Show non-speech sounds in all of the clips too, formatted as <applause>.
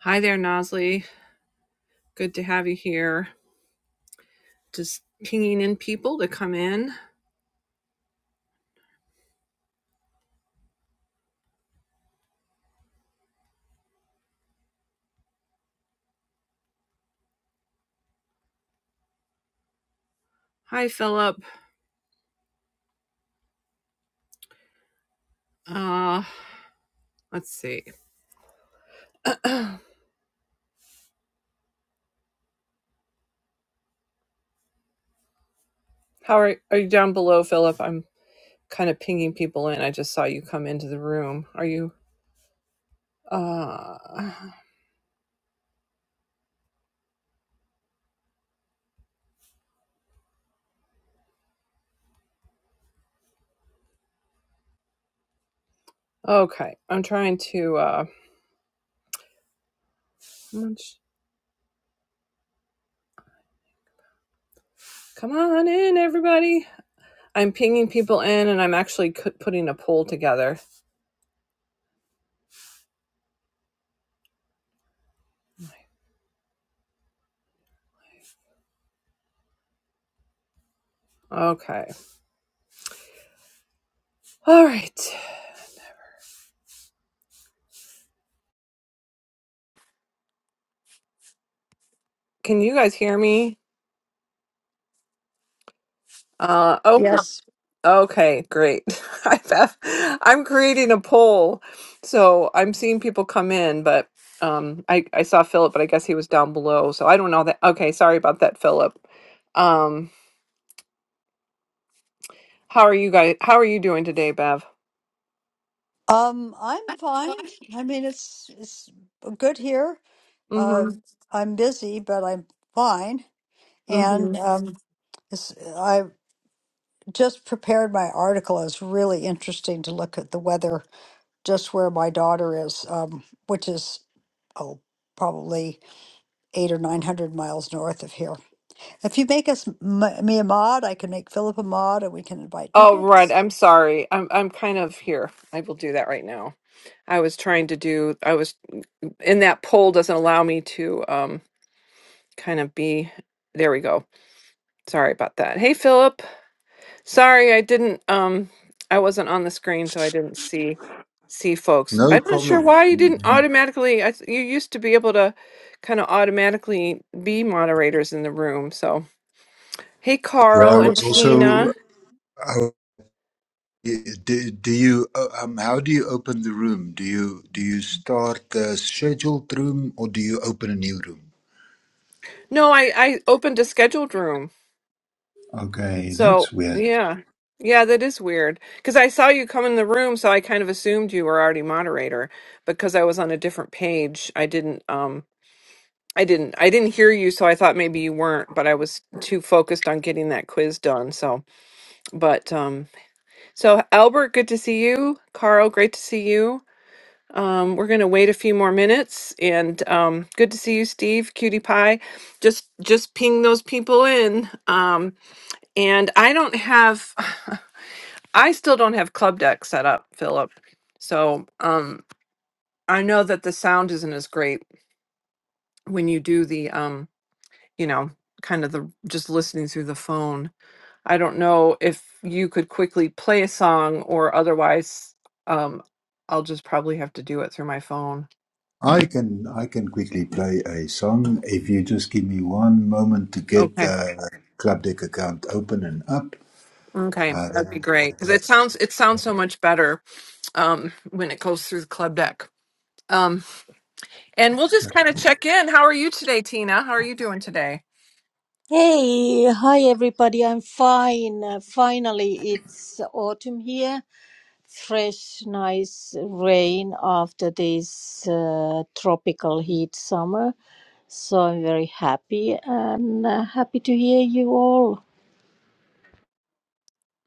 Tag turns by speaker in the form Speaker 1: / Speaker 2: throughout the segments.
Speaker 1: Hi there, Nosley. Good to have you here. Just pinging in people to come in. Hi, Philip. Uh, let's see. <clears throat> How are are you down below, Philip? I'm kind of pinging people in. I just saw you come into the room. Are you? Uh, okay. I'm trying to. Uh, how much- come on in, everybody. I'm pinging people in, and I'm actually cu- putting a poll together. Okay. All right. Can you guys hear me? Uh, oh, Yeah.
Speaker 2: Yes.
Speaker 1: Okay, great. <laughs> I've, have- I'm creating a poll, so I'm seeing people come in, but um, I I saw Philip, but I guess he was down below, so I don't know that. Okay, sorry about that, Philip. Um, how are you guys? How are you doing today, Bev?
Speaker 2: Um, I'm fine. I mean, it's it's good here. Uh,
Speaker 1: Mm-hmm.
Speaker 2: I'm busy, but I'm fine.
Speaker 1: Mm-hmm.
Speaker 2: And um, it's, I just prepared my article. It's really interesting to look at the weather just where my daughter is, um, which is oh, probably eight or nine hundred miles north of here. If you make us m- me a mod, I can make Philip a mod, and we can invite
Speaker 1: Oh,
Speaker 2: people.
Speaker 1: right. I'm sorry. I'm I'm kind of here. I will do that right now. I was trying to do. I was in that poll doesn't allow me to um kind of be. There we go. Sorry about that. Hey, Philip. Sorry, I didn't um I wasn't on the screen so I didn't see see folks.
Speaker 3: No
Speaker 1: I'm not sure
Speaker 3: problem.
Speaker 1: why you didn't
Speaker 3: Mhm.
Speaker 1: automatically I th- you used to be able to kind of automatically be moderators in the room. So, hey
Speaker 3: Yeah, I
Speaker 1: Carl and
Speaker 3: was also.
Speaker 1: Tina.
Speaker 3: how- Do, do you uh, um, how do you open the room? Do you do you start the scheduled room or do you open a new room?
Speaker 1: No, I I opened a scheduled room.
Speaker 3: Okay,
Speaker 1: So,
Speaker 3: that's weird.
Speaker 1: yeah. Yeah, that is weird cuz I saw you come in the room so I kind of assumed you were already moderator because I was on a different page. I didn't um I didn't. I didn't hear you, so I thought maybe you weren't, but I was too focused on getting that quiz done. So, but um so Albert, good to see you. Carl, great to see you. Um we're going to wait a few more minutes and um good to see you, Steve, Cutie Pie. Just just ping those people in. Um and I don't have I still don't have club deck set up, Philip. So, um I know that the sound isn't as great when you do the um you know, kind of the just listening through the phone. I don't know if you could quickly play a song or otherwise um I'll just probably have to do it through my phone.
Speaker 3: I can I can quickly play a song if you just give me one moment to get
Speaker 1: Okay.
Speaker 3: the club deck account open and up.
Speaker 1: Okay.
Speaker 3: Uh,
Speaker 1: That'd be
Speaker 3: then I'll
Speaker 1: great cuz it
Speaker 3: play.
Speaker 1: sounds it sounds so much better um when it goes through the club deck. Um and we'll just kind of check in. How are you today, Tina? How are you doing today?
Speaker 4: Hey, hi everybody. I'm fine. Uh, finally, it's autumn here. Fresh, nice rain after this uh, tropical heat summer. So I'm very happy and uh, happy to hear you all.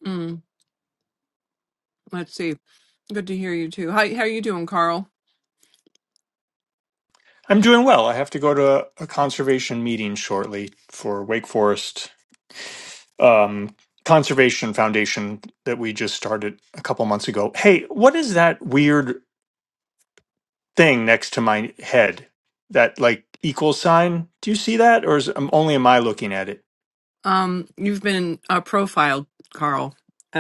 Speaker 1: Mm, let's see. Good to hear you too. How how you doing, Carl?
Speaker 5: I'm doing well. I have to go to a a conservation meeting shortly for Wake Forest um, Conservation Foundation that we just started a couple months ago. Hey, what is that weird thing next to my head? That like equal sign? Do you see that, or is um, only am I looking at it?
Speaker 1: Um, you've been uh, profiled, Carl,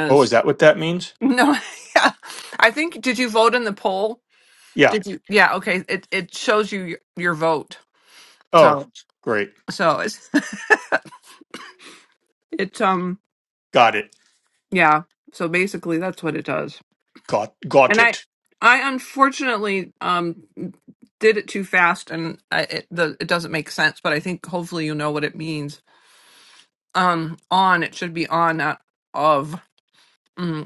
Speaker 5: Oh, is that what that means?
Speaker 1: No, <laughs> yeah. I think did you vote in the poll?
Speaker 5: Yeah.
Speaker 1: Did you? Yeah, okay. It it shows you your, your vote.
Speaker 5: Oh,
Speaker 1: So
Speaker 5: great.
Speaker 1: so it's <laughs> it's um
Speaker 5: Got it.
Speaker 1: yeah. So basically that's what it does.
Speaker 5: Got got
Speaker 1: And I
Speaker 5: it.
Speaker 1: I unfortunately um did it too fast and I, it the it doesn't make sense, but I think hopefully you know what it means. Um on it should be on not of. Mm,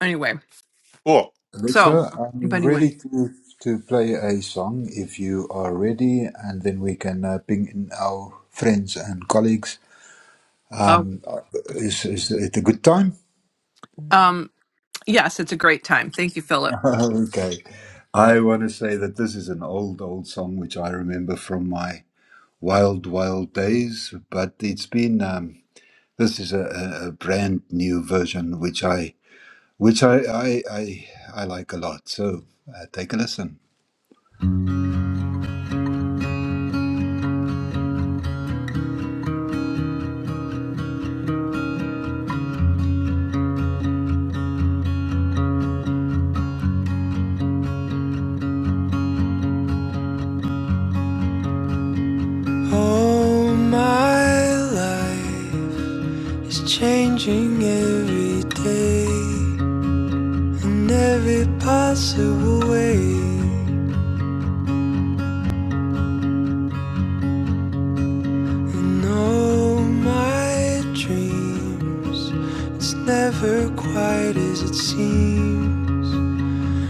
Speaker 1: anyway.
Speaker 5: Cool.
Speaker 1: So,
Speaker 3: Alexa,
Speaker 1: but
Speaker 3: I'm
Speaker 1: anyway.
Speaker 3: ready to, to play a song if you are ready, and then we can uh, ping in our friends and colleagues.
Speaker 1: Uh,
Speaker 3: Um, uh, is, is it a good time?
Speaker 1: um yes, it's a great time. Thank you,
Speaker 3: <laughs>
Speaker 1: Philip.
Speaker 3: okay. I want to say that this is an old, old song which I remember from my wild, wild days, but it's been, um, this is a, a a brand new version which I, which I, I, I, I like a lot. So uh, take a listen.
Speaker 6: Oh, my life is changing every day in every possible way. And all my dreams, it's never quite as it seems.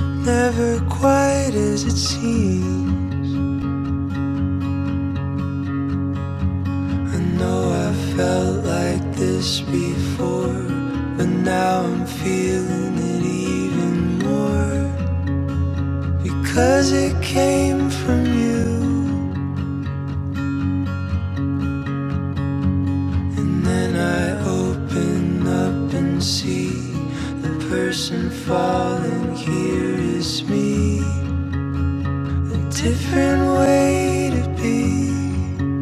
Speaker 6: Never quite as it seems. I know I felt like this before, but now I'm feeling it even more. Because it came from you, and then I open up and see the person falling here is me. A different way to be.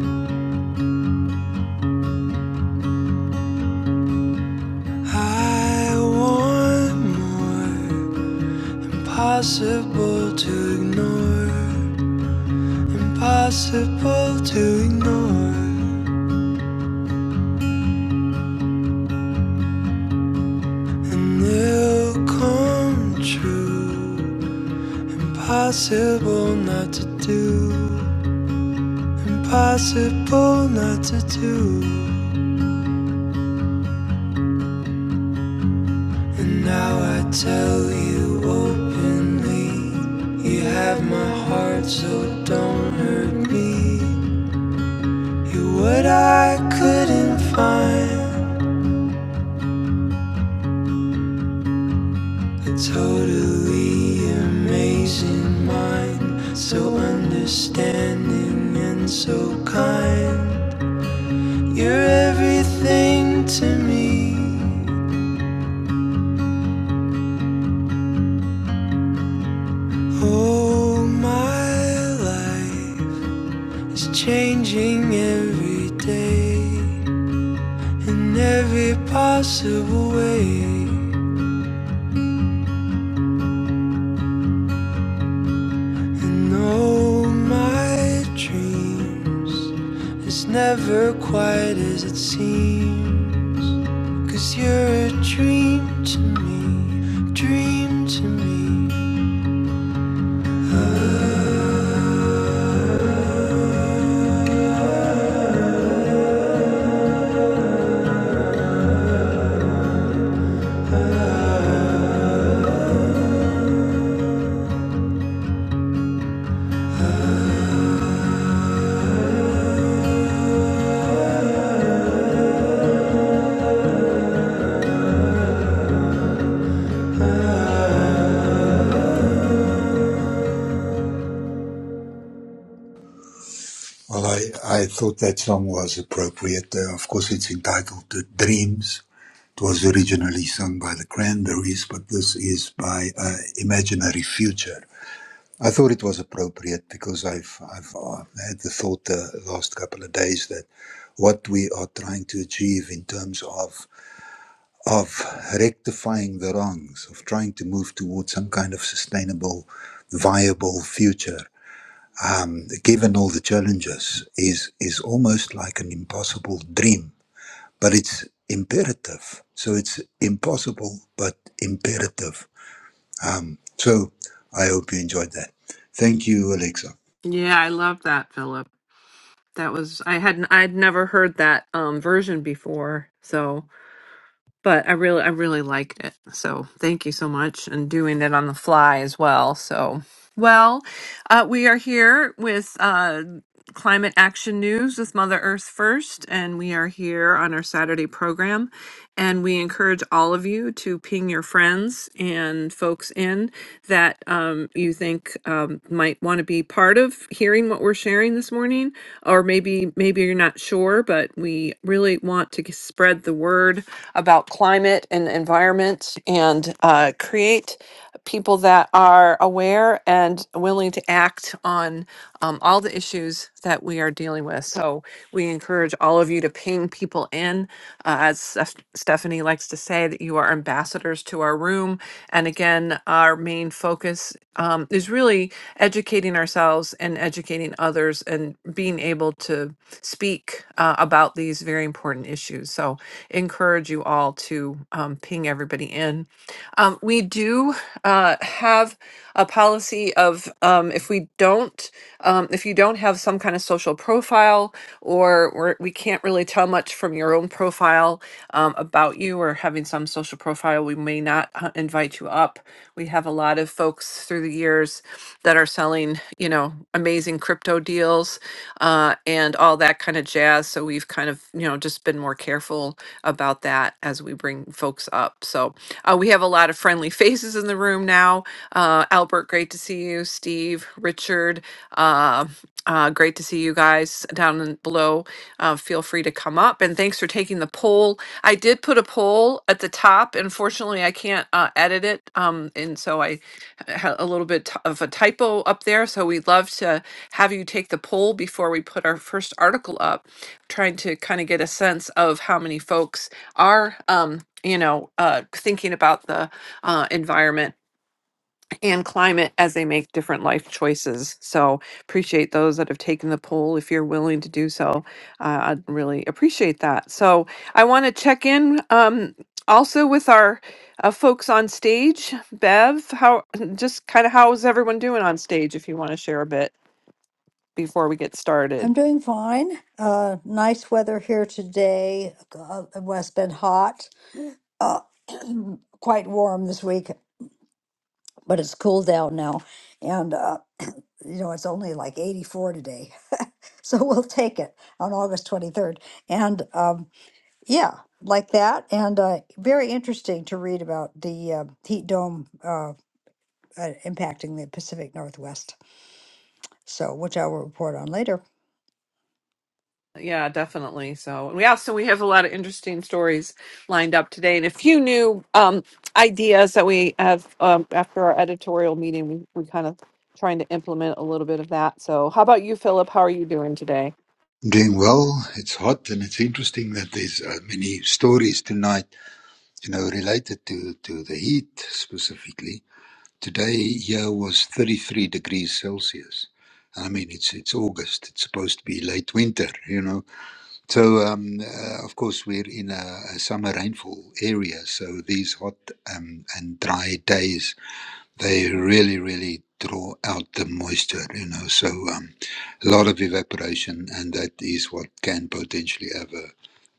Speaker 6: I want more. Impossible to ignore. Impossible to ignore. And it'll come true. Impossible not to do, impossible not to do. And now I tell you openly, you have my heart, so don't hurt me. You're what I couldn't find, a totally amazing mind, so understanding and so kind. You're everything to me. Oh, my life is changing every day in every possible way. And oh, my dreams is never quite as it seems. you you're a dream to me, dream to me. Hi
Speaker 3: Well, I, I thought that song was appropriate. Uh, of course, it's entitled to Dreams. It was originally sung by the Cranberries, but this is by uh, Imaginary Future. I thought it was appropriate because I've, I've uh, had the thought the last couple of days that what we are trying to achieve in terms of, of rectifying the wrongs, of trying to move towards some kind of sustainable, viable future um, given all the challenges, is is almost like an impossible dream. But it's imperative, so it's impossible but imperative. So I hope you enjoyed that. Thank you, Alexa.
Speaker 1: Yeah, I love that, Philip. That was I hadn't I'd never heard that um version before. So but I really I really liked it. So thank you so much and doing it on the fly as well. So well, uh, we are here with uh, climate action news with Mother Earth First, and we are here on our Saturday program. And we encourage all of you to ping your friends and folks in that um, you think um, might want to be part of hearing what we're sharing this morning, or maybe maybe you're not sure, but we really want to g- spread the word about climate and environment and uh, create people that are aware and willing to act on on um, all the issues that we are dealing with. So we encourage all of you to ping people in. Uh, as Steph- Stephanie likes to say, that you are ambassadors to our room. And again, our main focus um, is really educating ourselves and educating others and being able to speak uh, about these very important issues. So encourage you all to um, ping everybody in. Um, we do uh, have a policy of um, if we don't, um, if you don't have some kind of social profile or we're, we we can not really tell much from your own profile um, about you or having some social profile, we may not uh, invite you up. We have a lot of folks through the years that are selling, you know, amazing crypto deals uh, and all that kind of jazz. So we've kind of, you know, just been more careful careful about that as we bring folks up. So uh, we have a lot of friendly <laughs> faces in the room now. Uh, Albert, great to see you. Steve, Richard, uh, uh, great to see you guys down in- below. Uh, feel free to come up and thanks for taking the poll. I did put a poll at the top. Unfortunately, I can't uh, edit it, um, and so I had a little bit t- of a typo up there. So we'd love to have you take the poll before we put our first article up trying to kind of get a sense of how many folks are um, you know uh, thinking about the uh, environment and climate as they make different life choices so appreciate those that have taken the poll if you're willing to do so uh, i'd really appreciate that so i want to check in um, also with our uh, folks on stage bev how just kind of how's everyone doing on stage if you want to share a bit before we get started
Speaker 2: I'm doing fine. Uh, nice weather here today. Uh, it has been hot, uh, <clears throat> quite warm this week, but it's cooled down now. And, uh, you know, it's only like 84 today. <laughs> so we'll take it on August 23rd. And um, yeah, like that. And uh, very interesting to read about the uh, heat dome uh, uh, impacting the Pacific Northwest. So, which I will report on later.
Speaker 1: yeah, definitely. So, we also we have a lot of interesting stories lined up today and a few new um, ideas that we have um, after our editorial meeting. We, we kind of trying to implement a little bit of that. So, how about you, Philip? How are you doing today?
Speaker 3: I'm doing well. It's hot, and it's interesting that there's uh, many stories tonight. You know, related to to the heat specifically. Today here was 33 degrees Celsius. I mean, it's it's August. It's supposed to be late winter, you know So, um, uh, of course, we're in a, a summer rainfall area, so these hot um, and dry days they really, really draw out the moisture. You know, so um, a lot of evaporation, and that is what can potentially have a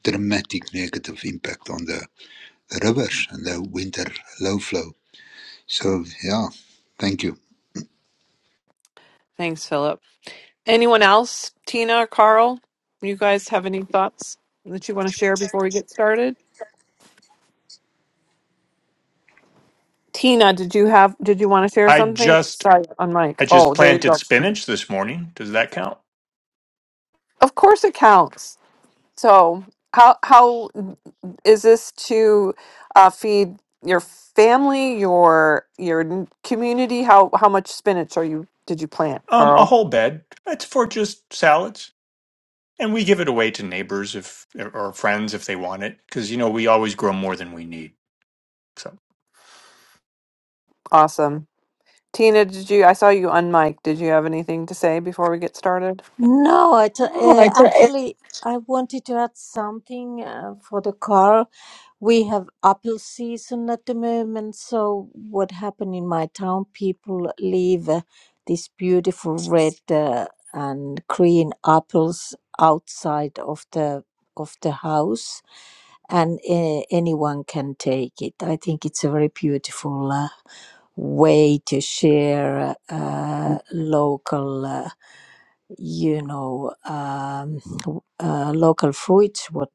Speaker 3: dramatic negative impact on the, the rivers and the winter low flow. So, yeah, thank you.
Speaker 1: Thanks, Philip. Anyone else? Tina, or Carl, you guys have any thoughts that you want to share before we get started? Tina, did you have did you want to share
Speaker 5: I
Speaker 1: something?
Speaker 5: just
Speaker 1: Sorry, on mic.
Speaker 5: I
Speaker 1: Oh,
Speaker 5: just
Speaker 1: there you
Speaker 5: planted
Speaker 1: go.
Speaker 5: spinach this morning. Does that count?
Speaker 1: Of course it counts. So how how mm, is this to uh, feed your family, your your n- community? How how much spinach are you did you plant,
Speaker 5: Um, a
Speaker 1: Carl?
Speaker 5: whole bed. It's for just salads. And we give it away to neighbors if or friends if they want it, because you know we always grow more than we need. So
Speaker 1: Awesome. Tina, did you I saw you on mic. Did you have anything to say before we get started?
Speaker 4: No, it, uh, actually, I wanted to add something uh, for the car we have apple season at the moment. So what happened in my town? People leave uh, these beautiful red uh, and green apples outside of the of the house, and uh, anyone can take it. I think it's a very beautiful uh, way to share uh, local. uh, you know, um, w- uh, local fruits, what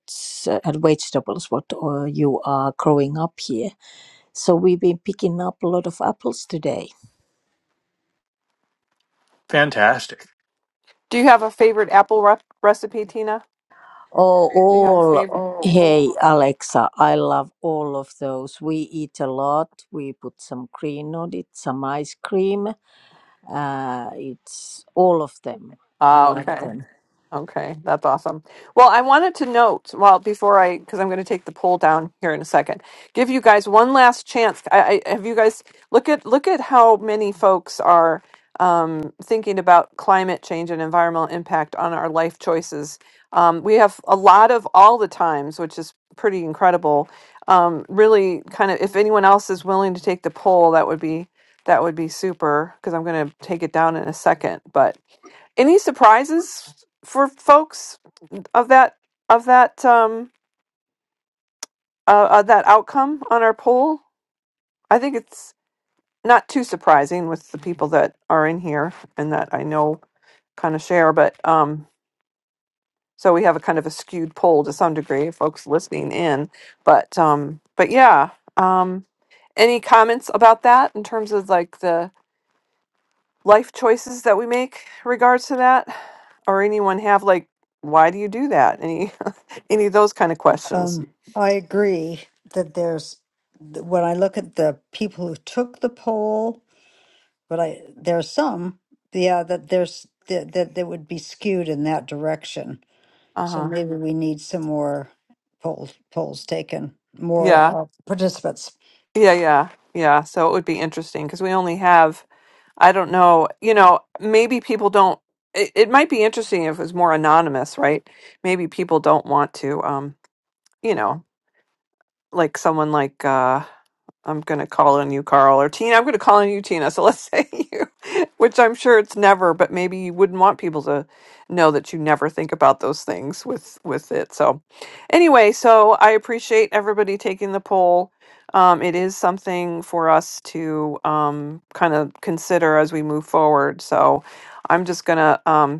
Speaker 4: uh, and vegetables, what uh, you are growing up here. So we've been picking up a lot of apples today.
Speaker 5: fantastic.
Speaker 1: Do you have a favorite apple re- recipe, Tina?
Speaker 4: Oh,
Speaker 1: Do you have a
Speaker 4: all.
Speaker 1: favorite?
Speaker 4: Hey Alexa, I love all of those. We eat a lot. We put some green on it, some ice cream. Uh, it's all of them. I
Speaker 1: Ah,
Speaker 4: love
Speaker 1: okay.
Speaker 4: them.
Speaker 1: Okay, that's awesome. Well, I wanted to note, well, before I, because I'm going to take the poll down here in a second, give you guys one last chance. I, I have you guys look at look at how many folks are um, thinking about climate change and environmental impact on our life choices. Um, we have a lot of all the times, which is pretty incredible. Um, really, kind of, if anyone else is willing to take the poll, that would be that would be super. Because I'm going to take it down in a second, but. Any surprises for folks of that of that um uh, of that outcome on our poll? I think it's not too surprising with the people that are in here and that I know kind of share, but um so we have a kind of a skewed poll to some degree, folks listening in. But um but yeah, um any comments about that in terms of like the life choices that we make regards to that or anyone have like why do you do that any any of those kind of questions.
Speaker 2: Um, I agree that there's when I look at the people who took the poll, but I there are some, yeah, that there's that that that would be skewed in that direction.
Speaker 1: Uh
Speaker 2: So
Speaker 1: huh.
Speaker 2: maybe we need some more polls polls taken,
Speaker 1: Yeah.
Speaker 2: more uh, participants.
Speaker 1: Yeah. Yeah. Yeah. So it would be interesting because we only have, I don't know, you know, maybe people don't, it, it might be interesting if it was more anonymous, right? Maybe people don't want to, um, you know, like someone like, uh, I'm gonna call on you, Carl, or Tina. I'm gonna call on you, Tina. So let's <laughs> say you, which I'm sure it's never, but maybe you wouldn't want people to know that you never think about those things with with it. So anyway, so I appreciate everybody taking the poll. Um, it is something for us to um, kind of consider as we move forward. So I'm just gonna um,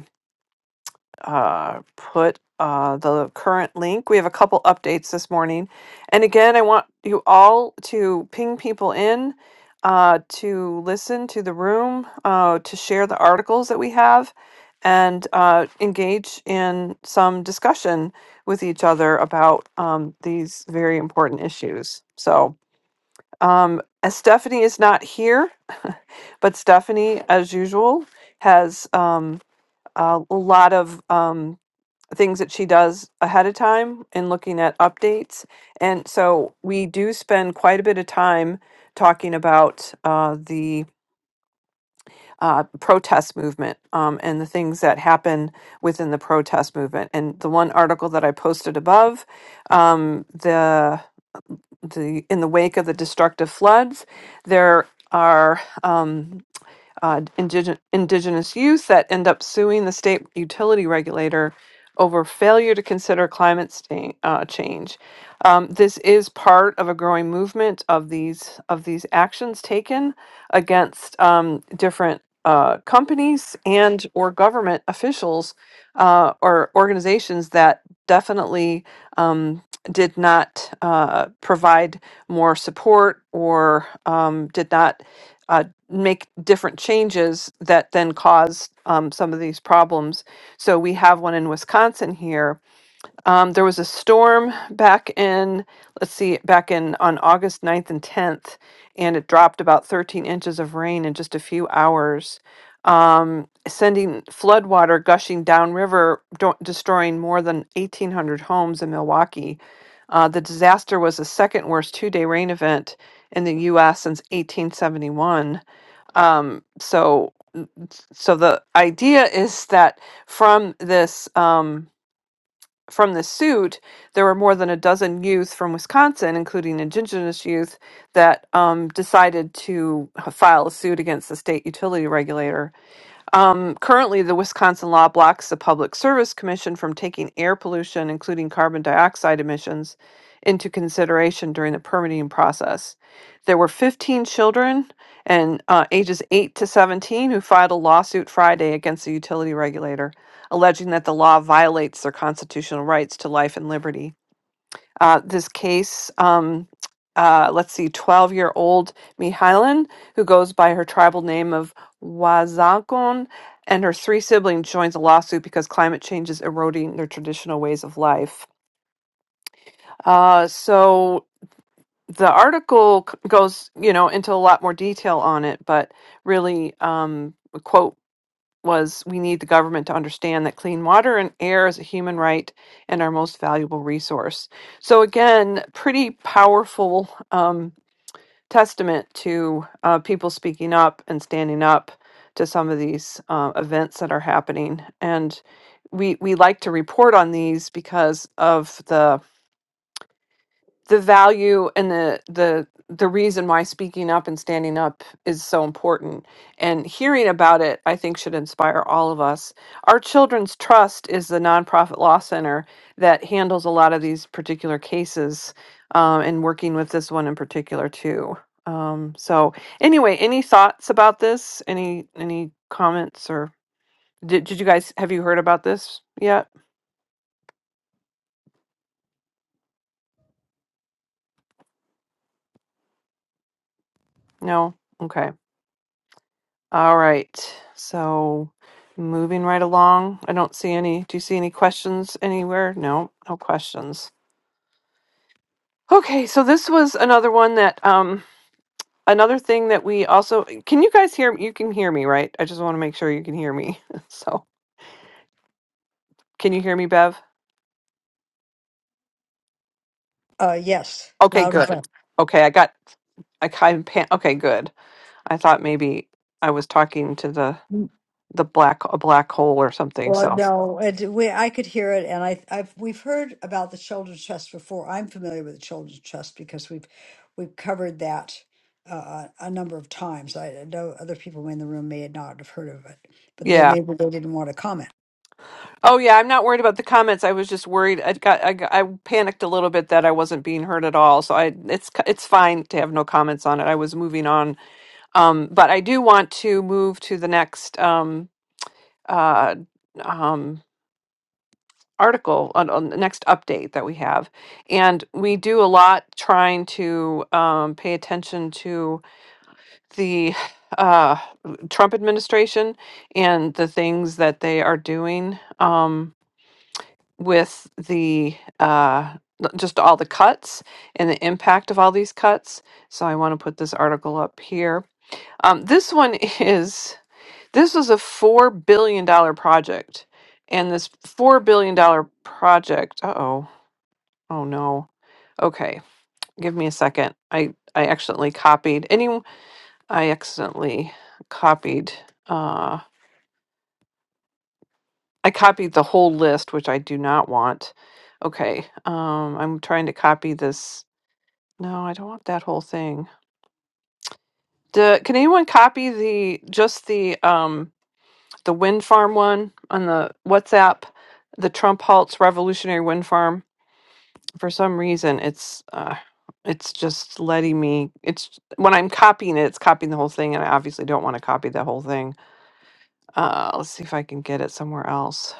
Speaker 1: uh, put uh, the current link. We have a couple updates this morning. And again, I want you all to ping people in uh, to listen to the room, uh, to share the articles that we have, and uh, engage in some discussion with each other about um, these very important issues. So, um, as Stephanie is not here, but Stephanie, as usual, has um, a lot of um, things that she does ahead of time and looking at updates. And so we do spend quite a bit of time talking about uh, the uh, protest movement um, and the things that happen within the protest movement. And the one article that I posted above, um, the the in the wake of the destructive floods, there are. Um, uh, indigen- indigenous youth that end up suing the state utility regulator over failure to consider climate sta- uh, change. Um, this is part of a growing movement of these of these actions taken against um, different uh, companies and or government officials uh, or organizations that definitely um, did not uh, provide more support or um, did not uh, make different changes that then caused um, some of these problems. So we have one in Wisconsin here. Um, there was a storm back in, let's see, back in on August ninth and 10th, and it dropped about 13 inches of rain in just a few hours, um, sending flood water gushing downriver, do- destroying more than 1,800 homes in Milwaukee. Uh, the disaster was the second worst two day rain event in the U.S. since 1871 um, so, so the idea is that from this um, from this suit, there were more than a dozen youth from Wisconsin, including indigenous youth, that um, decided to file a suit against the state utility regulator um, currently, the Wisconsin law blocks the Public Service Commission from taking air pollution, including carbon dioxide emissions, into consideration during the permitting process. There were 15 children and uh, ages 8 to 17 who filed a lawsuit Friday against the utility regulator, alleging that the law violates their constitutional rights to life and liberty uh, this case. Um, uh, let's see, 12 year old Mihailan, who goes by her tribal name of Wazagon, and her three siblings joins a lawsuit because climate change is eroding their traditional ways of life. Uh, so the article c- goes, you know, into a lot more detail on it, but really, um, was we need the government to understand that clean water and air is a human right and our most valuable resource. So, again, pretty powerful um, testament to uh, people speaking up and standing up to some of these uh, events that are happening. And we, we like to report on these because of the the value and the the the reason why speaking up and standing up is so important and hearing about it i think should inspire all of us our children's trust is the nonprofit law center that handles a lot of these particular cases um, and working with this one in particular too um, so anyway any thoughts about this any any comments or did, did you guys have you heard about this yet no okay All right. So moving right along. I don't see any. Do you see any questions anywhere? No, no questions. Okay, so this was another one that um another thing that we also can you guys hear you can hear me, right? I just want to make sure you can hear me. <laughs> So, can you hear me, Bev?
Speaker 2: Uh, yes,
Speaker 1: Okay,
Speaker 2: loud and
Speaker 1: good. Yep. Okay, I got I kind of pan- okay, good. I thought maybe I was talking to the
Speaker 2: clear.
Speaker 1: the black a black hole or something.
Speaker 2: Well,
Speaker 1: So,
Speaker 2: no, and we, I could hear it, and I, I've we've heard about the Children's Trust before. I'm familiar with the Children's Trust because we've we've covered that uh, a number of times. I know other people in the room may not have heard of it, but
Speaker 1: yeah.
Speaker 2: then maybe they didn't want to comment.
Speaker 1: Oh yeah, I'm not worried about the comments. I was just worried. I got I, got- I panicked a little bit that I wasn't being heard at all. So I it's it's fine to have no comments on it. I was moving on. Um but I do want to move to the next um uh um article on, on the next update that we have. And we do a lot trying to um pay attention to the <sighs> uh Trump administration and the things that they are doing. Um with the uh, l- just all the cuts and the impact of all these cuts. So I want to put this article up here. Um, this one <laughs> is this was a four billion dollar project, and this four billion dollar project. Uh oh, oh no. Okay, give me a second. I I accidentally copied any. I accidentally copied. Uh, I copied the whole list, which I do not want. Okay, um, I'm trying to copy this No, I don't want that whole thing. The, can anyone copy the just the um the wind farm one on the WhatsApp? The Trump halts revolutionary wind farm. For some reason, it's uh, it's just letting me. It's when I'm copying it, it's copying the whole thing, and I obviously don't want to copy the whole thing. Uh, let's see if I can get it somewhere else.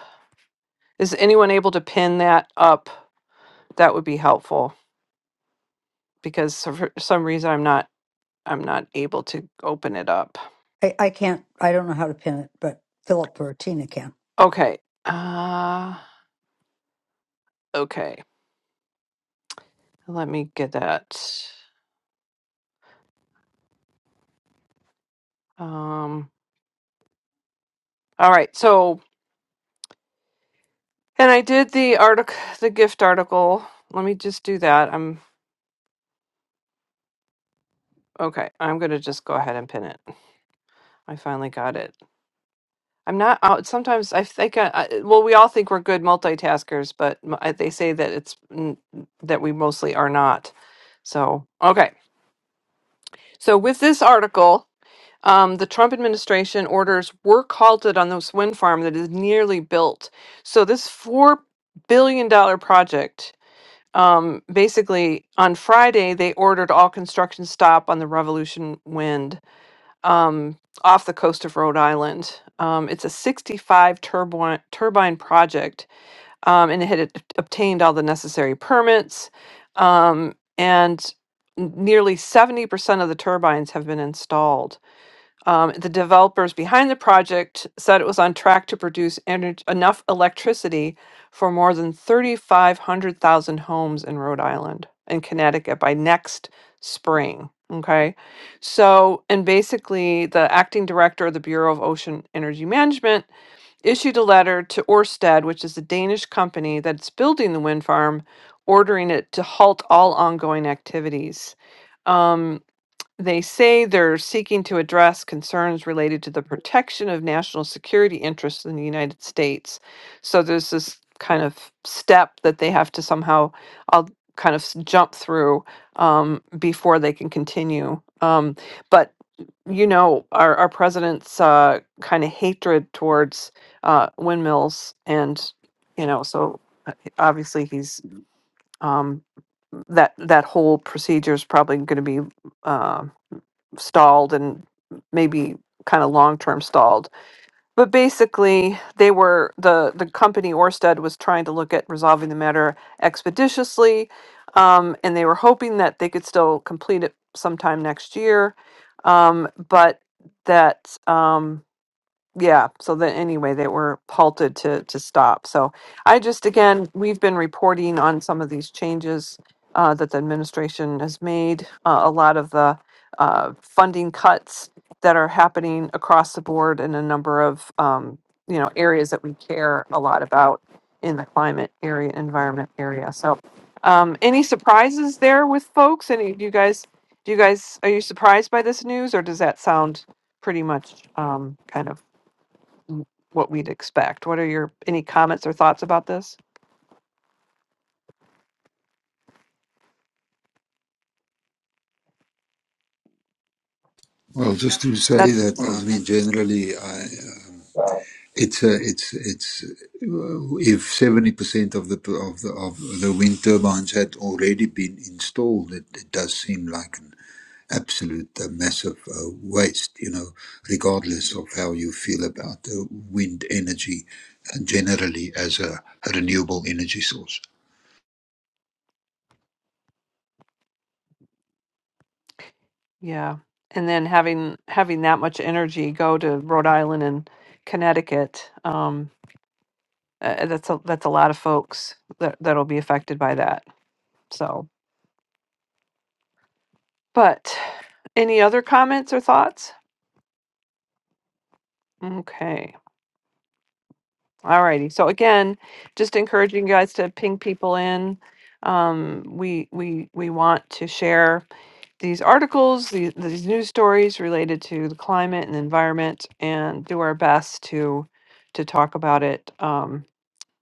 Speaker 1: Is anyone able to pin that up? That would be helpful because for for some reason I'm not I'm not able to open it up.
Speaker 2: I, I can't. I don't know how to pin it, but Philip or Tina can.
Speaker 1: Okay. Uh okay. Let me get that. Um all right. So and I did the article the gift article. Let me just do that. I'm okay. I'm going to just go ahead and pin it. I finally got it. I'm not out sometimes I think I, I well we all think we're good multitaskers, but m- I- they say that it's n- that we mostly are not. So, okay. So with this article, Um, the Trump administration orders work halted on this wind farm that is nearly built. So this four billion dollar project, um, basically on Friday they ordered all construction stop on the Revolution Wind um, off the coast of Rhode Island. Um, it's a 65 turbine turbine project, um, and it had ob- obtained all the necessary permits, um, and nearly 70% of the turbines have been installed. Um, the developers behind the project said it was on track to produce ener- enough electricity for more than thirty-five hundred thousand homes in Rhode Island and Connecticut by next spring. Okay. So, and basically, the acting director of the Bureau of Ocean Energy Management issued a letter to Ørsted, which is a Danish company that's building the wind farm, ordering it to halt all ongoing activities. Um, they say they're seeking to address concerns related to the protection of national security interests in the United States. So there's this kind of step that they have to somehow I'll kind of s- jump through um, before they can continue. Um, but you know, our, our president's uh, kind of hatred towards uh, windmills, and you know, so uh, obviously he's um, that that whole procedure is probably going to be. Um, stalled and maybe kind of long term stalled. But basically, they were the the company Orsted was trying to look at resolving the matter expeditiously, um, and they were hoping that they could still complete it sometime next year, um, but that. Um, yeah so that anyway they were halted to to stop so i just again we've been reporting on some of these changes uh, that the administration has made uh, a lot of the uh, funding cuts that are happening across the board in a number of um, you know areas that we care a lot about in the climate area environment area so um, any surprises there with folks any do you guys do you guys are you surprised by this news or does that sound pretty much um, kind of what we'd expect. What are your any comments or thoughts about this?
Speaker 3: Well, just to say
Speaker 1: That's
Speaker 3: that I mean, generally, I It's a, it's it's uh, if seventy percent of the of the of the wind turbines had already been installed, it, it does seem like an absolute uh, massive uh, waste. You know, regardless of how you feel about uh, wind energy uh, generally as a, a renewable energy source.
Speaker 1: yeah. And then having having that much energy go to Rhode Island and Connecticut, um, uh, that's a that's a lot of folks that that'll be affected by that. So, but any other comments or thoughts? Okay. Alrighty. So again, just encouraging you guys to ping people in. Um, we we we want to share these articles, these, these news stories related to the climate and environment, and do our best to to talk about it um,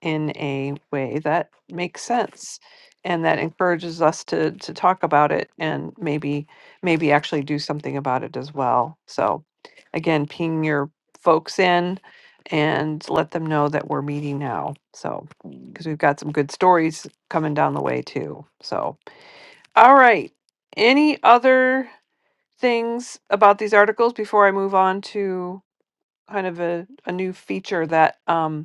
Speaker 1: in a way that makes sense and that encourages us to to talk about it and maybe maybe actually do something about it as well. So, again, ping your folks in and let them know that we're meeting now. So, because we've got some good stories coming down the way too. So, all right. Any other? things about these articles before I move on to kind of a, a new feature that um,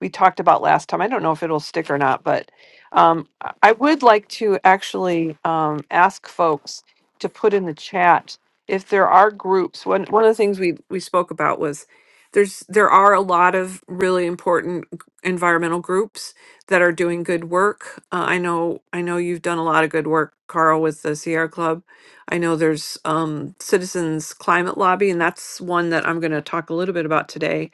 Speaker 1: we talked about last time. I don't know if it'll stick or not, but um, I I would like to actually um, ask folks to put in the chat if there are groups. One one of the things we we spoke about was there's there are a lot of really important g- environmental groups that are doing good work. Uh, I know I know you've done a lot of good work, Carl, with the Sierra Club. I know there's um, Citizens Climate Lobby, and that's one that I'm going to talk a little bit about today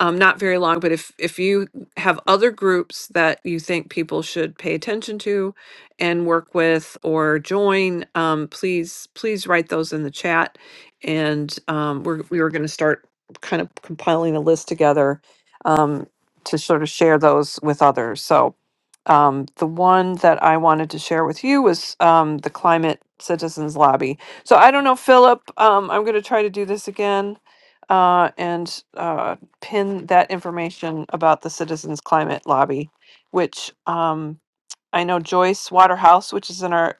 Speaker 1: um, not very long but if if you have other groups that you think people should pay attention to and work with or join um, please please write those in the chat and um, we're, we were going to start kind of compiling a list together um, to sort of share those with others so um, the one that i wanted to share with you was um, the climate citizens lobby so i don't know philip um, i'm going to try to do this again uh, and uh, pin that information about the Citizens Climate Lobby, which um, I know Joyce Waterhouse, which is in our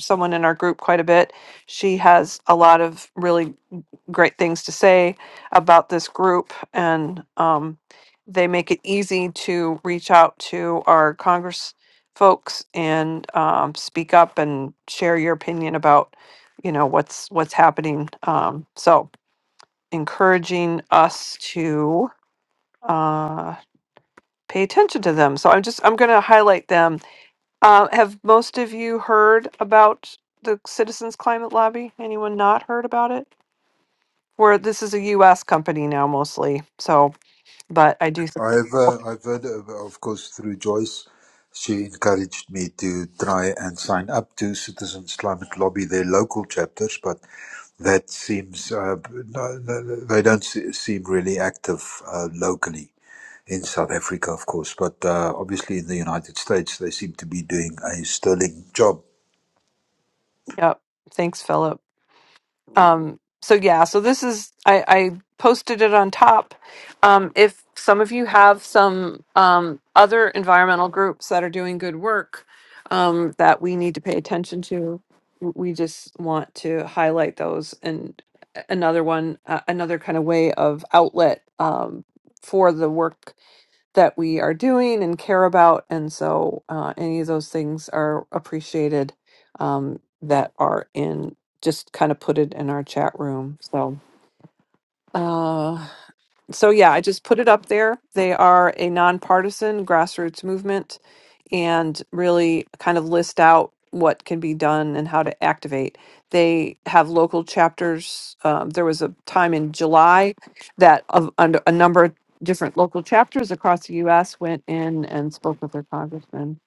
Speaker 1: someone in our group quite a bit. She has a lot of really great things to say about this group, and um, they make it easy to reach out to our Congress folks and um, speak up and share your opinion about you know what's what's happening. Um, so encouraging us to. Uh, pay attention to them. So I'm just I'm going to highlight them. Uh, have most of you heard about the Citizens Climate Lobby? Anyone not heard about it? Where this is a U.S. company now mostly. So, but I do.
Speaker 3: I've uh, I've heard, uh, of course, through Joyce. She encouraged me to try and sign up to Citizens Climate Lobby, their local chapters, but that seems uh, no, no, no, they don't se- seem really active uh, locally in South Africa, of course, but uh, obviously in the United States they seem to be doing a sterling job.
Speaker 1: Yep. Thanks, Philip. Um, so yeah, so this is I, I posted it on top. Um, if some of you have some um, other environmental groups that are doing good work um, that we need to pay attention to, w- we just want to highlight those. And another one, uh, another kind of way of outlet um, for the work that we are doing and care about. And so uh, any of those things are appreciated um, that are in just kind of put it in our chat room. So, uh, so yeah, I just put it up there. They are a nonpartisan grassroots movement and really kind of list out what can be done and how to activate. They have local chapters. Um, there was a time in July that of, under a number of different local chapters across the U.S. went in and spoke with their congressman.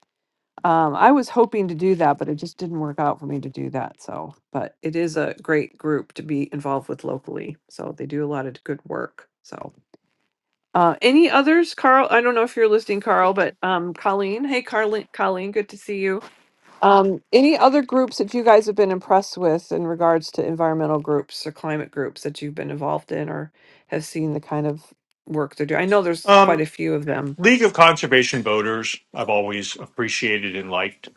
Speaker 1: Um, I was hoping to do that, but it just didn't work out for me to do that. So, but it is a great group to be involved with locally. So they do a lot of good work. So. Uh, any others, Carl? I don't know if you're listening, Carl, but um, Colleen. Hey, Carlin, Colleen, good to see you. Um, any other groups that you guys have been impressed with in regards to environmental groups or climate groups that you've been involved in or have seen the kind of work they're doing? I know there's quite
Speaker 5: Um,
Speaker 1: a few of them.
Speaker 5: League of Conservation Voters, I've always appreciated and liked.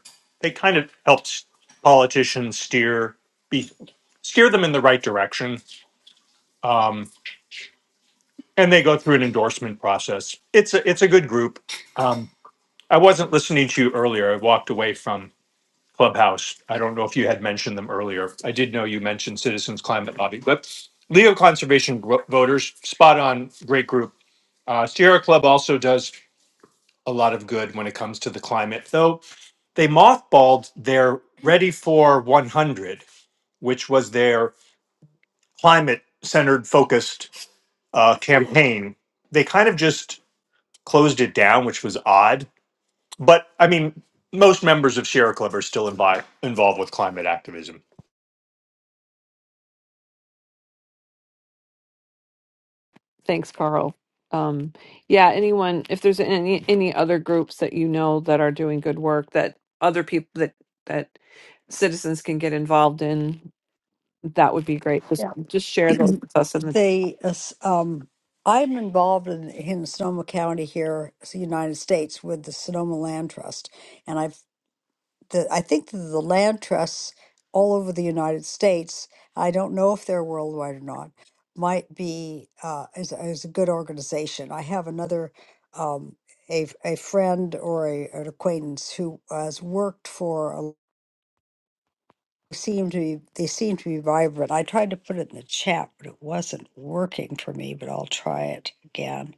Speaker 5: They kind of helped politicians steer be, steer them in the right direction, um, and they go through an endorsement process. It's a it's a good group. Um, I wasn't listening to you earlier. I walked away from Clubhouse. I don't know if you had mentioned them earlier. I did know you mentioned Citizens Climate Lobby, but Leo Conservation Gro- Voters, spot on, great group. Uh, Sierra Club also does a lot of good when it comes to the climate, though they mothballed their Ready for 100, which was their climate centered focused uh, campaign. They kind of just closed it down, which was odd. But I mean, most members of Sierra Club are still invi- involved with climate activism.
Speaker 1: Thanks, Carl. Um, yeah, anyone, if there's any any other groups that you know that are doing good work that other people that that citizens can get involved in, that would be great. Just just share those with us in the
Speaker 2: They, uh, s- um, I'm involved in, in Sonoma County here, it's the United States, with the Sonoma Land Trust, and I've. the I think the land trusts all over the United States, I don't know if they're worldwide or not, might be uh, is, is a good organization. I have another um, a a friend or a, an acquaintance who has worked for a seem to be they seem to be vibrant. I tried to put it in the chat, but it wasn't working for me, but I'll try it again.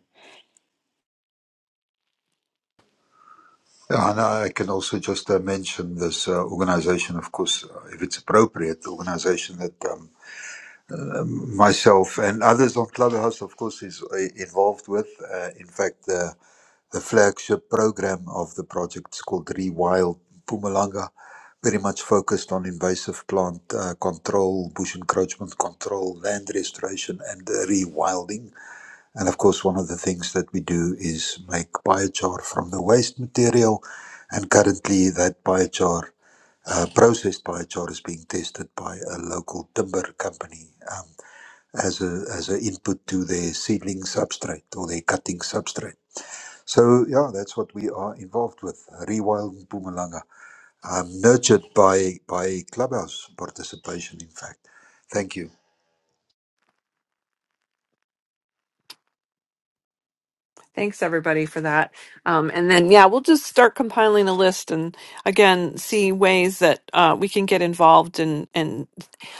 Speaker 3: Yeah, And I can also just uh, mention this uh, organization, of course, uh, if it's appropriate, the organization that um, myself and others on Clubhouse, of course, is uh, involved with. Uh, in fact, the the flagship program of the project is called Rewild Pumalanga, very much focused on invasive plant uh, control, bush encroachment control, land restoration, and uh, rewilding. And of course, one of the things that we do is make biochar from the waste material. And currently, that biochar, uh, processed biochar, is being tested by a local timber company. Um, as a as an input to their seedling substrate or their cutting substrate. So yeah, that's what we are involved with. Rewild Bumalanga. I'm nurtured by by clubhouse participation. In fact, thank you.
Speaker 1: Thanks everybody for that. Um, and then, yeah, we'll just start compiling a list and again, see ways that uh, we can get involved. And, and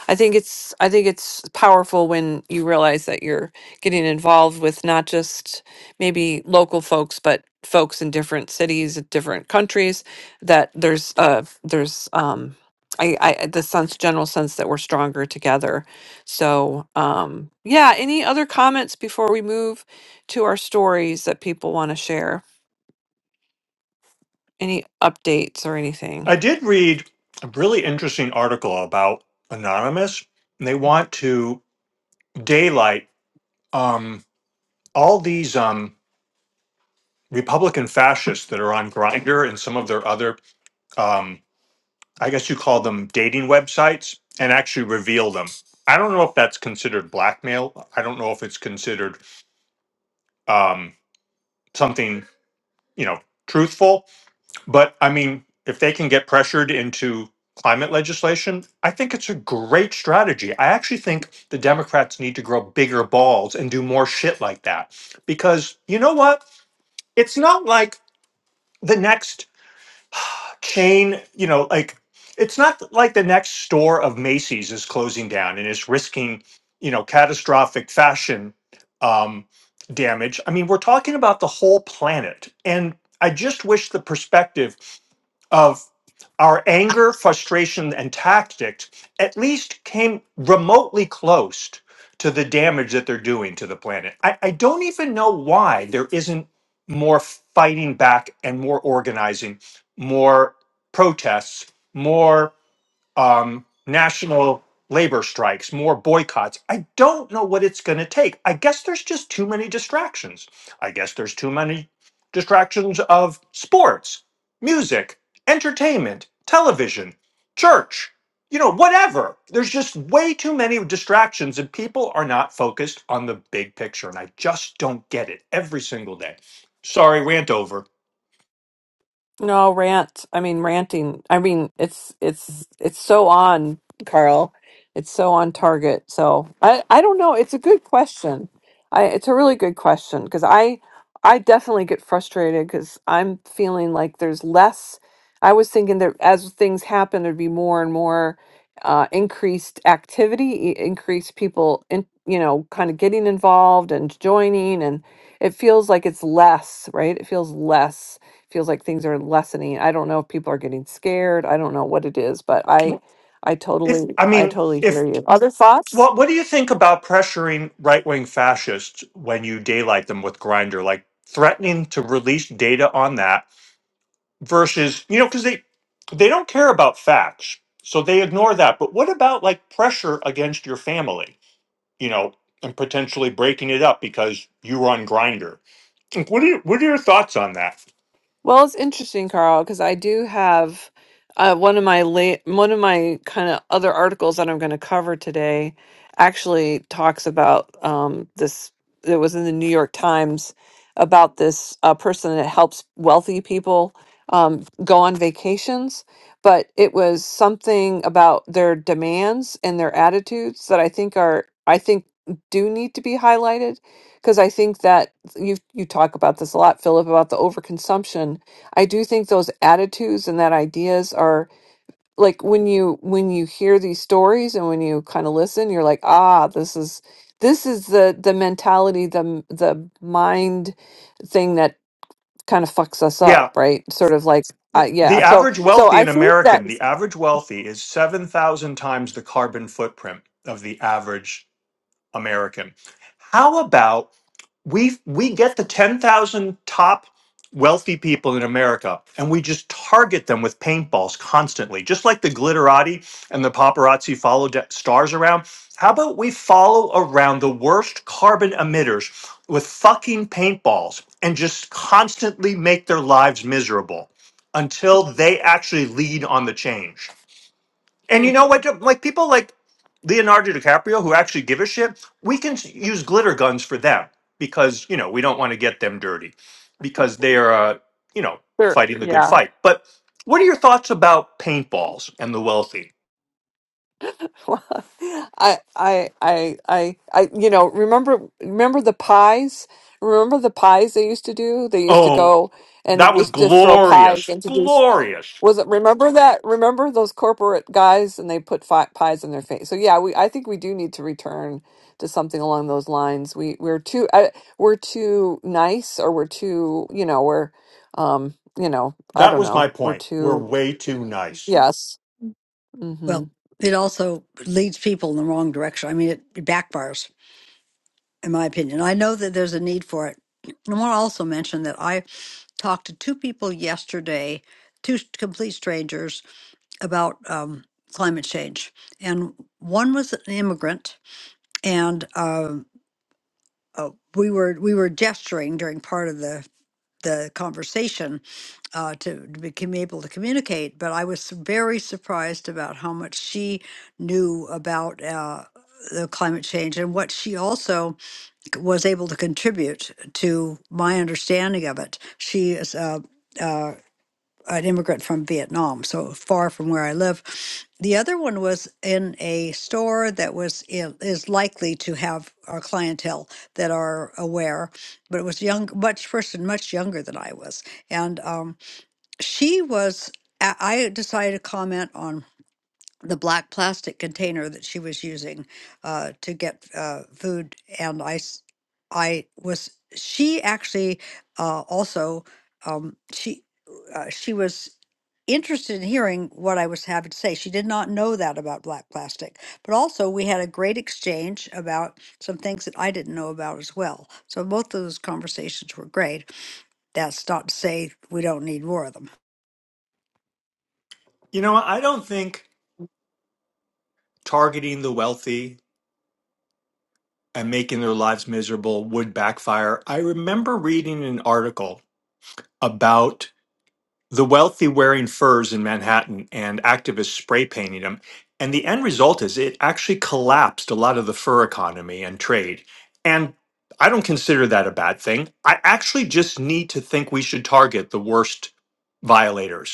Speaker 1: I think it's, I think it's powerful when you realize that you're getting involved with not just maybe local folks, but folks in different cities, different countries that there's, uh, there's, um, I, I, the sense, general sense that we're stronger together. So, um, yeah, any other comments before we move? to our stories that people want to share? Any updates or anything?
Speaker 5: I did read a really interesting article about Anonymous. and They want to daylight um, all these um, Republican fascists that are on Grindr and some of their other, um, I guess you call them dating websites, and actually reveal them. I don't know if that's considered blackmail. I don't know if it's considered um, something you know truthful, But I mean, if they can get pressured into climate legislation, I think it's a great strategy. I actually think the Democrats need to grow bigger balls and do more shit like that. Because you know what? It's not like the next chain, you know, like it's not like the next store of Macy's is closing down and is risking, you know, catastrophic fashion um, damage. I mean, we're talking about the whole planet. And I just wish the perspective of our anger, frustration, and tactics at least came remotely close to the damage that they're doing to the planet. I, I don't even know why there isn't more fighting back and more organizing, more protests, more um, national labor strikes, more boycotts. I don't know what it's going to take. I guess there's just too many distractions. I guess there's too many distractions of sports, music, entertainment, television, church, you know, whatever. There's just way too many distractions, and people are not focused on the big picture. And I just don't get it every single day. Sorry, rant over.
Speaker 1: No, rant. I mean, ranting. I mean, it's it's it's so on, Carl. It's so on target. So I I don't know. It's a good question. I it's a really good question because I I definitely get frustrated because I'm feeling like there's less. I was thinking that as things happen, there'd be more and more uh, increased activity, i- increased people in you know kind of getting involved and joining, and it feels like it's less, right? It feels less feels like things are lessening. I don't know if people are getting scared. I don't know what it is, but I I
Speaker 5: If
Speaker 1: totally
Speaker 5: I
Speaker 1: I
Speaker 5: mean,
Speaker 1: totally
Speaker 5: if
Speaker 1: hear you. Other thoughts?
Speaker 5: Well, what do you think about pressuring right wing fascists when you daylight them with Grindr, like threatening to release data on that versus, you know, because they they don't care about facts, so they ignore that. But what about like pressure against your family, you know, and potentially breaking it up because you were on Grinder? What are your, what are your thoughts on that?
Speaker 1: Well, it's interesting, Carl, because I do have uh, one of my late, one of my kind of other articles that I'm going to cover today actually talks about um, this. It was in the New York Times about this uh, person that helps wealthy people um, go on vacations, but it was something about their demands and their attitudes that I think are, I think do need to be highlighted because I think that you you talk about this a lot, Philip, about the overconsumption. I do think those attitudes and that ideas are like when you when you hear these stories and when you kind of listen, you're like, ah, this is this is the the mentality, the the mind thing that kind of fucks us up,
Speaker 5: Yeah,
Speaker 1: right? Sort of like,
Speaker 5: th-
Speaker 1: uh, yeah.
Speaker 5: the
Speaker 1: So
Speaker 5: average
Speaker 1: so
Speaker 5: wealthy
Speaker 1: I
Speaker 5: in
Speaker 1: think that
Speaker 5: American, the average wealthy is seven thousand times the carbon footprint of the average American. How about we we get the 10,000 top wealthy people in America and we just target them with paintballs constantly, just like the glitterati and the paparazzi follow de- stars around. How about we follow around the worst carbon emitters with fucking paintballs and just constantly make their lives miserable until they actually lead on the change? And you
Speaker 1: Mm,
Speaker 5: know what? Like people like Leonardo DiCaprio who actually give a shit, we can s- use glitter guns for them because you know we don't want to get them dirty because they are uh, you know
Speaker 1: sure,
Speaker 5: fighting the good
Speaker 1: yeah.
Speaker 5: fight. But what are your thoughts about paintballs and the wealthy?
Speaker 1: <laughs> Well, I, I, I, I, I, you know, remember, remember the pies? Remember the pies they used to do? They used to
Speaker 5: Oh,
Speaker 1: go and they
Speaker 5: that was
Speaker 1: used to throw pies
Speaker 5: glorious,
Speaker 1: into these.
Speaker 5: glorious.
Speaker 1: Was it, remember that? Remember those corporate guys and they put fi pies in their face. So yeah, we, I think we do need to return to something along those lines. We, we're too, uh, we're too nice or we're too, you know, we're, um, you know, I
Speaker 5: That
Speaker 1: don't
Speaker 5: was my
Speaker 1: know. We're
Speaker 5: point. We're
Speaker 1: too,
Speaker 5: way too nice.
Speaker 1: yes. Mm-hmm.
Speaker 2: Well, it also leads people in the wrong direction. I mean, it, it backfires. in my opinion. I know that there's a need for it. I want to also mention that I talked to two people yesterday, two s- complete strangers, about um, climate change, and one was an immigrant, and um, uh, we were we were gesturing during part of the the conversation uh, to become able to communicate, but I was su- very surprised about how much she knew about uh, the climate change and what she also was able to contribute to my understanding of it. She is uh, uh, an immigrant from Vietnam, so far from where I live. The other one was in a store that was i- is likely to have our clientele that are aware, but it was young, much person much younger than I was, and um, she was. I I decided to comment on the black plastic container that she was using uh, to get uh, food. And I, s- I was, she actually uh, also, um, she, uh, she was interested in hearing what I was having to say. She did not know that about black plastic, but also we had a great exchange about some things that I didn't know about as well. So both of those conversations were great. That's not to say we don't need more of them.
Speaker 5: You know, I don't think targeting the wealthy and making their lives miserable would backfire. I remember reading an article about the wealthy wearing furs in Manhattan and activists spray painting them. And the end result is it actually collapsed a lot of the fur economy and trade. And I don't consider that a bad thing. I actually just need to think we should target the worst violators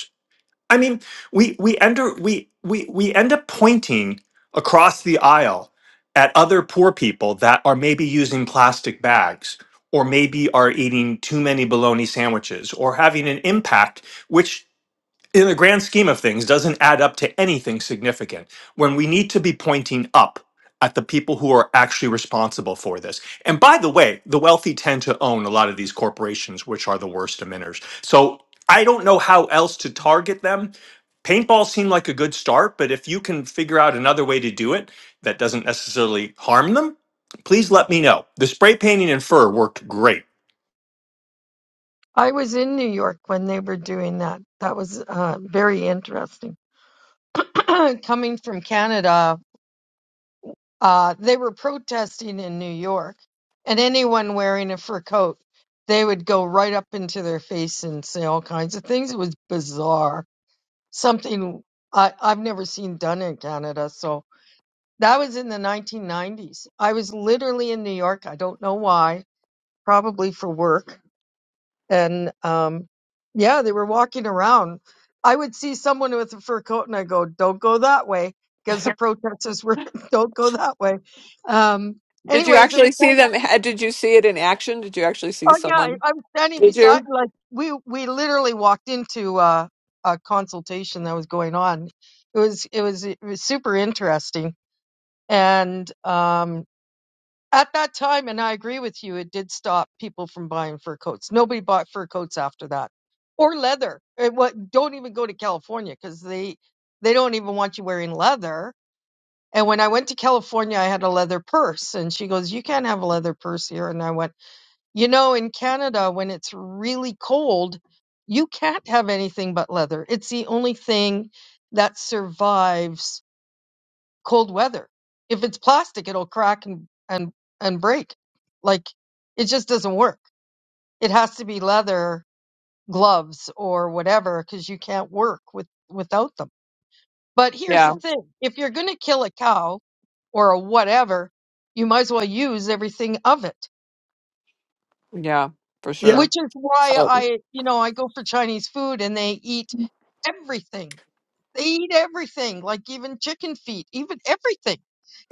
Speaker 5: I mean, we we enter we we we end up pointing across the aisle at other poor people that are maybe using plastic bags or maybe are eating too many bologna sandwiches or having an impact which in the grand scheme of things doesn't add up to anything significant when we need to be pointing up at the people who are actually responsible for this. And by the way, the wealthy tend to own a lot of these corporations, which are the worst emitters. So I don't know how else to target them. Paintball seemed like a good start, but if you can figure out another way to do it that doesn't necessarily harm them, please let me know. The spray painting and fur worked great.
Speaker 7: I was in New York when they were doing that. That was uh, very interesting. <clears throat> Coming from Canada, uh, they were protesting in New York, and anyone wearing a fur coat, they would go right up into their face and say all kinds of things. It was bizarre. Something I, I've never seen done in Canada. So that was in the 1990s. I was literally in New York. I don't know why, probably for work and um yeah they were walking around i would see someone with a fur coat and i go don't go that way because the protesters were <laughs> don't go that way um
Speaker 1: Did you
Speaker 7: anyways it
Speaker 1: actually
Speaker 7: was
Speaker 1: see
Speaker 7: kind of,
Speaker 1: them? ha- Did you see it in action? Did you actually see
Speaker 7: oh yeah I,
Speaker 1: someone?
Speaker 7: I was standing
Speaker 1: Did
Speaker 7: beside
Speaker 1: you?
Speaker 7: like we we literally walked into uh a consultation that was going on it was it was, it was super interesting and um, At that time, and I agree with you, it did stop people from buying fur coats. Nobody bought fur coats after that, or leather. It, what? Don't even go to California because they they don't even want you wearing leather. And when I went to California, I had a leather purse, and she goes, "You can't have a leather purse here." And I went, "You know, in Canada, when it's really cold, you can't have anything but leather. It's the only thing that survives." cold weather. If it's plastic, it'll crack and and and break. Like it just doesn't work. It has to be leather gloves or whatever because you can't work with without them. But here's the
Speaker 1: Yeah,
Speaker 7: thing: if you're going to kill a cow or a whatever, you might as well use everything of it.
Speaker 1: yeah, for
Speaker 5: Yeah.
Speaker 1: sure.
Speaker 7: Which is why
Speaker 1: So,
Speaker 7: I, you know, I go for Chinese food and they eat everything They eat everything, like even chicken feet, even everything.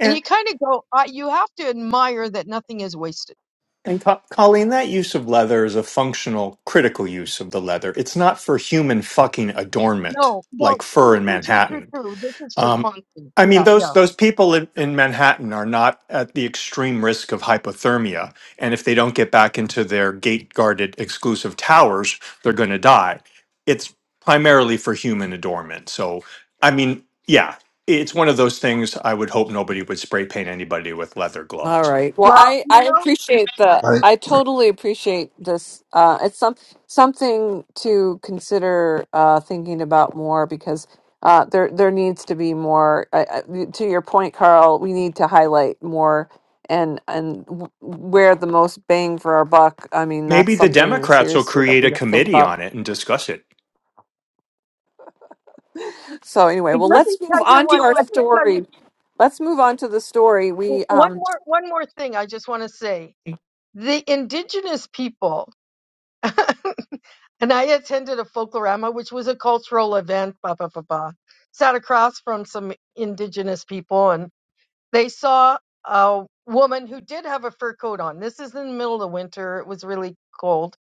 Speaker 7: And you kind of go, uh, you have to admire that nothing is wasted.
Speaker 5: And Co- Colleen, that use of leather is a functional, critical use of the leather. It's not for human fucking adornment
Speaker 7: No, no,
Speaker 5: like fur
Speaker 7: true,
Speaker 5: in
Speaker 7: true, true, true,
Speaker 5: Manhattan.
Speaker 7: true. This is for
Speaker 5: Um,
Speaker 7: function.
Speaker 5: I mean,
Speaker 7: Yeah,
Speaker 5: those
Speaker 7: yeah.
Speaker 5: those people in, in Manhattan are not at the extreme risk of hypothermia, and if they don't get back into their gate guarded exclusive towers, they're going to die. It's primarily for human adornment. So, I mean, yeah, it's one of those things. I would hope nobody would spray paint anybody with leather
Speaker 1: all
Speaker 5: gloves.
Speaker 1: right. Well,
Speaker 7: Well,
Speaker 1: I
Speaker 7: you
Speaker 1: I
Speaker 7: know,
Speaker 1: appreciate the.
Speaker 3: I
Speaker 1: I totally appreciate this. Uh, it's some something to consider uh, thinking about more because uh, there there needs to be more. Uh, uh, to your point, Carl, we need to highlight more and and w- where the most bang for our buck. I mean,
Speaker 5: Maybe
Speaker 1: that's
Speaker 5: the
Speaker 1: something
Speaker 5: Democrats will
Speaker 1: seriously that
Speaker 5: create a
Speaker 1: we have to think
Speaker 5: committee
Speaker 1: about.
Speaker 5: on it and discuss it.
Speaker 1: So anyway,
Speaker 7: and
Speaker 1: well,
Speaker 7: let me
Speaker 1: let's
Speaker 7: tell
Speaker 1: move
Speaker 7: you
Speaker 1: on to
Speaker 7: what,
Speaker 1: our
Speaker 7: let me tell you
Speaker 1: story. Let's move on to the story.
Speaker 7: w-
Speaker 1: We,
Speaker 7: one
Speaker 1: um,
Speaker 7: more, one more thing I just want to say. The indigenous people, <laughs> and I attended a folklorama, which was a cultural event, blah, blah, blah, blah. Sat across from some indigenous people and. They saw a woman who did have a fur coat on. This is in the middle of winter. It was really cold.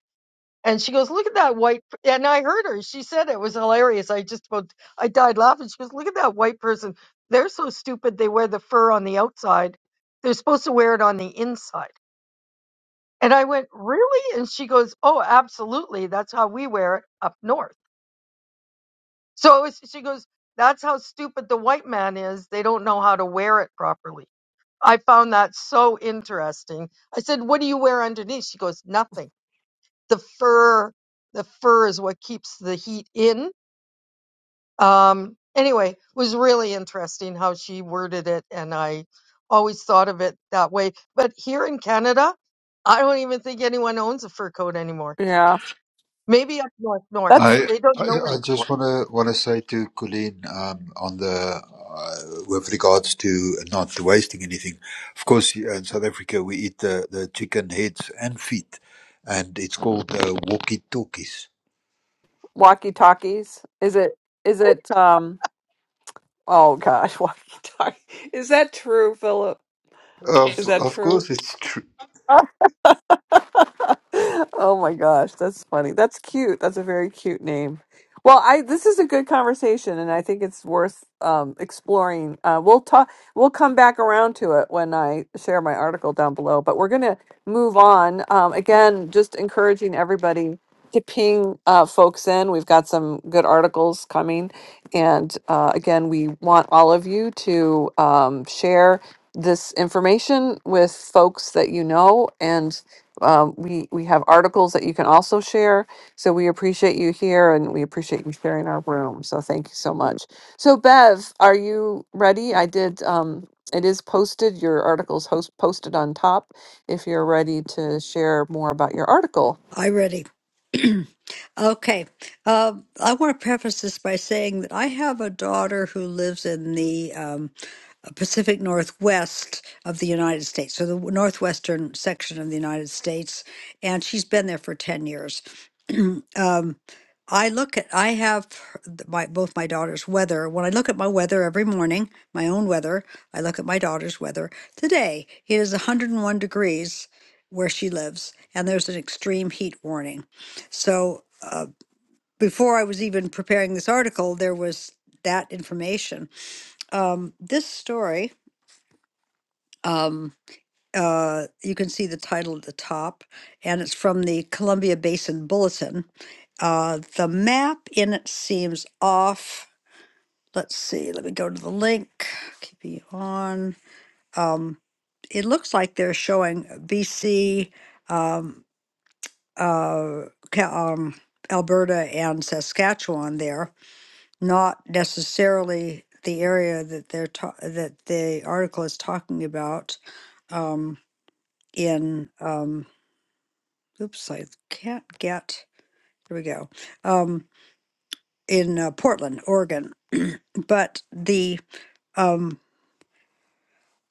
Speaker 7: And she goes, Look at that white. And I heard her. She said it was hilarious. I just about, I died laughing. She goes, Look at that white person. They're so stupid. They wear the fur on the outside. They're supposed to wear it on the inside. And I went, Really? And she goes, Oh, absolutely. That's how we wear it up north. So it was, she goes, That's how stupid the white man is. They don't know how to wear it properly. I found that so interesting. I said, "What do you wear underneath?" She goes, "Nothing. The fur, the fur is what keeps the heat in." Um, anyway, it was really interesting how she worded it, and I always thought of it that way. But here in Canada, I don't even think anyone owns a fur coat anymore.
Speaker 1: yeah,
Speaker 7: Maybe up north, north
Speaker 1: that's
Speaker 3: I
Speaker 7: they don't.
Speaker 3: I I
Speaker 7: Nobody.
Speaker 3: just wanna wanna say to Colleen um, on the uh, with regards to not wasting anything. Of course, here in South Africa we eat the, the chicken heads and feet, and it's called uh, walkie talkies.
Speaker 1: walkie talkies. Is it? Is it? Um, oh gosh, <laughs> walkie talkie. Is that true, Philip?
Speaker 3: Of
Speaker 1: Is that
Speaker 3: of
Speaker 1: true?
Speaker 3: course, it's true.
Speaker 1: Oh my gosh, that's funny. That's cute. That's a very cute name. Well, I this is a good conversation, and I think it's worth um, exploring. Uh, we'll talk. We'll come back around to it when I share my article down below. But we're gonna move on. Um, again, just encouraging everybody to ping uh, folks in. We've got some good articles coming, and uh, again, we want all of you to um, share this information with folks that you know and um, we we have articles that you can also share. So we appreciate you here, and we appreciate you sharing our room. So thank you so much. So Bev, are you ready? I did. Um, it is posted. Your article's host posted on top. If you're ready to share more about your article,
Speaker 2: I ready. Okay. Um, I want to preface this by saying that I have a daughter who lives in the um, uh, Pacific Northwest of the United States, so the northwestern section of the United States, and she's been there for 10 years. Um, I look at, I have her- my, both my daughter's weather. When I look at my weather every morning, my own weather, I look at my daughter's weather. Today, it is 101 degrees where she lives, and there's an extreme heat warning. So, uh, before I was even preparing this article, there was that information. Um, this story, um, uh, you can see the title at the top, and it's from the Columbia Basin Bulletin. Uh, the map in it seems off. Let's see, let me go to the link. Keep you on. Um, it looks like they're showing BC, um, uh, Ca- um, Alberta, and Saskatchewan there not necessarily the area that they're ta- that the article is talking about um, in um, oops i can't get here we go um, in uh, portland oregon but the um,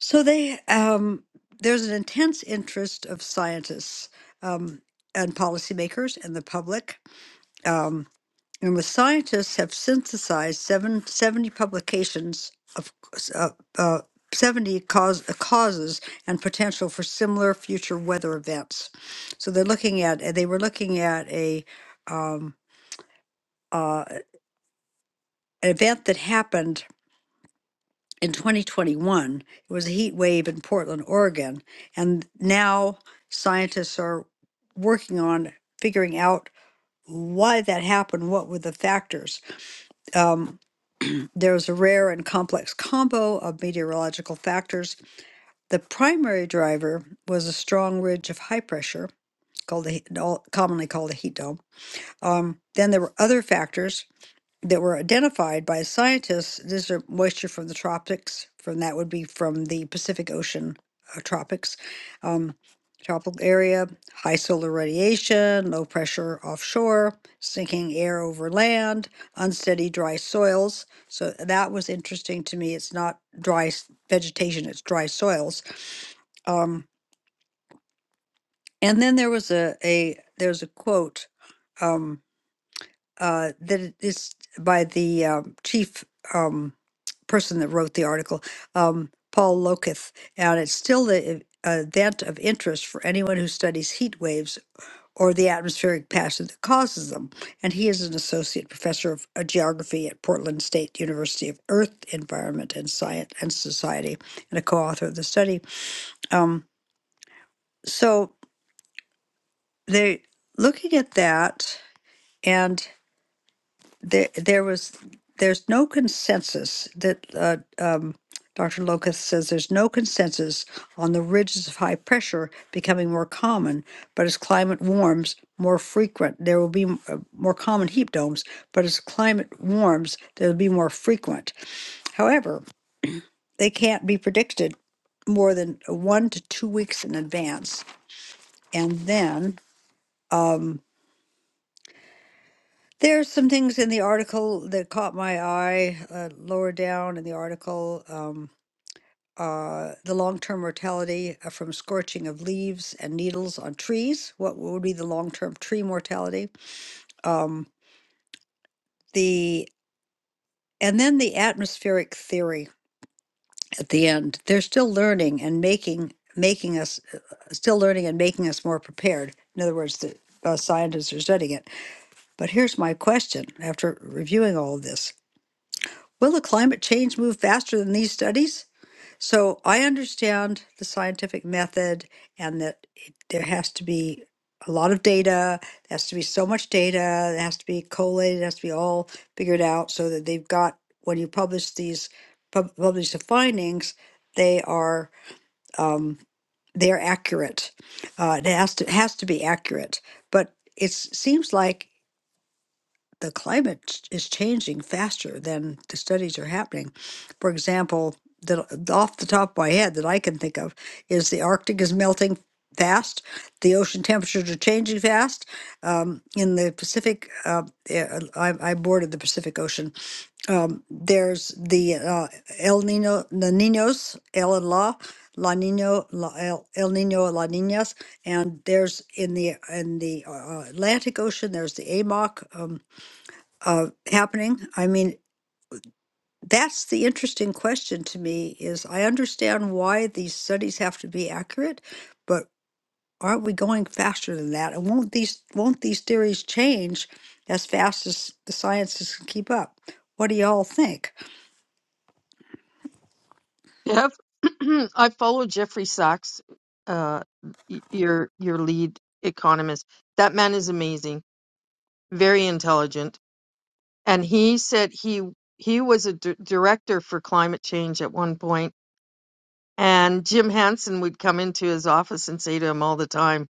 Speaker 2: so they um, there's an intense interest of scientists um, and policymakers and the public Um, And with scientists have synthesized seven seventy publications of uh, uh, 70 cause, uh, causes and potential for similar future weather events. So they're looking at, uh, they were looking at a um, uh, an event that happened in 2021. It was a heat wave in Portland, Oregon. And now scientists are working on figuring out why that happened, what were the factors. Um, There's a rare and complex combo of meteorological factors. The primary driver was a strong ridge of high pressure, called the, heat- all- commonly called a heat dome. Um, then there were other factors that were identified by scientists. These are moisture from the tropics, from that would be from the Pacific Ocean uh, tropics, um, tropical area, high solar radiation, low pressure offshore, sinking air over land, unsteady dry soils. So that was interesting to me. It's not dry s- vegetation; it's dry soils. Um, and then there was a a there's a quote. Um, uh, that it is by the um, chief um, person that wrote the article, um, Paul Loketh, and it's still the uh, event of interest for anyone who studies heat waves or the atmospheric passion that causes them. And he is an associate professor of uh, geography at Portland State University of Earth, Environment, and Science and Society, and a co-author of the study. Um, so they looking at that, there there was there's no consensus that uh, um, Dr. Locust says there's no consensus on the ridges of high pressure becoming more common, but as climate warms, more frequent. There will be m- uh, more common heat domes, but as climate warms, there will be more frequent. However, they can't be predicted more than one to two weeks in advance, and then. um, There are some things in the article that caught my eye uh, lower down in the article. Um, uh, the long term mortality uh, from scorching of leaves and needles on trees. What would be the long term tree mortality? Um, the and then the atmospheric theory at the end. They're still learning and making making us uh, uh, still learning and making us more prepared. In other words, the uh, scientists are studying it. But here's my question: After reviewing all of this, Will the climate change move faster than these studies? So I understand the scientific method and that it, there has to be a lot of data, there has to be so much data, it has to be collated, it has to be all figured out so that they've got, when you publish these, pub- publish the findings, they are, um, they're accurate. Uh, it has to, has to be accurate, but it seems like the climate ch- is changing faster than the studies are happening. For example, the, the- off the top of my head that I can think of is the Arctic is melting fast, the ocean temperatures are changing fast. Um, in the Pacific, uh, eh, I, I boarded the Pacific Ocean. Um, there's the uh, El Nino, the Ninos, El and La, La Nino, La, El, El Nino, La Ninas, and there's in the in the uh, Atlantic Ocean, there's the AMOC. Um, uh, happening? I mean, that's the interesting question to me is I understand why these studies have to be accurate, but aren't we going faster than that? And won't these won't these theories change as fast as the sciences can keep up? What do y'all think?
Speaker 7: Yep. <clears throat> I follow Jeffrey Sachs, uh, y- your your lead economist. That man is amazing very intelligent, and he said he he was a d- director for climate change at one point, and Jim Hansen would come into his office and say to him all the time,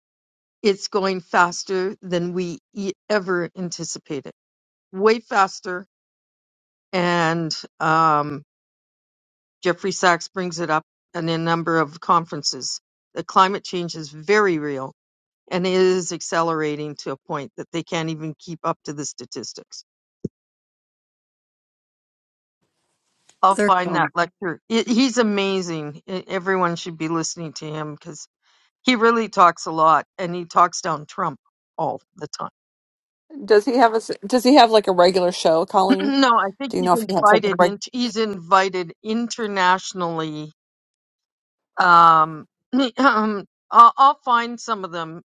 Speaker 7: "It's going faster than we e- ever anticipated, way faster." And um, Jeffrey Sachs brings it up in a number of conferences. The climate change is very real and it is accelerating to a point that they can't even keep up to the statistics. I'll
Speaker 2: There,
Speaker 7: find that
Speaker 2: um,
Speaker 7: lecture. It, he's amazing. E- everyone should be listening to him because he really talks a lot and he talks down Trump all the time.
Speaker 1: does he have a s- Does he have like a regular show,
Speaker 7: <clears throat>
Speaker 1: Colleen?
Speaker 7: no, I think
Speaker 1: Do you
Speaker 7: he's
Speaker 1: know if he has something
Speaker 7: invited
Speaker 1: like?
Speaker 7: in, he's invited internationally. Um, <clears throat> um, I'll, I'll find some of them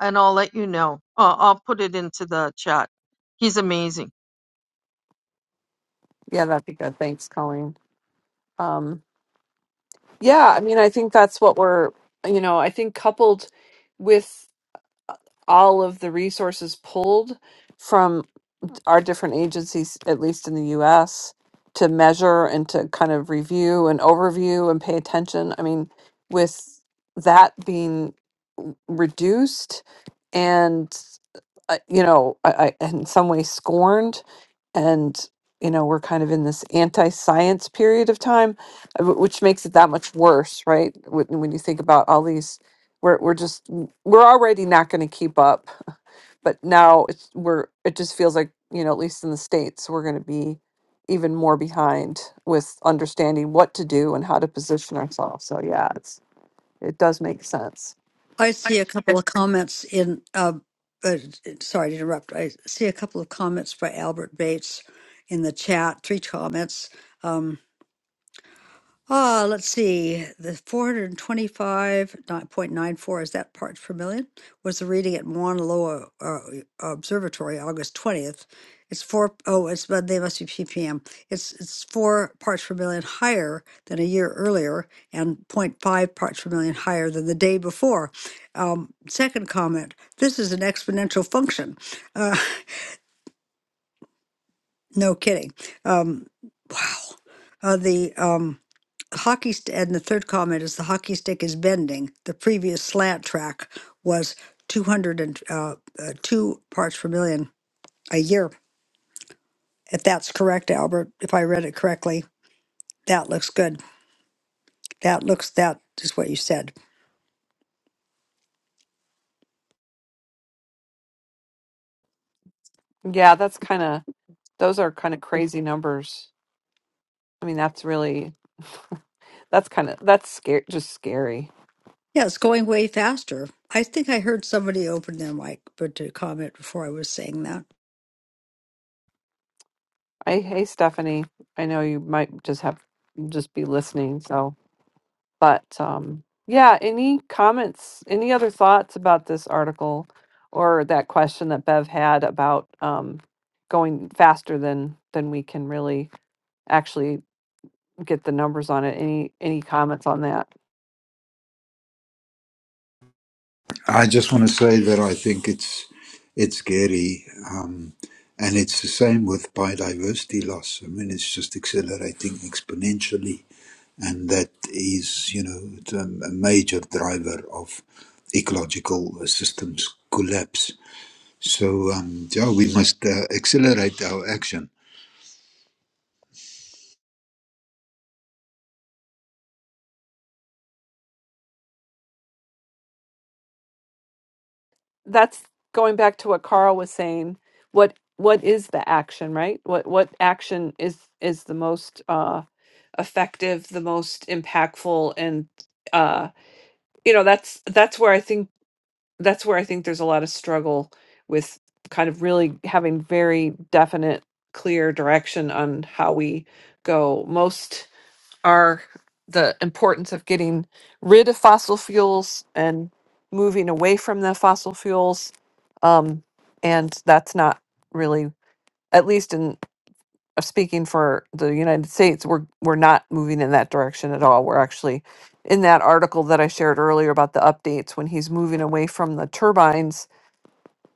Speaker 7: and I'll let you know. I'll, I'll put it into the chat. He's amazing.
Speaker 1: Yeah, that'd be good. Thanks, Colleen. Um, yeah, I mean, I think that's what we're. You know, I think coupled with all of the resources pulled from our different agencies, at least in the US, to measure and to kind of review and overview and pay attention. I mean, with that being reduced and uh, you know I, I, in some ways scorned and you know we're kind of in this anti-science period of time uh, wh- which makes it that much worse right when, when you think about all these we're, we're just we're already not going to keep up but now it's we're it just feels like you know at least in the states we're going to be even more behind with understanding what to do and how to position ourselves so yeah it's it does make sense
Speaker 2: I see a couple of comments in. Uh, uh, sorry to interrupt. I see a couple of comments by Albert Bates in the chat. Three comments. Um, Ah, let's see. The 425.94, is that parts per million? Was the reading at Mauna Loa uh, Observatory August 20th. It's four, oh, it's, but they must be ppm. It's, it's four parts per million higher than a year earlier and point five parts per million higher than the day before. Um, second comment, this is an exponential function. Uh, <laughs> no kidding. Um, wow. Uh, the, um, hockey st- and the third comment is the hockey stick is bending. The previous slant track was 200 and uh, uh, two parts per million a year. If that's correct, Albert, if I read it correctly, that looks good. That looks that is what you said.
Speaker 1: yeah that's kind of those are kind of crazy numbers i mean that's really <laughs> that's kind of that's scary just scary
Speaker 2: Yeah, it's going way faster. I think I heard somebody open their mic, but to comment before I was saying that.
Speaker 1: i hey stephanie i know you might just have just be listening so But um, yeah, any comments, any other thoughts about this article or that question that Bev had about um, going faster than than we can really actually get the numbers on it? Any any comments on that?
Speaker 3: I just want to say that I think it's it's scary, um, and it's the same with biodiversity loss. I mean, it's just accelerating exponentially, and that is, you know, it's a, a major driver of ecological systems collapse. So, um, yeah, we must uh, accelerate our action.
Speaker 1: that's going back to what Carl was saying. What what is the action, right? What what action is is the most uh effective, the most impactful and uh you know, that's that's where I think that's where I think there's a lot of struggle with kind of really having very definite clear direction on how we go most are the importance of getting rid of fossil fuels and moving away from the fossil fuels. Um, and that's not really, at least in uh, speaking for the United States, we're we're not moving in that direction at all. We're actually in that article that I shared earlier about the updates when he's moving away from the turbines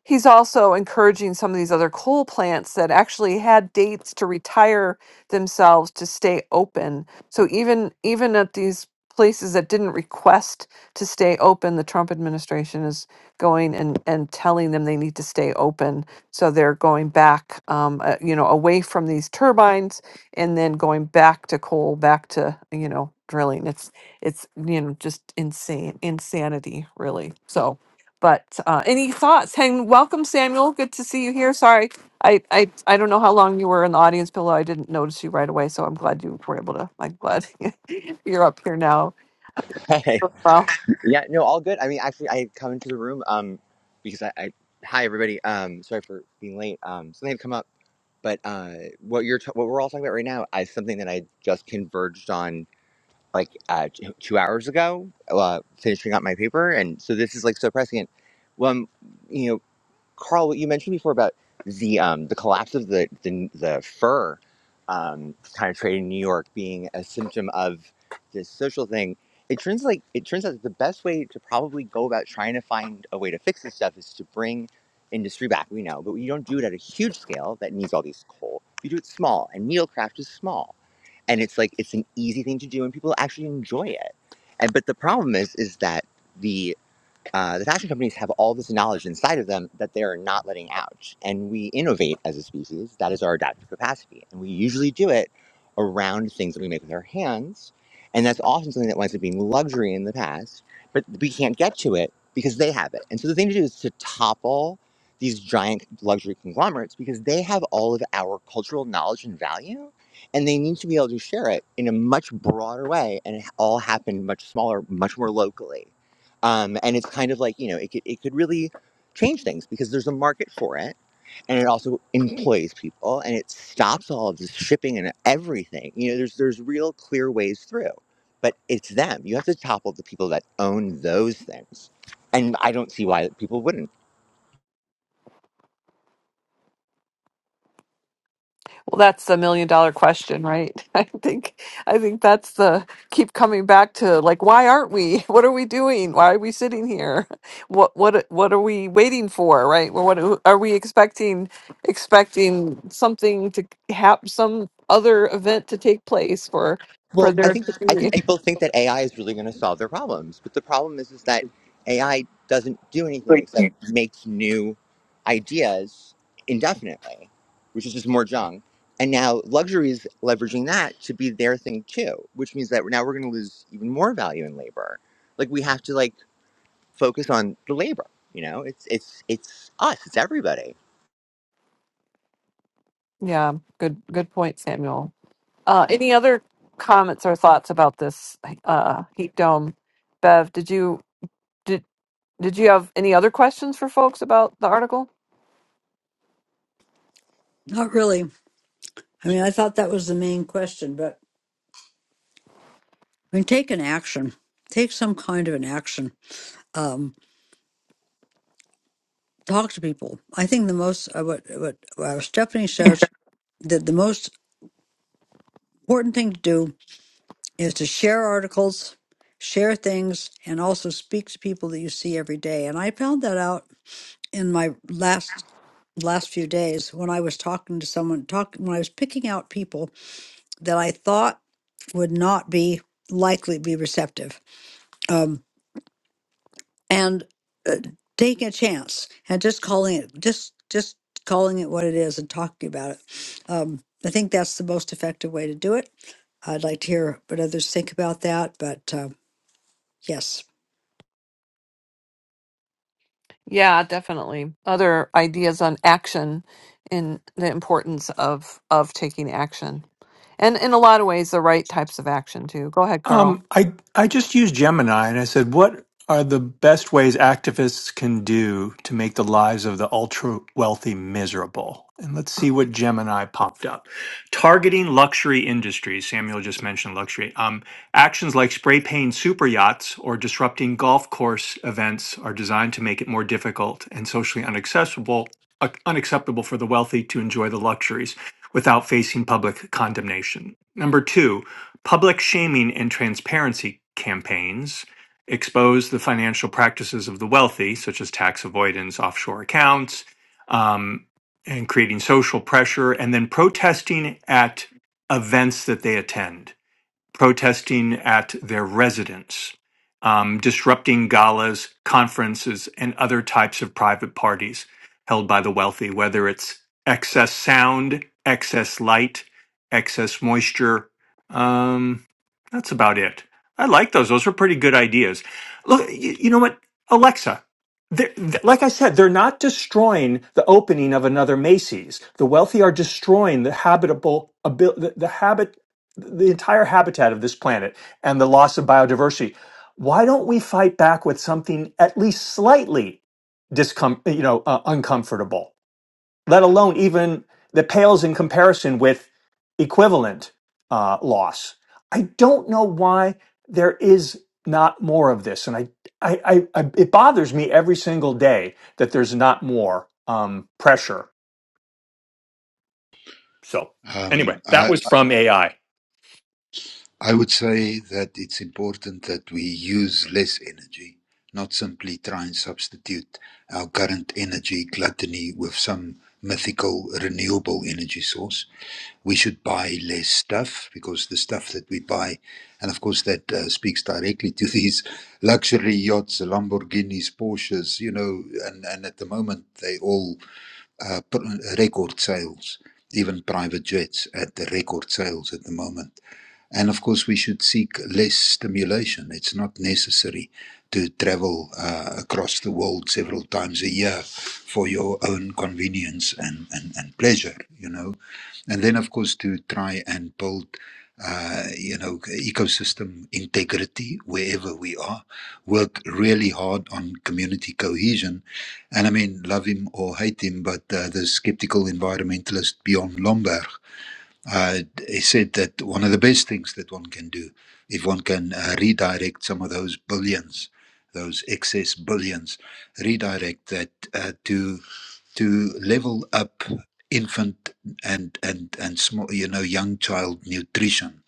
Speaker 1: he's also encouraging some of these other coal plants that actually had dates to retire themselves to stay open. So even even at these places that didn't request to stay open, the Trump administration is going and and telling them they need to stay open. So they're going back, um, uh, you know, away from these turbines and then going back to coal, back to you know drilling. It's it's you know just insane insanity really. So but uh, any thoughts? Hey, welcome, Samuel. Good to see you here. Sorry, I, I I don't know how long you were in the audience, Pillow. I didn't notice you right away, so I'm glad you were able to. I'm glad <laughs> you're up here now.
Speaker 8: Hey,
Speaker 1: Well,
Speaker 8: yeah, no, all good. I mean, actually, I had come into the room um because I, I hi everybody. Um, sorry for being late. Um, something had come up, but uh, what you're t- what we're all talking about right now is something that I just converged on like uh t- two hours ago, uh, finishing up my paper, and so this is like so prescient. Well, um, you know. Carl, what you mentioned before about the um, the collapse of the the, the fur um, kind of trade in New York being a symptom of this social thing, it turns like it turns out that the best way to probably go about trying to find a way to fix this stuff is to bring industry back. We know, but you don't do it at a huge scale that needs all these coal. You do it small, and needlecraft is small, and it's like it's an easy thing to do, and people actually enjoy it. And but the problem is, is that the uh, the fashion companies have all this knowledge inside of them that they are not letting out. And we innovate as a species. That is our adaptive capacity. And we usually do it around things that we make with our hands. And that's often something that winds up being luxury in the past, but we can't get to it because they have it. And so the thing to do is to topple these giant luxury conglomerates because they have all of our cultural knowledge and value. And they need to be able to share it in a much broader way and it all happened much smaller, much more locally um, and it's kind of like you know it could, it could really change things because there's a market for it and it also employs people and it stops all of this shipping and everything you know there's there's real clear ways through but it's them you have to topple the people that own those things and i don't see why people wouldn't
Speaker 1: Well, that's the million dollar question, right? <laughs> I think I think that's the keep coming back to like why aren't we? <laughs> What are we doing? Why are we sitting here? <laughs> What what what are we waiting for, right? Well, what are are we expecting expecting something to happen some other event to take place for for
Speaker 8: Well, I
Speaker 1: there
Speaker 8: think
Speaker 1: to
Speaker 8: I
Speaker 1: be.
Speaker 8: think people think that AI is really going to solve their problems, but the problem is is that AI doesn't do anything except makes new ideas indefinitely, which is just more junk. And now luxury is leveraging that to be their thing too, which means that now we're going to lose even more value in labor. Like we have to like focus on the labor. You know, it's it's it's us, it's everybody.
Speaker 1: Yeah, good good point, Samuel. Uh any other comments or thoughts about this uh heat dome? Bev, did you did Did you have any other questions for folks about the article?
Speaker 2: Not really. I mean, I thought that was the main question, but I mean, take an action. Take some kind of an action. Um, talk to people. I think the most uh, what what uh, Stephanie says that the most important thing to do is to share articles, share things, and also speak to people that you see every day. And I found that out in my last last few days when I was talking to someone, talk when I was picking out people that I thought would not be likely be receptive. Um, and uh, taking a chance and just calling it just just calling it what it is and talking about it um, i think that's the most effective way to do it i'd like to hear what others think about that but um, yes
Speaker 1: Yeah, definitely. Other ideas on action and the importance of of taking action. And in a lot of ways the right types of action too. Go ahead, Carl.
Speaker 5: Um, I I just used Gemini and I said, what are the best ways activists can do to make the lives of the ultra wealthy miserable? And let's see what Gemini popped up. Targeting luxury industries. Samuel just mentioned luxury. Um, actions like spray painting super yachts or disrupting golf course events are designed to make it more difficult and socially unaccessible, uh, unacceptable for the wealthy to enjoy the luxuries without facing public condemnation. Number two, Public shaming and transparency campaigns expose the financial practices of the wealthy, such as tax avoidance, offshore accounts, um, and creating social pressure, and then protesting at events that they attend protesting at their residence, um, disrupting galas, conferences, and other types of private parties held by the wealthy, whether it's excess sound, excess light, excess moisture. Um, that's about it. I like those. Those are pretty good ideas. Look, you, you know what? Alexa. They're, th- like I said, they're not destroying the opening of another Macy's. The wealthy are destroying the habitable, abil- the, the habit the entire habitat of this planet and the loss of biodiversity. Why don't we fight back with something at least slightly discom- you know, uh, uncomfortable, let alone even that pales in comparison with equivalent uh, loss? I don't know why there is not more of this, and I, I, I, I it bothers me every single day that there's not more um, pressure. So
Speaker 3: Um,
Speaker 5: anyway, that
Speaker 3: I,
Speaker 5: was from AI.
Speaker 3: I would say that it's important that we use less energy, not simply try and substitute our current energy gluttony with some mythical renewable energy source. We should buy less stuff because the stuff that we buy, and of course, that uh, speaks directly to <laughs> these luxury yachts, Lamborghinis, Porsches, you know, and, and at the moment they all uh, pr- record sales, even private jets at the record sales at the moment and of course, we should seek less stimulation. It's not necessary to travel uh, across the world several times a year for your own convenience and, and, and pleasure, you know. And then, of course, to try and build, uh, you know, ecosystem integrity wherever we are, work really hard on community cohesion. And I mean, love him or hate him, but uh, the skeptical environmentalist Bjorn Lomberg uh, he said that one of the best things that one can do, if one can uh, redirect some of those billions, those excess billions, redirect that uh, to to level up infant and and and small, you know, young child nutrition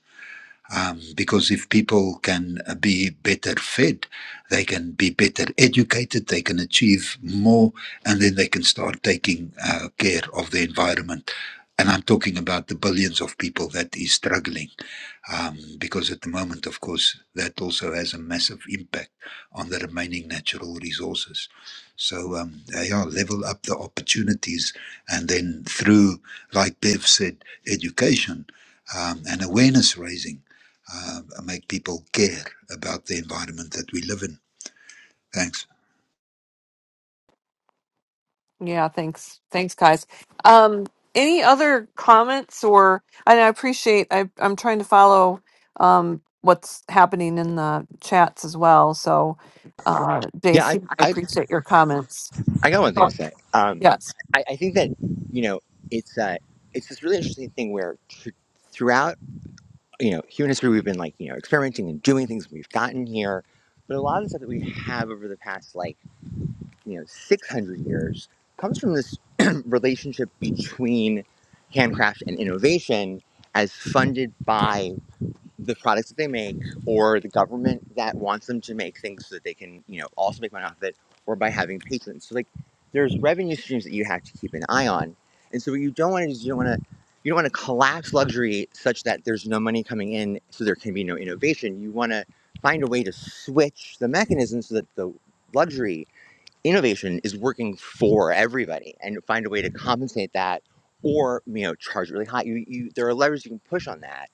Speaker 3: um, because if people can uh, be better fed, they can be better educated, they can achieve more, and then they can start taking uh, care of the environment. And I'm talking about the billions of people that is struggling, um, because at the moment, of course, that also has a massive impact on the remaining natural resources. So, um, yeah, level up the opportunities, and then through, like Bev said, education um, and awareness raising uh, make people care about the environment that we live in. Thanks.
Speaker 1: Yeah, thanks. Thanks, guys. Um, any other comments or and I appreciate I I'm trying to follow um what's happening in the chats as well. So uh
Speaker 8: Yeah, I,
Speaker 1: JC, I
Speaker 8: I,
Speaker 1: appreciate your comments.
Speaker 8: I got one thing to say. Um,
Speaker 1: Yes.
Speaker 8: I, I think that you know it's uh, it's this really interesting thing where tr- throughout you know human history we've been like you know experimenting and doing things we've gotten here, but a lot of the stuff that we have over the past like you know six hundred years comes from this <clears throat> relationship between handcraft and innovation as funded by the products that they make or the government that wants them to make things so that they can, you know, also make money off of it or by having patrons. So like there's revenue streams that you have to keep an eye on. And so what you don't want to do is you don't want to you don't want to collapse luxury such that there's no money coming in so there can be no innovation. You want to find a way to switch the mechanism so that the luxury innovation is working for everybody and find a way to compensate that or you know charge really high you, you there are levers you can push on that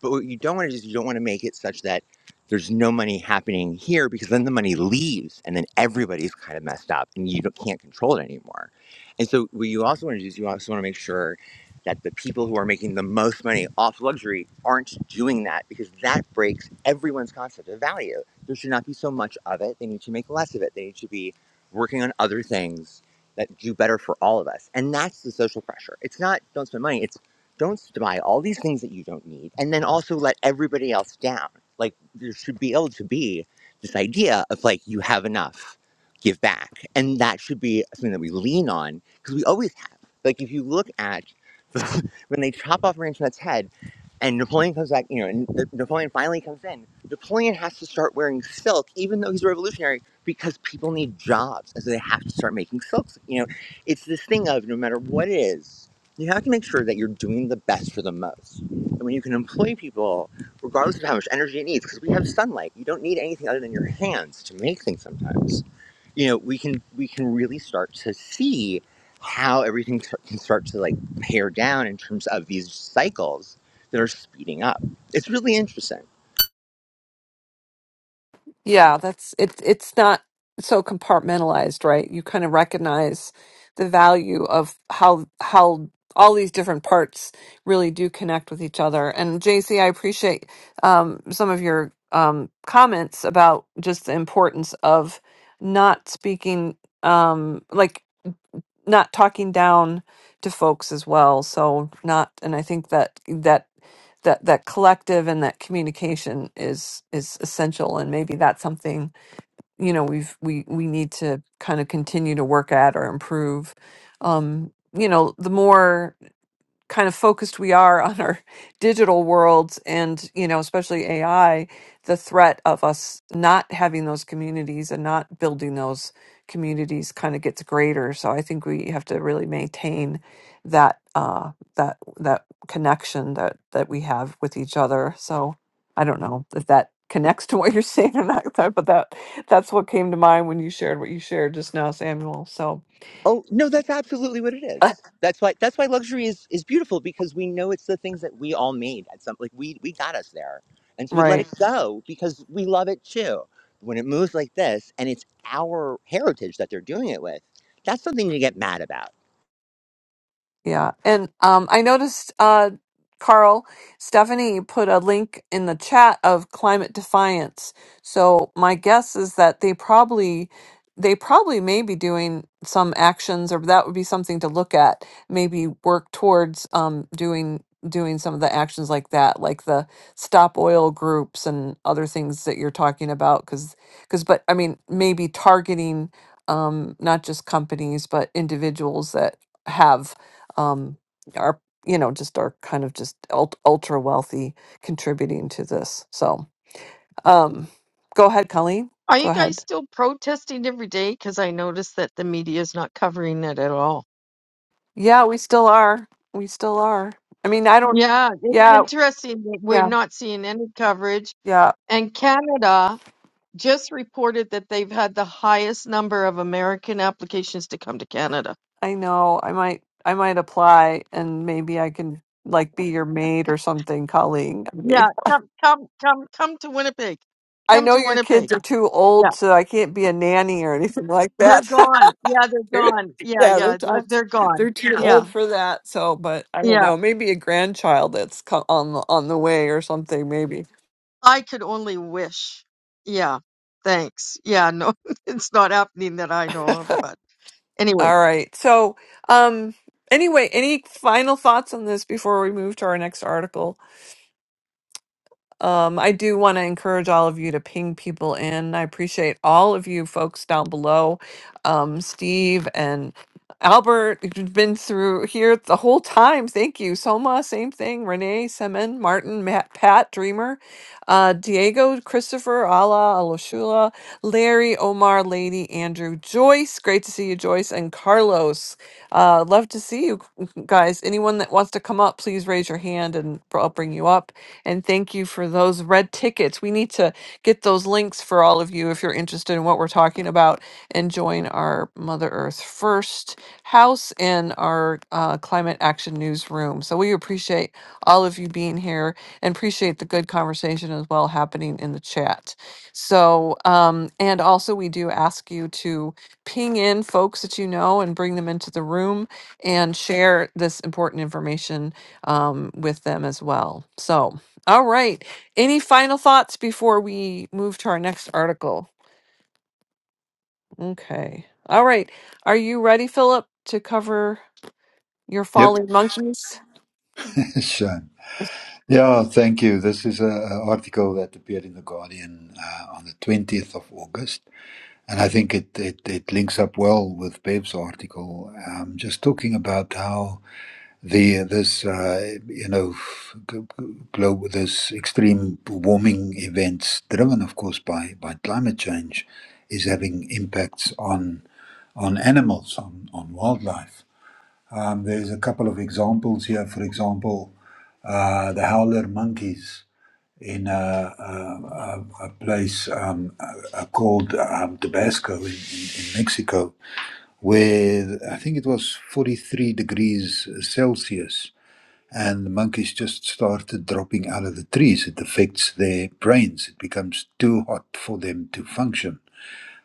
Speaker 8: but what you don't want to do is you don't want to make it such that there's no money happening here because then the money leaves and then everybody's kind of messed up and you don't, can't control it anymore. And so what you also want to do is you also want to make sure that the people who are making the most money off luxury aren't doing that because that breaks everyone's concept of value. There should not be so much of it. They need to make less of it. They need to be working on other things that do better for all of us. And that's the social pressure. It's not don't spend money. It's don't buy all these things that you don't need and then also let everybody else down like there should be able to be this idea of like you have enough give back and that should be something that we lean on because we always have like if you look at <laughs> when they chop off ranchman's head and Napoleon comes back, you know, and Napoleon finally comes in. Napoleon has to start wearing silk, even though he's a revolutionary, because people need jobs. And so they have to start making silks. You know, it's this thing of no matter what it is, you have to make sure that you're doing the best for the most. And when you can employ people, regardless of how much energy it needs, because we have sunlight, you don't need anything other than your hands to make things sometimes you know we can we can really start to see how everything t- can start to like pare down in terms of these cycles that are speeding up it's really interesting
Speaker 1: Yeah, that's it, it's not so compartmentalized, right? You kind of recognize the value of how how all these different parts really do connect with each other. And JC, I appreciate um, some of your um, comments about just the importance of not speaking, um, like not talking down to folks as well. So not, and I think that that that that collective and that communication is is essential. And maybe that's something you know we've we we need to kind of continue to work at or improve um you know the more kind of focused we are on our <laughs> digital worlds and you know especially ai the threat of us not having those communities and not building those communities kind of gets greater so i think we have to really maintain that uh that that connection that that we have with each other so i don't know if that connects to what you're <laughs> saying or not but that that's what came to mind when you shared what you shared just now samuel so
Speaker 8: oh no that's absolutely what it is
Speaker 1: <laughs>
Speaker 8: that's why that's why luxury is is beautiful because we know it's the things that we all made at some like we we got us there and so we
Speaker 1: right
Speaker 8: let it Mhm. go because we love it too when it moves like this and it's our heritage that they're doing it with that's something to get mad about
Speaker 1: Yeah. And um I noticed uh Carl, Stephanie put a link in the chat of climate defiance. So my guess is that they probably they probably may be doing some actions or that would be something to look at, maybe work towards um doing doing some of the actions like that, like the stop oil groups and other things that you're talking about cuz cuz but I mean maybe targeting um not just companies but individuals that have um, are you know just are kind of just ult- ultra wealthy contributing to this. So um, go ahead, Colleen.
Speaker 7: Are you
Speaker 1: Go
Speaker 7: guys
Speaker 1: ahead.
Speaker 7: still protesting every day? Because I noticed that the media is not covering it at all.
Speaker 1: Yeah, we still are. We still are. I mean, I don't.
Speaker 7: Yeah, it's
Speaker 1: Yeah,
Speaker 7: interesting that we're
Speaker 1: yeah,
Speaker 7: not seeing any coverage.
Speaker 1: yeah.
Speaker 7: And Canada just reported that they've had the highest number of American applications to come to Canada.
Speaker 1: I know. I might. I might apply, and maybe I can like be your maid or something, Colleen. I
Speaker 7: Yeah,
Speaker 1: mean,
Speaker 7: come, come, come, come to Winnipeg.
Speaker 1: I
Speaker 7: Come
Speaker 1: know
Speaker 7: to
Speaker 1: your
Speaker 7: Winnipeg.
Speaker 1: kids are too
Speaker 7: Yeah,
Speaker 1: old, so I can't be a nanny or anything like
Speaker 7: they're
Speaker 1: that. <laughs>
Speaker 7: gone. Yeah, they're
Speaker 1: <laughs> They're-
Speaker 7: gone. Yeah,
Speaker 1: yeah, they're
Speaker 7: yeah, they're,
Speaker 1: too,
Speaker 7: they're gone.
Speaker 1: they're too Yeah.
Speaker 7: Yeah,
Speaker 1: old for that. So, but I don't
Speaker 7: yeah.
Speaker 1: know. Maybe a grandchild that's co- on the on the way or something. Maybe.
Speaker 7: I could only wish. Yeah, thanks. Yeah, no, <laughs> it's not happening that I know of. But anyway,
Speaker 1: All right. So, um, anyway, any final thoughts on this before we move to our next article? Um, I do want to encourage all of you to ping people in. I appreciate all of you folks down below, um, Steve and Albert. You've been through here the whole time. Thank you. Soma, same thing. Renee, Semen, Martin, Matt, Pat, Dreamer, uh, Diego, Christopher, Ala, Aloshula, Larry, Omar, Lady, Andrew, Joyce. Great to see you, Joyce, and Carlos. Uh, love to see you guys. Anyone that wants to come up, please raise your hand and I'll bring you up. And thank you for those red tickets. We need to get those links for all of you if you're interested in what we're talking about and join our Mother Earth First House and our uh, Climate Action Newsroom. So we appreciate all of you being here and appreciate the good conversation as well happening in the chat. So, um, and also we do ask you to ping in folks that you know and bring them into the room and share this important information um, with them as well. So, all right. Any final thoughts before we move to our next article? Okay. All right. Are you ready, Philip, to cover your
Speaker 3: Yep,
Speaker 1: falling monkeys?
Speaker 3: <laughs> sure. Yeah, thank you. This is an article that appeared in The Guardian uh, on the 20th of August, and I think it, it, it links up well with Babe's article, um, just talking about how. the this uh, you know g- g- global this extreme warming events driven of course by by climate change is having impacts on on animals on on wildlife um, there's a couple of examples here for example uh, the howler monkeys in a, a, a a place um, uh, uh, called um, Tabasco in, in, in Mexico, where I think it was 43 degrees Celsius and the monkeys just started dropping out of the trees. It affects their brains. It becomes too hot for them to function.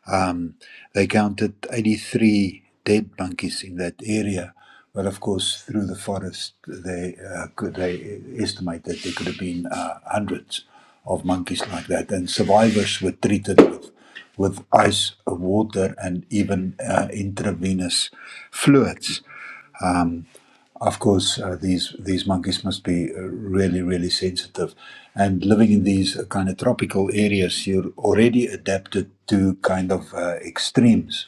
Speaker 3: Um, they counted 83 dead monkeys in that area. But of course, through the forest, they uh, could they estimate that there could have been uh, hundreds of monkeys like that. And survivors were treated with, with ice, water, and even uh, intravenous fluids of course, uh, these these monkeys must be uh, really really sensitive, and living in these uh, kind of tropical areas, you're already adapted to kind of uh, extremes.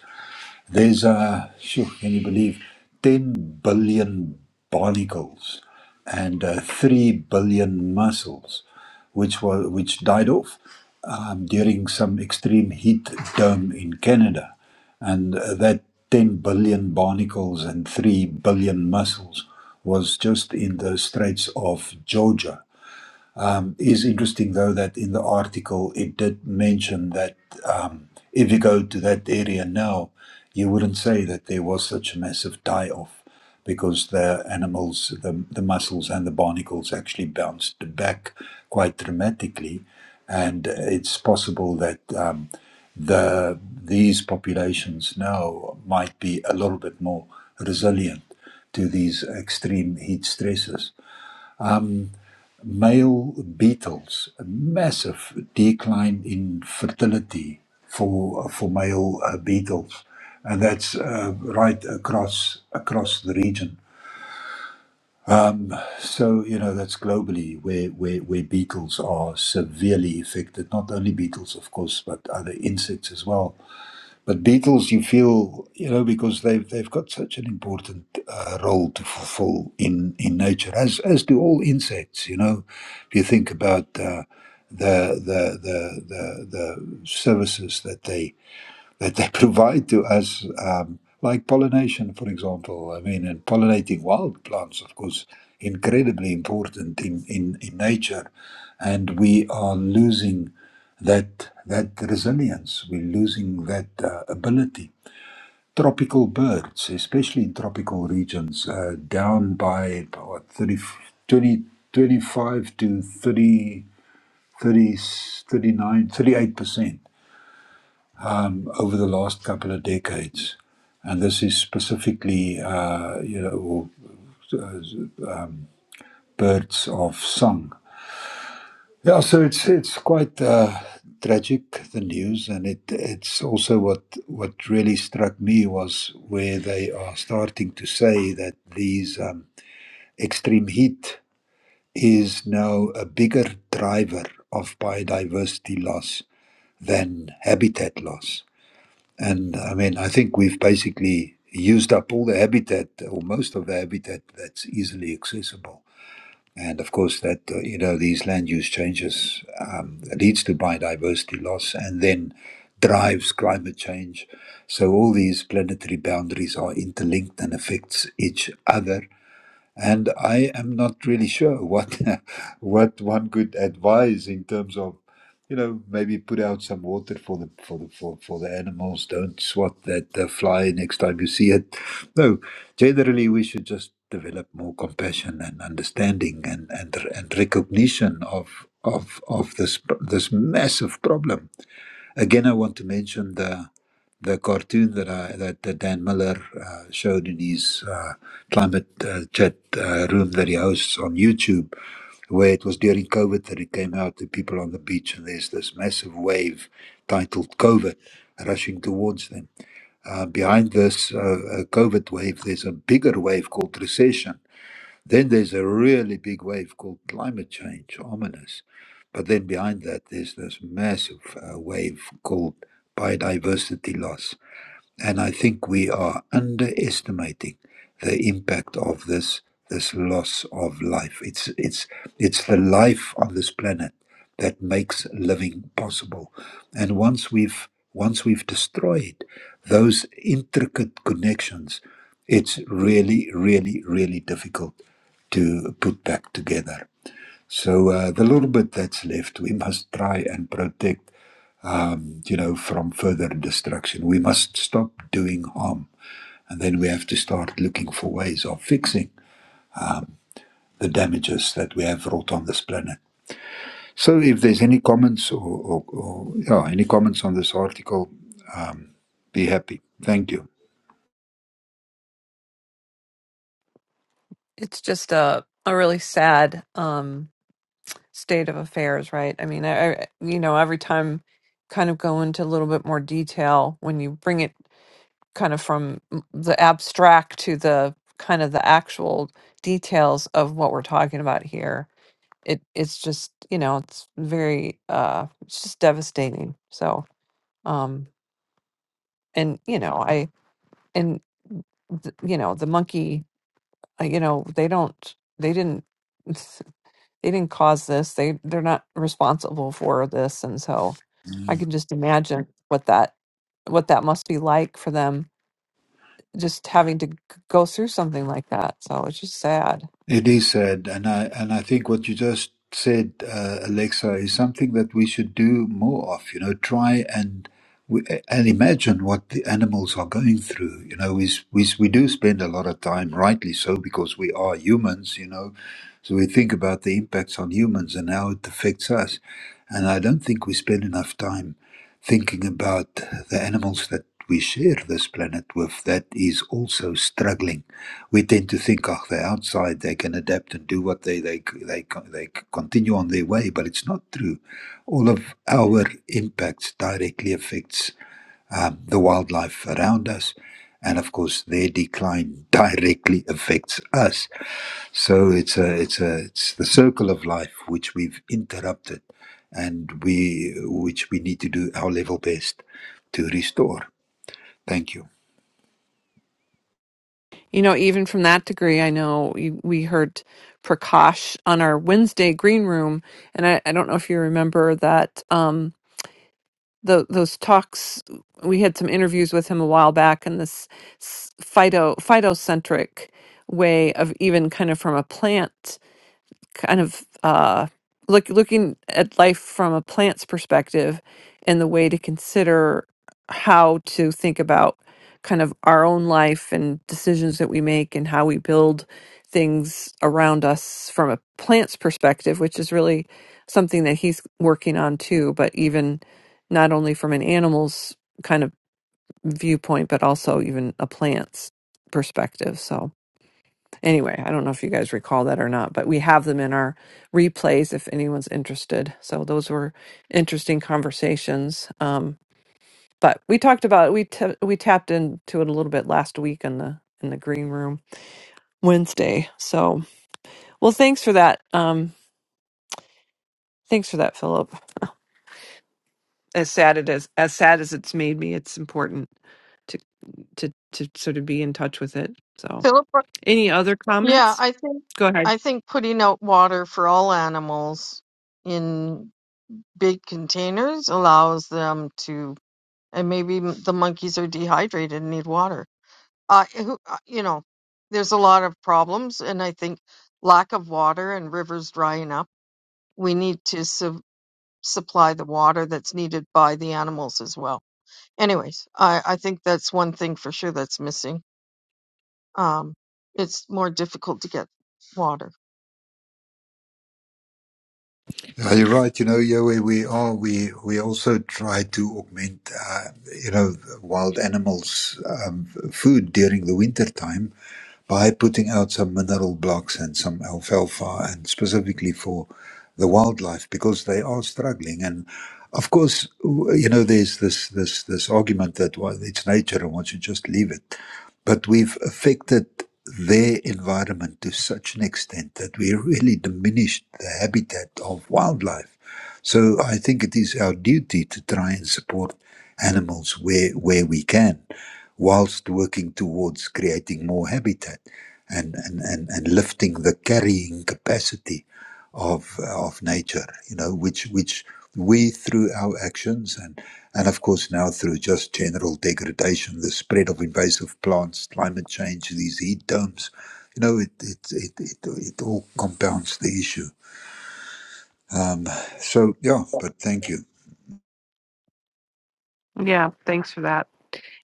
Speaker 3: There's, uh, phew, can you believe, 10 billion barnacles and uh, 3 billion mussels, which, were, which died off um, during some extreme heat dome in Canada. And uh, that 10 billion barnacles and 3 billion mussels was just in the Straits of Georgia um, is interesting, though, that in the article it did mention that um, if you go to that area now, you wouldn't say that there was such a massive die off because the animals, the, the mussels and the barnacles actually bounced back quite dramatically. And it's possible that um, the these populations now might be a little bit more resilient to these extreme heat stresses male beetles, a massive decline in fertility for for male uh, beetles, and that's uh, right across across the region. So you know that's globally where, where where beetles are severely affected. Not only beetles, of course, but other insects as well. But Beatles, you feel, you know, because they've they've got such an important uh, role to fulfill in in nature, as as do all insects. You know, if you think about uh, the, the the the the services that they that they <laughs> provide to us, um, like pollination, for example. I mean, and pollinating wild plants, of course, incredibly important in, in, in nature. And we are losing that, that resilience, we're losing that uh, ability. Tropical birds, especially in tropical regions, uh, down by what, thirty twenty twenty-five to thirty thirty thirty-nine thirty-eight percent um, over the last couple of decades. And this is specifically, uh, you know, birds of song. Yeah, so it's it's quite uh, tragic the news, and it it's also what what really struck me was where they are starting to say that these um, extreme heat is now a bigger driver of biodiversity loss than habitat loss And I mean, I think we've basically used up all the habitat or most of the habitat that's easily accessible. And of course, that uh, you know these land use changes um, leads to biodiversity loss, and then drives climate change. So all these planetary boundaries are interlinked and affects each other and I am not really sure what <laughs> what one could advise in terms of you know maybe put out some water for the for the for, for the animals don't swat that uh, fly next time you see it no generally we should just develop more compassion and understanding and and, and recognition of of of this this massive problem Again, I want to mention the the cartoon that I that, that Dan Miller uh, showed in his uh, climate uh, chat uh, room that he hosts on YouTube, where it was during COVID that it came out to people on the beach, and there's this massive wave titled COVID rushing towards them. Uh, behind this uh, uh, COVID wave, there's a bigger wave called recession then there's a really big wave called climate change, ominous. But then behind that, there's this massive uh, wave called biodiversity loss. And I think we are underestimating the impact of this this loss of life. It's it's it's the life on this planet that makes living possible. And once we've once we've destroyed those intricate connections, it's really, really, really difficult to put back together. So uh, the little bit that's left, we must try and protect um, you know, from further destruction. We must stop doing harm, and then we have to start looking for ways of fixing the damages that we have wrought on this planet. So, if there's any comments or, or, or yeah, any comments on this article, be happy. Thank you.
Speaker 1: It's just a a really sad um state of affairs, right? I mean, I, I- you know, every time kind of go into a little bit more detail when you bring it kind of from m- the abstract to the kind of the actual details of what we're talking about here. It it's just, you know, it's very uh it's just devastating. So, um and you know, I and th- you know, the monkey, uh, you know, they don't they didn't <laughs> they didn't cause this. They they're not responsible for this, and so I can just imagine what that what that must be like for them, just having to g- go through something like that. So it's just sad.
Speaker 3: It is sad, and I and I think what you just said, uh, Alexa, is something that we should do more of. You know, try and we- and imagine what the animals are going through. You know, we we we do spend a lot of time, rightly so, because we are humans. You know, so we think about the impacts on humans and how it affects us, and I don't think we spend enough time thinking about the animals that we share this planet with that is also struggling we tend to think, oh, they're outside, they can adapt and do what they they they they continue on their way, but it's not true. All of our impacts directly affects um, the wildlife around us, and of course, their decline <laughs> directly affects us. So it's a it's a it's the circle of life which we've interrupted, and we which we need to do our level best to restore. Thank you.
Speaker 1: You know, even from that degree, I know you, we heard Prakash on our Wednesday green room, and I, I don't know if you remember that um, the those talks. We had some interviews with him a while back, and this s- phyto phytocentric way of even kind of from a plant kind of uh, look looking at life from a plant's perspective and the way to consider how to think about kind of our own life and decisions that we make and how we build things around us from a plant's perspective which is really something that he's working on too but even not only from an animal's kind of viewpoint but also even a plant's perspective so Anyway, I don't know if you guys recall that or not, but we have them in our replays if anyone's interested. So those were interesting conversations. Um, but we talked about it. we t- we tapped into it a little bit last week in the in the green room Wednesday. So well, thanks for that. Um, thanks for that, Philip. As sad it is, as sad as it's made me, it's important to to to sort of be in touch with it. So
Speaker 7: Philip
Speaker 1: any other
Speaker 7: Yeah,
Speaker 1: comments?
Speaker 7: I think
Speaker 1: Go ahead.
Speaker 7: I think putting out water for all animals in big containers allows them to, and maybe m- the monkeys are dehydrated and need water. Uh, who, uh, you know, there's a lot of problems, and I think lack of water and rivers drying up. We need to su- supply the water that's needed by the animals as well. Anyways, I, I think that's one thing for sure that's missing. Um, it's more difficult to get water.
Speaker 3: Yeah, you're right. You know, yeah, where we are, we we also try to augment, uh, you know, wild animals' um, f- food during the winter time by putting out some mineral blocks and some alfalfa, and specifically for the wildlife because they are struggling. And of course, w- you know, there's this this this argument that well, it's nature and one should just leave it, but we've affected their environment to such an extent that we really diminished the habitat of wildlife. So I think it is our duty to try and support animals where where we can whilst working towards creating more habitat and, and, and, and lifting the carrying capacity of, of nature, you know, which, which we through our actions and, and of course now through just general degradation, the spread of invasive plants, climate change, these heat domes, you know, it, it, it, it, it all compounds the issue. Um, so, yeah, but thank you.
Speaker 1: Yeah, thanks for that.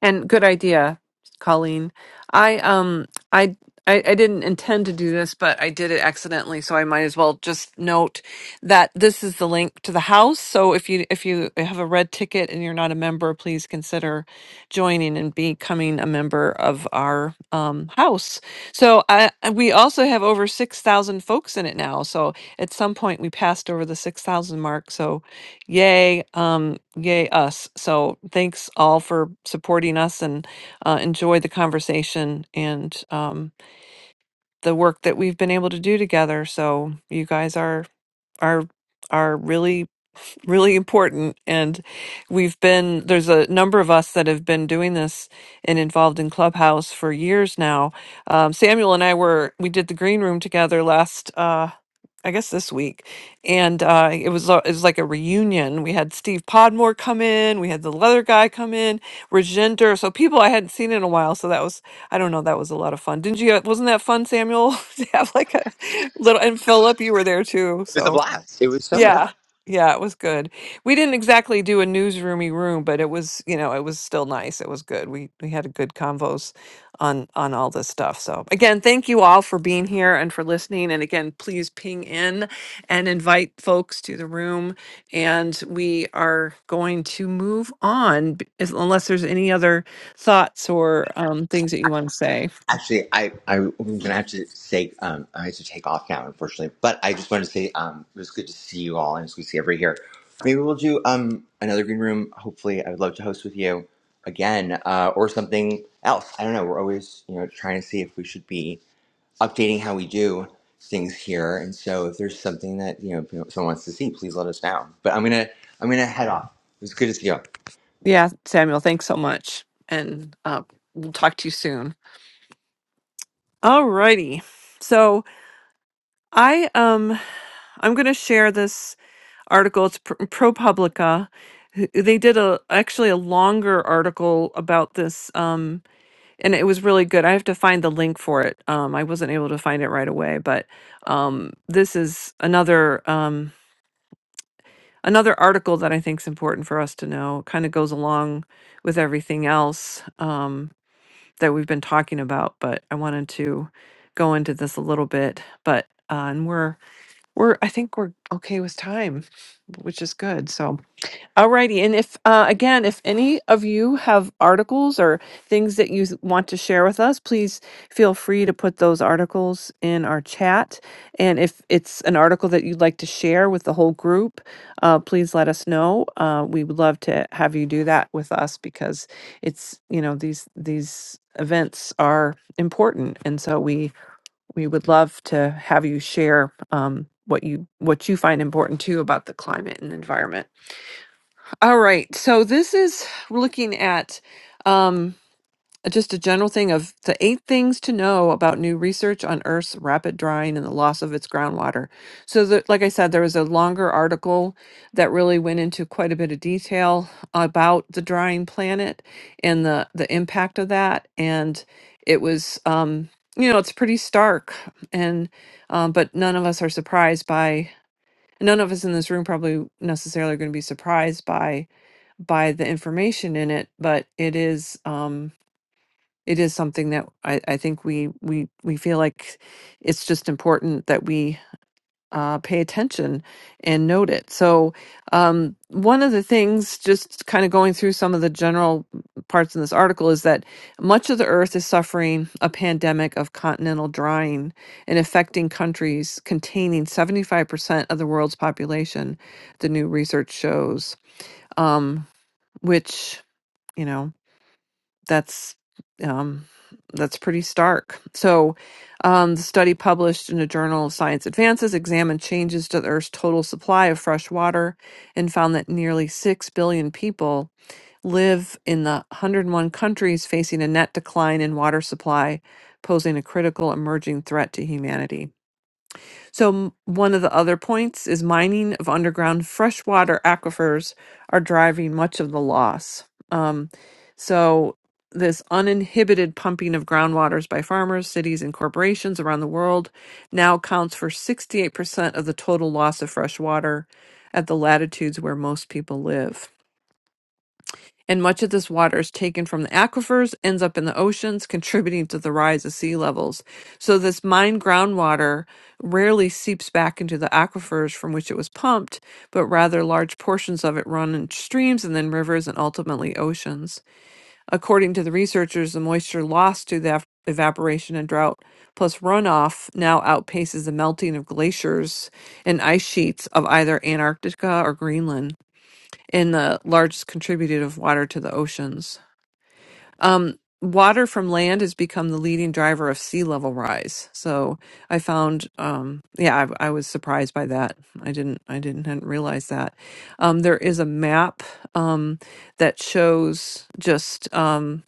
Speaker 1: And good idea, Colleen. I um I I, I didn't intend to do this, but I did it accidentally, so I might as well just note that this is the link to the house. So if you if you have a red ticket and you're not a member, please consider joining and becoming a member of our um, house. So I, we also have over six thousand folks in it now. So at some point we passed over the six thousand mark. So Yay, um, yay us. So thanks all for supporting us and uh, enjoy the conversation and um, the work that we've been able to do together. So you guys are are are really really important and we've been there's a number of us that have been doing this and involved in clubhouse for years now um, samuel and i were we did the green room together last Uh, I guess this week, and uh, it was a- it was like a reunion. We had Steve Podmore come in, we had the leather guy come in, Rajender, so people I hadn't seen in a while. So that was I don't know, that was a lot of fun. Didn't you? Wasn't that fun, Samuel? <laughs> to have like a <laughs> little and Philip, you were there too.
Speaker 8: it was
Speaker 1: so.
Speaker 8: a blast it was so much fun
Speaker 1: Yeah. Yeah, it was good. We didn't exactly do a newsroomy room, but it was, you know, it was still nice. It was good. We we had a good convos on on all this stuff. So again, thank you all for being here and for listening. And again, please ping in and invite folks to the room. And we are going to move on, b- is- unless there's any other thoughts or um, things that you want to say?
Speaker 8: Actually, I, I, I'm going to have to say, um, I have to take off now, unfortunately. But I just wanted to say um, it was good to see you all, and it's good to see everybody here. Maybe we'll do um, another green room. Hopefully, I would love to host with you again uh, or something else. I don't know. We're always you know trying to see if we should be updating how we do things here. And so if there's something that you know someone wants to see, please let us know. But I'm gonna I'm gonna head off. It was good to see you. all.
Speaker 1: Yeah, Samuel, thanks so much. And uh, we'll talk to you soon. Alrighty. So I um I'm gonna share this article. It's pr- ProPublica. who- They did a actually a longer article about this, um, and it was really good. I have to find the link for it. Um, I wasn't able to find it right away, but um, this is another um, another article that I think is important for us to know. Kind of goes along with everything else um, that we've been talking about, but I wanted to go into this a little bit. But uh, and we're we're I think we're okay with time, which is good. So. Alrighty, and if uh, again, if any of you have articles or things that you s- want to share with us, please feel free to put those articles in our chat. And if it's an article that you'd like to share with the whole group, uh, please let us know. Uh, we would love to have you do that with us because it's you know these these events are important, and so we we would love to have you share um, what you what you find important too about the climate and environment. All right. So this is looking at um, just a general thing of the eight things to know about new research on Earth's rapid drying and the loss of its groundwater. So, the, like I said, there was a longer article that really went into quite a bit of detail about the drying planet and the the impact of that. And it was, um, you know, it's pretty stark. And um, but none of us are surprised by. None of us in this room probably necessarily are going to be surprised by by the information in it, but it is um it is something that I, I think we we we feel like it's just important that we uh, pay attention and note it. So um, one of the things, just kind of going through some of the general parts in this article, is that much of the Earth is suffering a pandemic of continental drying and affecting countries containing 75% of the world's population. The new research shows. Um, which you know that's um, that's pretty stark so um, the study published in the journal of science advances examined changes to the earth's total supply of fresh water and found that nearly 6 billion people live in the 101 countries facing a net decline in water supply posing a critical emerging threat to humanity so, m- one of the other points is mining of underground freshwater aquifers are driving much of the loss. Um, so, this uninhibited pumping of groundwaters by farmers, cities, and corporations around the world now accounts for 68% of the total loss of fresh water at the latitudes where most people live and much of this water is taken from the aquifers, ends up in the oceans, contributing to the rise of sea levels. So, this mined groundwater rarely seeps back into the aquifers from which it was pumped, but rather large portions of it run in streams and then rivers and ultimately oceans. According to the researchers, the moisture lost to the ev- evaporation and drought plus runoff now outpaces the melting of glaciers and ice sheets of either Antarctica or Greenland and the largest contributor of water to the oceans. Um, water from land has become the leading driver of sea level rise. So I found, um, yeah, I, I was surprised by that. I didn't, I didn't hadn't realize that. Um, there is a map um, that shows just. um,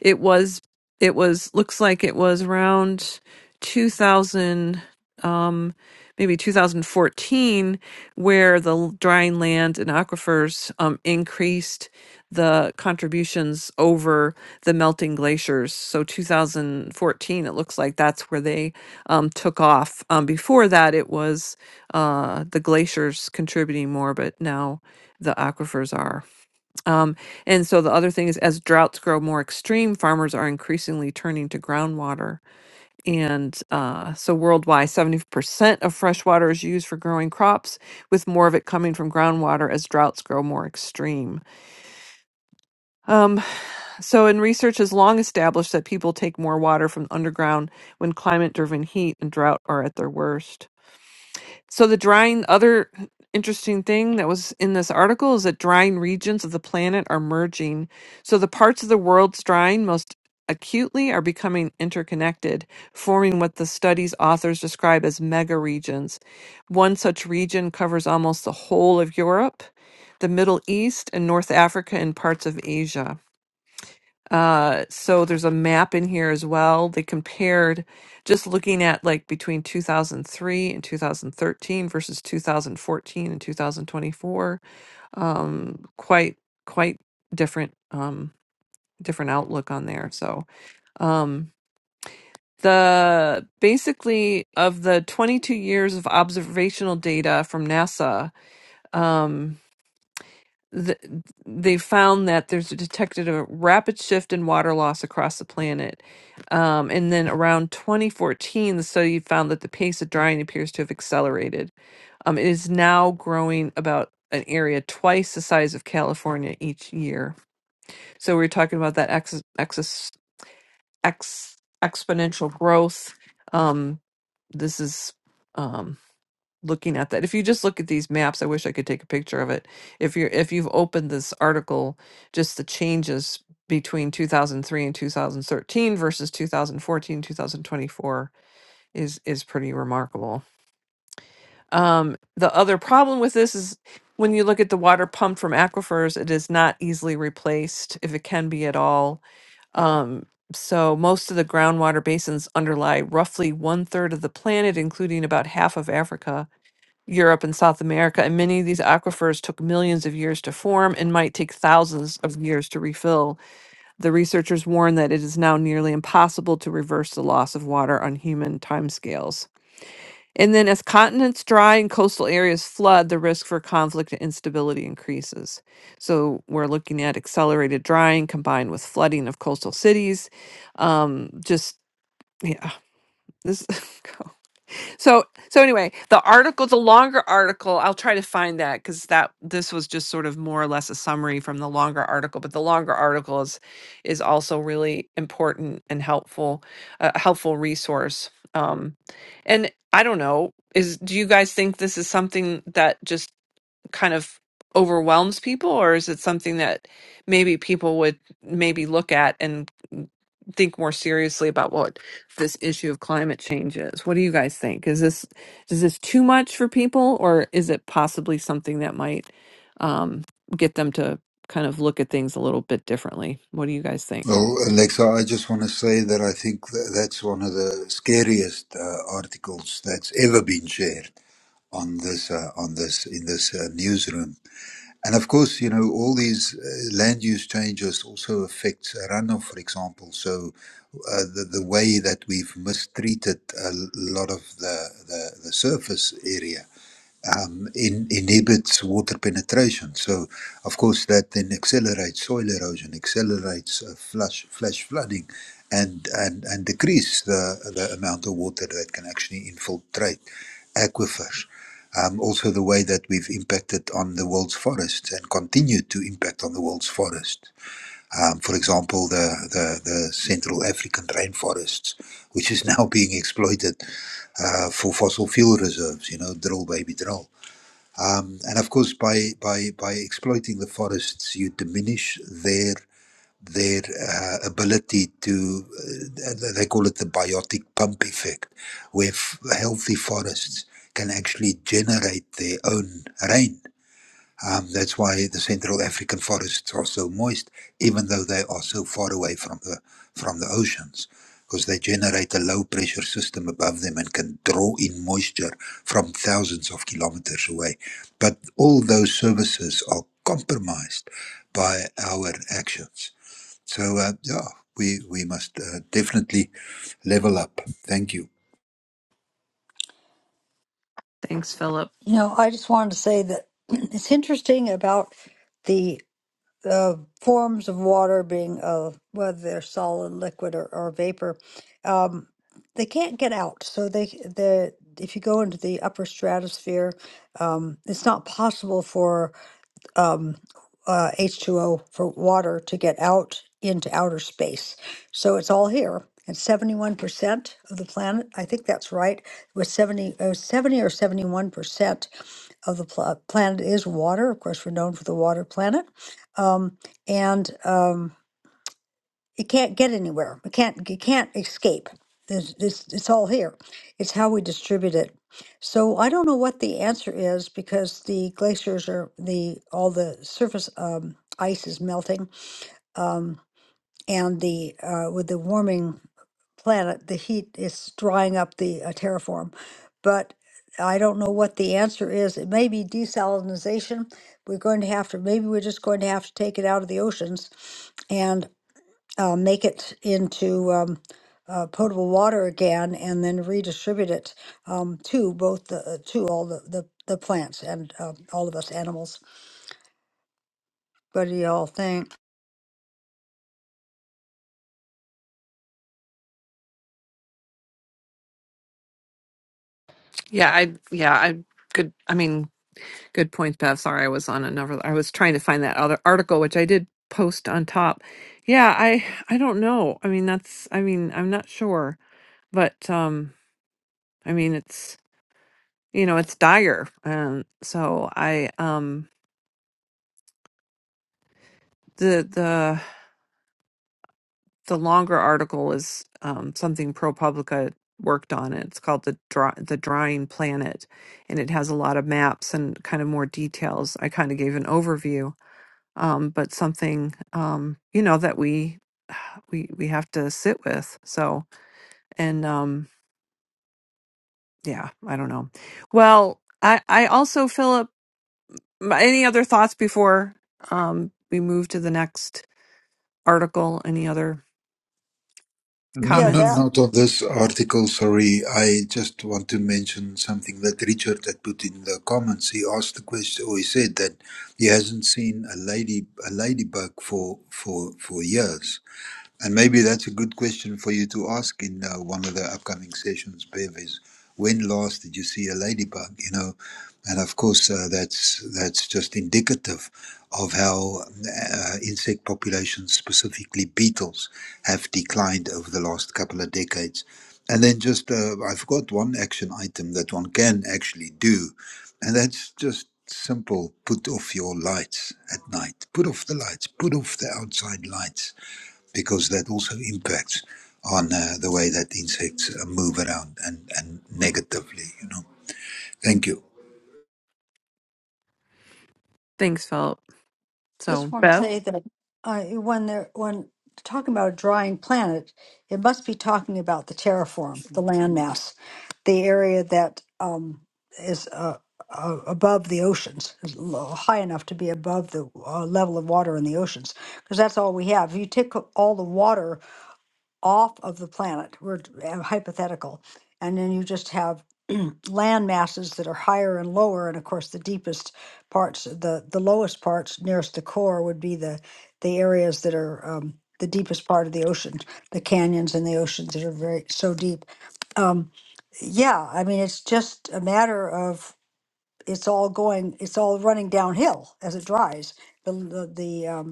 Speaker 1: it was it was looks like it was around 2000 um maybe 2014 where the l- drying land and aquifers um increased the contributions over the melting glaciers so 2014 it looks like that's where they um took off um before that it was uh the glaciers contributing more but now the aquifers are um, and so the other thing is, as droughts grow more extreme, farmers are increasingly turning to groundwater. And uh, so worldwide, 70% of fresh water is used for growing crops, with more of it coming from groundwater as droughts grow more extreme. Um, so, and research has long established that people take more water from underground when climate driven heat and drought are at their worst. So the drying other interesting thing that was in this article is that drying regions of the planet are merging. So the parts of the world's drying most acutely are becoming interconnected, forming what the study's authors describe as mega regions. One such region covers almost the whole of Europe, the Middle East, and North Africa and parts of Asia. Uh, so there's a map in here as well. They compared just looking at like between 2003 and 2013 versus 2014 and 2024. Um, quite quite different um, different outlook on there. So um, the basically of the 22 years of observational data from NASA. Um, th- they found that there's detected a rapid shift in water loss across the planet. Um, and then around 2014, the study found that the pace of drying appears to have accelerated. Um, it is now growing about an area twice the size of California each year. So we're talking about that ex- ex- ex- exponential growth. Um, this is. Um, looking at that. If you just look at these maps, I wish I could take a picture of it. If you're if you've opened this article, just the changes between 2003 and 2013 versus 2014 2024 is is pretty remarkable. Um, the other problem with this is when you look at the water pumped from aquifers, it is not easily replaced if it can be at all. Um, so most of the groundwater basins underlie roughly one third of the planet, including about half of Africa Europe and South America, and many of these aquifers took millions of years to form and might take thousands of years to refill. The researchers warn that it is now nearly impossible to reverse the loss of water on human timescales. And then, as continents dry and coastal areas flood, the risk for conflict and instability increases. So, we're looking at accelerated drying combined with flooding of coastal cities. Um, just, yeah, this. <laughs> so so anyway the article the longer article i'll try to find that because that this was just sort of more or less a summary from the longer article but the longer article is is also really important and helpful a helpful resource um and i don't know is do you guys think this is something that just kind of overwhelms people, or is it something that maybe people would maybe look at and think more seriously about what this issue of climate change is? What do you guys think? Is this is this too much for people, or is it possibly something that might um, get them to kind of look at things a little bit differently? What do you guys think?
Speaker 3: Well, Alexa, I just want to say that I think tha- that's one of the scariest uh, articles that's ever been shared on this, uh, on this, in this uh, newsroom. And of course, you know, all these uh, land use changes also affects runoff, for example. So, uh, the the way that we've mistreated a l- lot of the the, the surface area um, in, inhibits water penetration. So, of course, that then accelerates soil erosion, accelerates uh, flash flash flooding, and and and decrease the the amount of water that can actually infiltrate aquifers. Um, also, the way that we've impacted on the world's forests and continue to impact on the world's forests. Um, for example, the, the, the Central African rainforests, which is <laughs> now being exploited uh, for fossil fuel reserves, you know, drill, baby, drill um, and of course, by, by, by exploiting the forests, you diminish their their uh, ability to, uh, they call it the biotic pump effect, where f- healthy forests can actually generate their own rain. Um, that's why the Central African forests are so moist, even though they are so far away from the from the oceans, because they generate a low pressure system above them and can draw in moisture from thousands of kilometers away. But all those services are compromised by our actions. So uh, yeah, we we must uh, definitely level up. Thank you.
Speaker 1: Thanks, Philip.
Speaker 2: you know i just wanted to say that <clears throat> it's interesting about the uh, forms of water being uh, whether they're solid liquid or, or vapor um, they can't get out so they the if you go into the upper stratosphere um, it's not possible for um, uh, H2O for water to get out into outer space. So it's all here. And 71% of the planet, I think that's right, with 70, uh, 70 or 71% of the pla- planet is water. Of course, we're known for the water planet. Um, and um, it can't get anywhere. It can't it can't escape. There's, it's, it's all here. It's how we distribute it. So I don't know what the answer is because the glaciers are the all the surface um, ice is melting, um, and the uh, with the warming planet, the heat is drying up the uh, terraform. But I don't know what the answer is. It may be desalinization. We're going to have to maybe we're just going to have to take it out of the oceans uh, make it into um, uh, potable water again and then redistribute it um, to both the uh, to all the, the, the plants and uh, all of us animals. What do y'all think?
Speaker 1: Yeah, I yeah I could. I mean, Good point, Bev. Sorry, I was on another. I was trying to find that other article, which I did post on top. Yeah, I I don't know. I mean, that's. I mean, I'm not sure, but um, I mean, it's you know, it's dire, and so I um, the the the longer article is um something ProPublica worked on. It's called the dry, the drying planet, and it has a lot of maps and kind of more details. I kind of gave an overview um, but something um, you know that we <sighs> we we have to sit with. So and um, yeah, I don't know. Well, I I also Philip, m- any other thoughts before um, we move to the next article? Any other
Speaker 3: No,
Speaker 2: Yeah,
Speaker 3: no,
Speaker 2: that
Speaker 1: comments?
Speaker 3: not on this article, sorry. I just want to mention something that Richard had put in the comments. He asked the question, or he said that he hasn't seen a lady, a ladybug for for for years. And maybe that's a good question for you to ask in uh, one of the upcoming sessions, Bev, is when last did you see a ladybug? You know, and of course uh, that's that's just indicative of how uh, insect populations, specifically beetles, have declined over the last couple of decades. And then just uh, I forgot one action item that one can actually do, and that's just simple: put off your lights at night. Put off the lights. Put off the outside lights because that also impacts on uh, the way that insects uh, move around and, and negatively, you know.
Speaker 1: Mm.
Speaker 3: Thank you.
Speaker 1: Thanks, Philip.
Speaker 2: Just
Speaker 1: So
Speaker 2: want to
Speaker 1: Beth,
Speaker 2: say that uh, when they're when talking about a drying planet, it must be talking about the terraform, the landmass, the area that um, is uh, uh, above the oceans, is low, high enough to be above the uh, level of water in the oceans, because that's all we have. If you take all the water off of the planet. We're uh, hypothetical. And then you just have <clears throat> land masses that are higher and lower. And of course, the deepest parts, the, the lowest parts nearest the core would be the, the areas that are um, the deepest part of the ocean, the canyons and the oceans that are very so deep. Um, yeah, I mean, it's just a matter of it's all going, it's all running downhill as it dries. The, the, the um,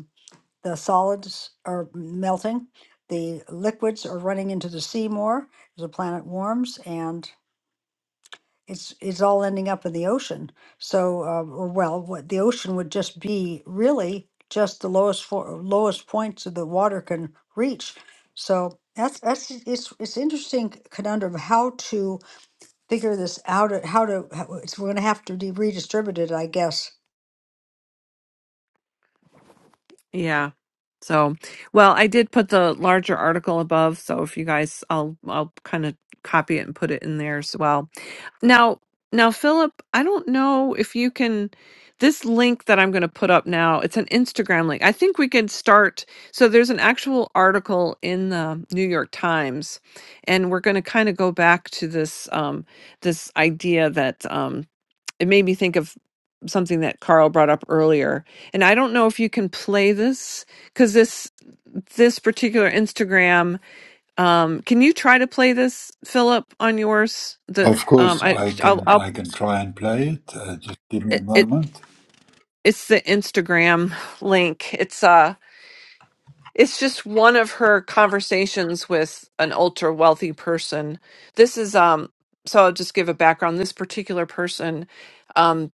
Speaker 2: the solids are melting. The liquids are running into the sea more as the planet warms, and it's it's all ending up in the ocean. So, uh, or well, what the ocean would just be really just the lowest for, lowest points that the water can reach. So that's that's it's it's interesting conundrum how to figure this out. uh, How to how, it's, we're going to have to de- redistribute it, I guess.
Speaker 1: yeah. So, well, I did put the larger article above. So if you guys, I'll I'll kind of copy it and put it in there as well Now now, Philip, I don't know if you can this link that I'm gonna put up now, it's an Instagram link. I think we could start so there's an actual article in the New York Times, and we're gonna kind of go back to this um this idea that um it made me think of something that Carl brought up earlier. And I don't know if you can play this because this this particular Instagram um, can you try to play this, Philip, on yours? The
Speaker 3: Of
Speaker 1: um,
Speaker 3: course,
Speaker 1: I
Speaker 3: I
Speaker 1: I'll,
Speaker 3: can
Speaker 1: I'll
Speaker 3: I can try and play it. Uh, just give me a
Speaker 1: it, it
Speaker 3: moment.
Speaker 1: it's the Instagram link. It's uh, it's just one of her conversations with an ultra wealthy person. This is um, so I'll just give a background. This particular person, um,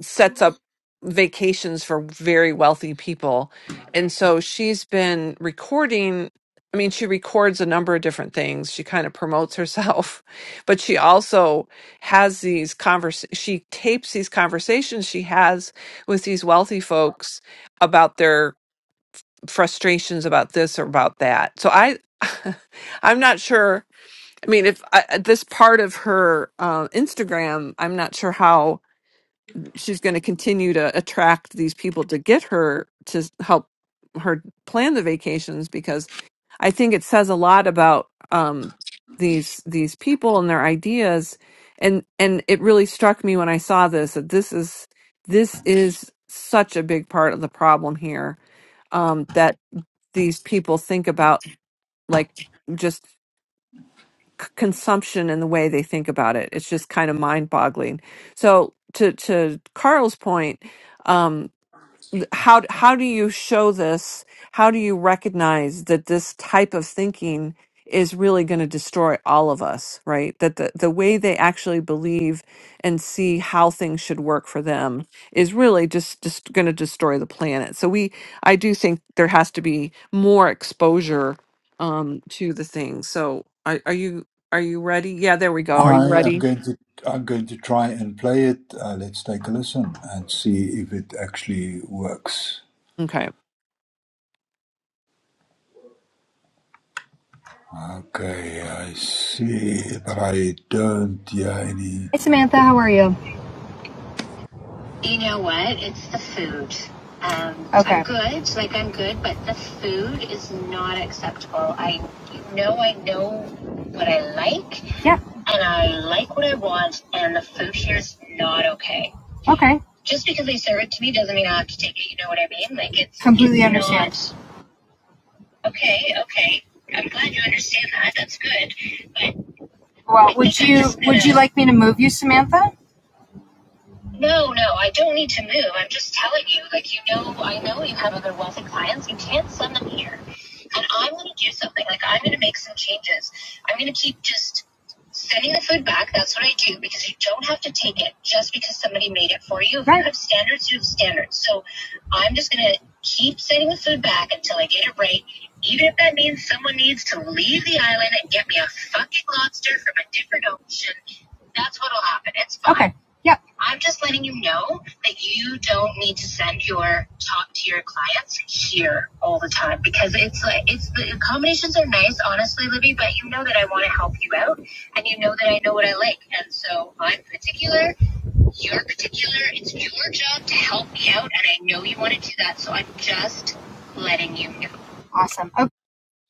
Speaker 1: sets up vacations for very wealthy people. And so she's been recording. I mean, she records a number of different things. She kind of promotes herself, <laughs> but she also has these convers she tapes these conversations she has with these wealthy folks about their frustrations about this or about that. So I <laughs> I'm not sure. I mean, if I, this part of her uh, Instagram, I'm not sure how she's going to continue to attract these people to get her to help her plan the vacations because I think it says a lot about um, these these people and their ideas, and and it really struck me when I saw this that this is this is such a big part of the problem here um, that these people think about like just c- consumption and the way they think about it. It's just kind of mind boggling. So to to Carl's point. Um, how how do you show this? How do you recognize that this type of thinking is really going to destroy all of us, right? That the, the way they actually believe and see how things should work for them is really just just going to destroy the planet. So we I do think there has to be more exposure um to the thing. So are, are you are you ready? Yeah, there we go. Are you
Speaker 3: I am
Speaker 1: ready?
Speaker 3: going to I'm going to try and play it. Uh, let's take a listen and see if it actually works.
Speaker 1: Okay.
Speaker 3: Okay, I see, but I don't hear any.
Speaker 6: Samantha, how are you? You know what? It's the food. Um, Okay. I'm good, like I'm good, but the food is not acceptable. I know I know what I like, Yeah. and I like what I want, and the food here is not okay. Okay. Just because they serve it to me doesn't mean I have to take it. You know what I mean? Like it's Completely it's understand. okay, okay. I'm glad you understand that. That's good. But Well, would you would you like me to move you, Samantha? No, no, I don't need to move. I'm just telling you, like, you know, I know you have other wealthy clients. You can't send them here. And I'm going to do something. Like, I'm going to make some changes. I'm going to keep just sending the food back. That's what I do because you don't have to take it just because somebody made it for you. If right. you Right. have standards, you have standards. So I'm just going to keep sending the food back until I get it right. Even if that means someone needs to leave the island and get me a fucking lobster from a different ocean. That's what'll happen. It's fine. Okay. Yep. I'm just letting you know that you don't need to send your top tier clients here all the time because it's like it's the combinations are nice, honestly, Libby. But you know that I want to help you out, and you know that I know what I like, and so I'm particular. You're particular. It's your job to help me out, and I know you want to do that. So I'm just letting you know. Awesome. Okay.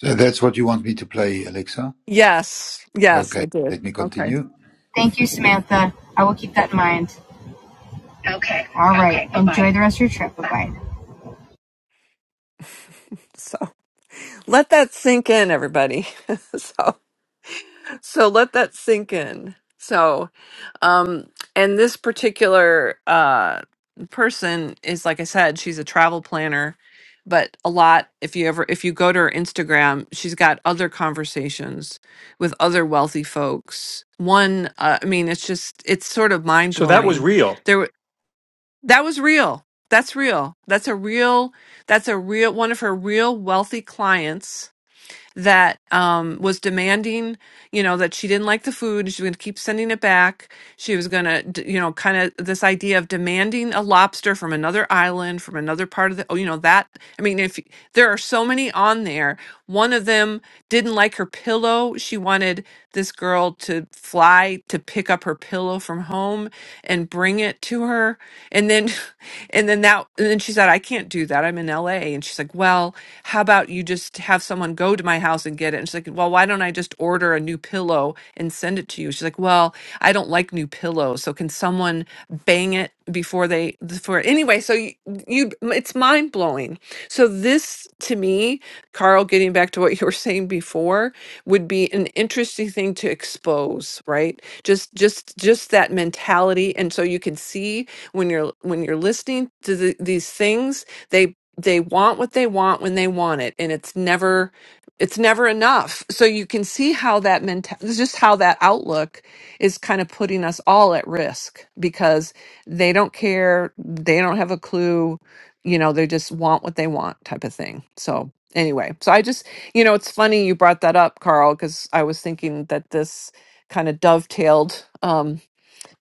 Speaker 3: So that's what you want me to play, Alexa.
Speaker 1: Yes. Yes, I
Speaker 3: Okay,
Speaker 1: did.
Speaker 3: let me
Speaker 1: Okay.
Speaker 3: continue.
Speaker 6: Thank you, Samantha. I will keep that in mind. Okay. All right. Okay. right. Enjoy the rest of your trip. Bye bye.
Speaker 1: So let that sink in everybody <laughs> so so let that sink in so um and this particular uh person is like i said she's a travel planner but a lot if you ever if you go to her instagram she's got other conversations with other wealthy folks one uh, i mean it's just it's sort of
Speaker 5: So that was
Speaker 1: mind-blowing
Speaker 5: real.
Speaker 1: there were- that was real that's real that's a real that's a real one of her real wealthy clients that um, was demanding, you know, that she didn't like the food. She was going to keep sending it back. She was going to, you know, kind of this idea of demanding a lobster from another island, from another part of the, oh, you know, that. I mean, if y- there are so many on there, one of them didn't like her pillow. She wanted this girl to fly to pick up her pillow from home and bring it to her. And then, <laughs> and then that, and then she said, I can't do that. I'm in LA. And she's like, well, how about you just have someone go to my house and get it? And she's like, well, why don't I just order a new pillow and send it to you? She's like, well, I don't like new pillows. So can someone bang it before they, before, anyway, so you, you it's mind blowing. So this to me, Carl, getting back to what you were saying before, would be an interesting thing to expose, right? Just, just, just that mentality. And so you can see when you're, when you're listening to the, these things, they they want what they want when they want it and it's never it's never enough so you can see how that mental just how that outlook is kind of putting us all at risk because they don't care they don't have a clue you know they just want what they want type of thing so anyway so i just you know it's funny you brought that up carl because i was thinking that this kind of dovetailed um,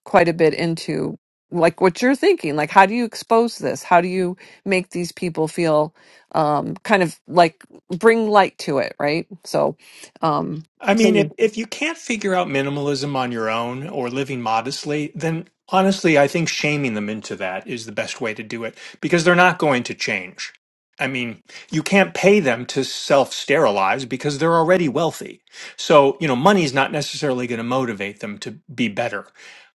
Speaker 1: quite a bit into like what you're thinking like how do you expose this how do you make these people feel um kind of like bring light to it right so um
Speaker 5: I
Speaker 1: so
Speaker 5: mean, if,
Speaker 1: you-
Speaker 5: if you can't figure out minimalism on your own or living modestly, then honestly, I think shaming them into that is the best way to do it because they're not going to change. I mean, you can't pay them to self sterilize because they're already wealthy. So, you know, money's not necessarily going to motivate them to be better.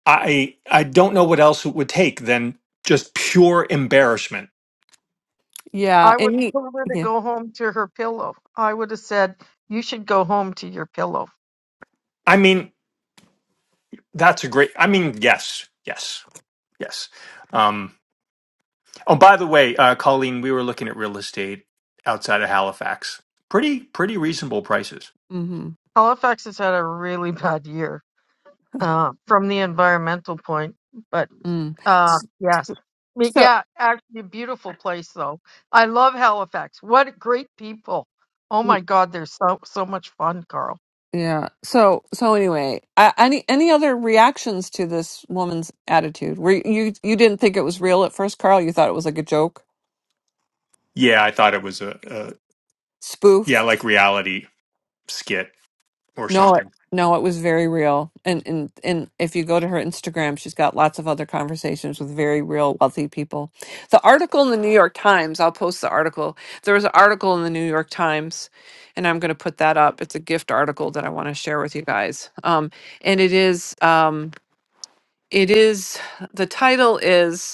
Speaker 5: I, I don't know what else it would take than just pure embarrassment.
Speaker 1: yeah
Speaker 7: I would have
Speaker 1: any
Speaker 7: told her to
Speaker 1: yeah
Speaker 7: go home to her pillow. I would have said, you should go home to your pillow.
Speaker 5: I mean, that's a great, I mean, yes, yes, yes. Um, Oh, by the way, uh, Colleen, we were looking at real estate outside of Halifax. Pretty, pretty reasonable prices.
Speaker 1: mhm
Speaker 7: Halifax has had a really bad year uh, from the environmental point, but
Speaker 1: mm.
Speaker 7: uh, yes. But
Speaker 1: so
Speaker 7: yeah, actually a beautiful place though. I love Halifax. What great people. Oh my God, they're so, so much fun, Carl.
Speaker 1: yeah so so anyway I, any any other reactions to this woman's attitude were you you didn't think it was real at first carl you thought it was like a joke
Speaker 5: Yeah, I thought it was a, a yeah,
Speaker 1: spoof.
Speaker 5: like reality skit or
Speaker 1: No, it,
Speaker 5: something.
Speaker 1: no, it was very real. And and and if you go to her Instagram, she's got lots of other conversations with very real wealthy people. The article in the New York Times, I'll post the article. There was an article in the New York Times, and I'm going to put that up. It's a gift article that I want to share with you guys. Um, and it is um, it is the title is.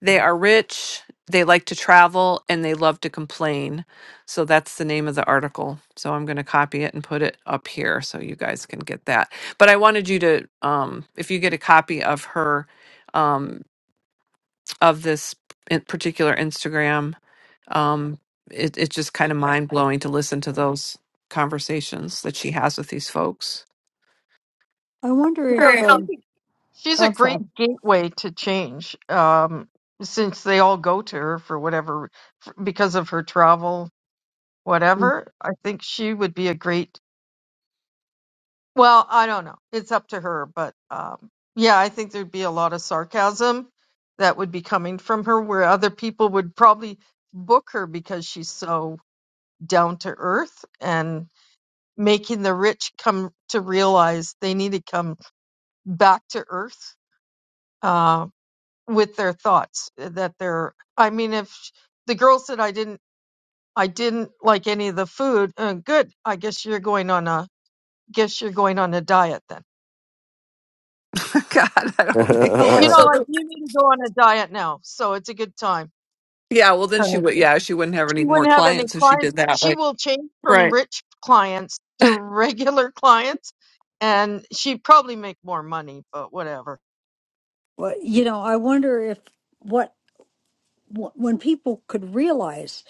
Speaker 1: They are rich, they like to travel, and they love to complain. So that's the name of the article. So I'm going to copy it and put it up here so you guys can get that. But I wanted you to, um, if you get a copy of her, um, of this in- particular Instagram, um, it, it's just kind of mind blowing to listen to those conversations that she has with these folks.
Speaker 2: I wonder
Speaker 7: You know,
Speaker 2: if
Speaker 1: Right.
Speaker 7: she's
Speaker 2: um,
Speaker 7: a she's a
Speaker 2: oh,
Speaker 7: great
Speaker 2: sorry.
Speaker 7: gateway to change um since they all go to her for whatever for, because of her travel whatever. I think she would be a great. Well, I don't know. It's up to her, but um, yeah, I think there'd be a lot of sarcasm that would be coming from her, where other people would probably book her because she's so down to earth and making the rich come to realize they need to come back to earth uh, with their thoughts. eh, That they're. I mean, if sh- the girl said I didn't, I didn't like any of the food. Uh, good. I guess you're going on a guess you're going on a diet then.
Speaker 1: <laughs> God, I don't think
Speaker 7: You know,
Speaker 1: so.
Speaker 9: <laughs>
Speaker 7: like
Speaker 1: the-
Speaker 7: you need to go on a diet now. So it's a good time
Speaker 1: Yeah, well, then
Speaker 7: kind
Speaker 1: she
Speaker 7: of
Speaker 1: would.
Speaker 7: thing.
Speaker 1: Yeah, she wouldn't have any
Speaker 7: She
Speaker 1: more
Speaker 7: wouldn't have any
Speaker 1: clients if she
Speaker 7: clients.
Speaker 1: did that.
Speaker 7: She
Speaker 1: Right.
Speaker 7: will change from
Speaker 1: Right.
Speaker 7: rich clients to <laughs> regular clients and she'd probably make more money, but whatever.
Speaker 2: Well, you know, I wonder if what wh- when people could realize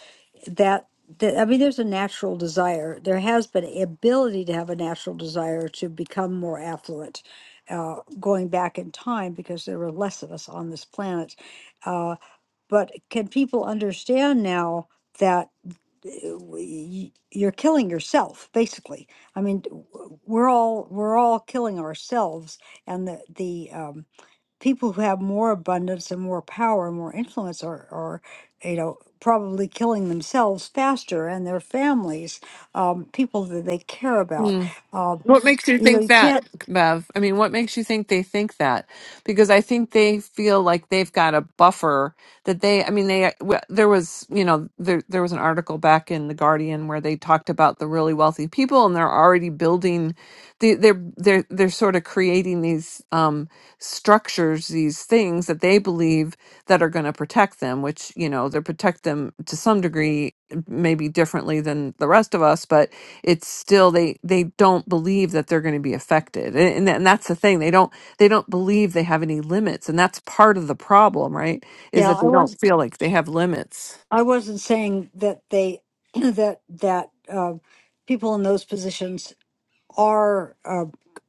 Speaker 2: that that I mean, there's a natural desire. There has been an ability to have a natural desire to become more affluent, uh, going back in time because there were less of us on this planet. Uh, but can people understand now that? uh, y- You're killing yourself, basically. I mean, w- we're all we're all killing ourselves, and the the um, people who have more abundance and more power and more influence are, are you know probably killing themselves faster and their families um, people that they care about um,
Speaker 1: What makes you
Speaker 2: you know
Speaker 1: think
Speaker 2: you
Speaker 1: that,
Speaker 2: can't
Speaker 1: Bev? I mean, what makes you think they think that? Because I think they feel like they've got a buffer that they. I mean, they w- there was you know there there was an article back in the Guardian where they talked about the really wealthy people and they're already building. They, they're they're they're sort of creating these um, structures, these things that they believe that are going to protect them, which you know they protect them to some degree, maybe differently than the rest of us, but it's still they they don't believe that they're going to be affected and, and and that's the thing they don't they don't believe they have any limits and that's part of the problem right is
Speaker 2: yeah
Speaker 1: that
Speaker 2: i
Speaker 1: they
Speaker 2: was
Speaker 1: don't feel like they have limits
Speaker 2: i wasn't saying that they <clears throat> that that uh, people in those positions are uh,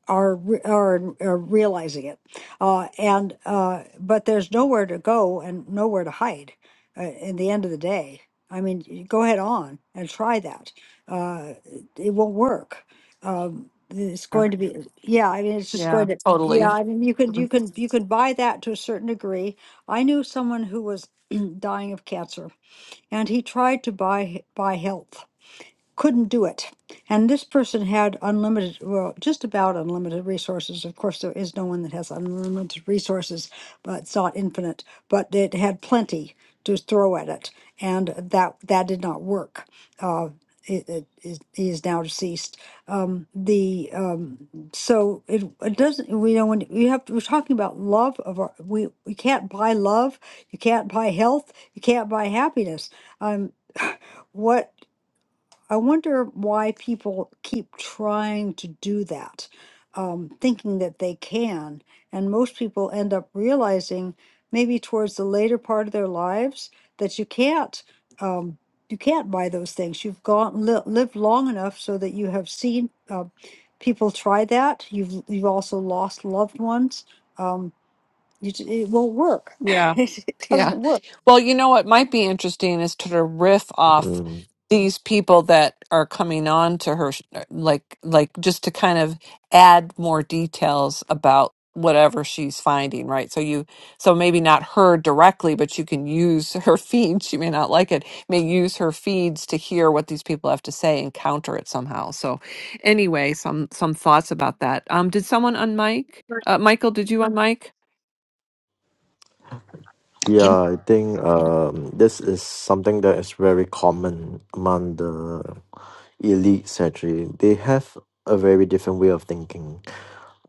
Speaker 2: are re- are, are realizing it, uh, and uh, but there's nowhere to go and nowhere to hide. Uh, in the end of the day, I mean, y- go ahead on and try that. Uh, it it won't work. Um, it's going to be yeah. I mean, it's just going
Speaker 1: yeah
Speaker 2: to yeah.
Speaker 1: totally
Speaker 2: I mean, you can you can you can buy that to a certain degree. I knew someone who was <clears throat> dying of cancer, and he tried to buy buy health couldn't do it. And this person had unlimited, well, just about unlimited resources. Of course, there is no one that has unlimited resources, but it's not infinite, but it had plenty to throw at it. And that, that did not work. Uh, it, it, it, he is now deceased. Um, the um, so it, it doesn't. You know, when you have to, we're talking about love of our, we we can't buy love. You can't buy health. You can't buy happiness. Um, <sighs> <laughs> what I wonder why people keep trying to do that, um, thinking that they can. And most people end up realizing, maybe towards the later part of their lives, that you can't. Um, you can't buy those things. You've gone li- lived long enough so that you have seen uh, people try that. You've you've also lost loved ones. Um, you, j- it won't work. <laughs>
Speaker 1: Yeah.
Speaker 2: it
Speaker 1: Yeah.
Speaker 2: doesn't work.
Speaker 1: Well, you know what might be interesting is to riff off
Speaker 9: Mm.
Speaker 1: these people that are coming on to her, sh- uh, like, like just to kind of add more details about whatever she's finding, right? So you, so maybe not her directly, but you can use her <laughs> feed. She may not like it, may use her feeds to hear what these people have to say and counter it somehow. So anyway, some, some thoughts about that. Um, did someone unmic? Uh, Michael, did you unmic?
Speaker 4: Can
Speaker 9: Yeah, I think um, this is something that is very common among the elites actually. They have a very different way of thinking.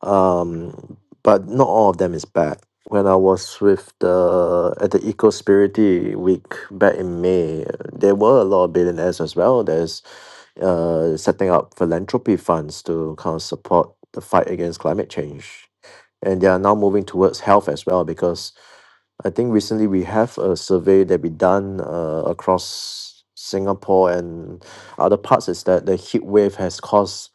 Speaker 9: Um, but not all of them is bad. When I was with the at the Eco Spirity Week back in May, there were a lot of billionaires as well that is uh, setting up philanthropy funds to kind of support the fight against climate change. And they are now moving towards health as well because I think recently we have a survey that we done uh, across Singapore and other parts is that the heat wave has caused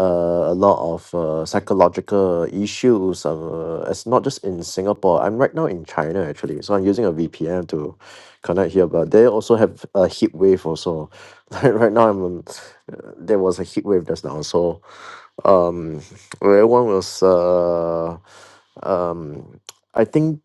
Speaker 9: uh, a lot of uh, psychological issues. Uh, it's not just in Singapore. I'm right now in China actually, so I'm using a VPN to connect here. But they also have a heat wave also. <laughs> Like right now, I'm um, uh, there was a heat wave just now, so um, everyone was uh, um, I think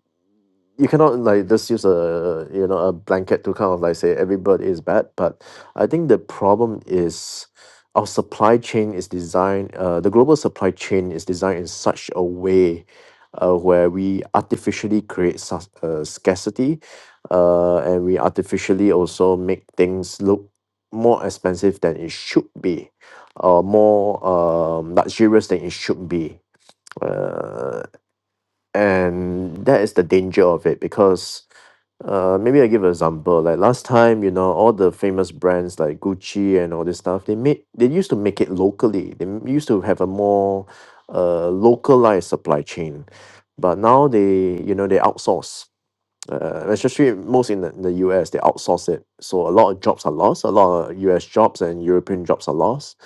Speaker 9: you cannot like just use a you know a blanket to kind of like say every bird is bad but i think the problem is our supply chain is designed uh, the global supply chain is designed in such a way uh, where we artificially create sus- uh, scarcity uh, and we artificially also make things look more expensive than it should be or more um, luxurious than it should be uh, and that is the danger of it because uh, maybe I give an example. Like last time, you know, all the famous brands like Gucci and all this stuff, they made they used to make it locally. They m- used to have a more uh localized supply chain, but now they you know they outsource. Uh, especially most in the, in the US, they outsource it. So a lot of jobs are lost. A lot of US jobs and European jobs are lost,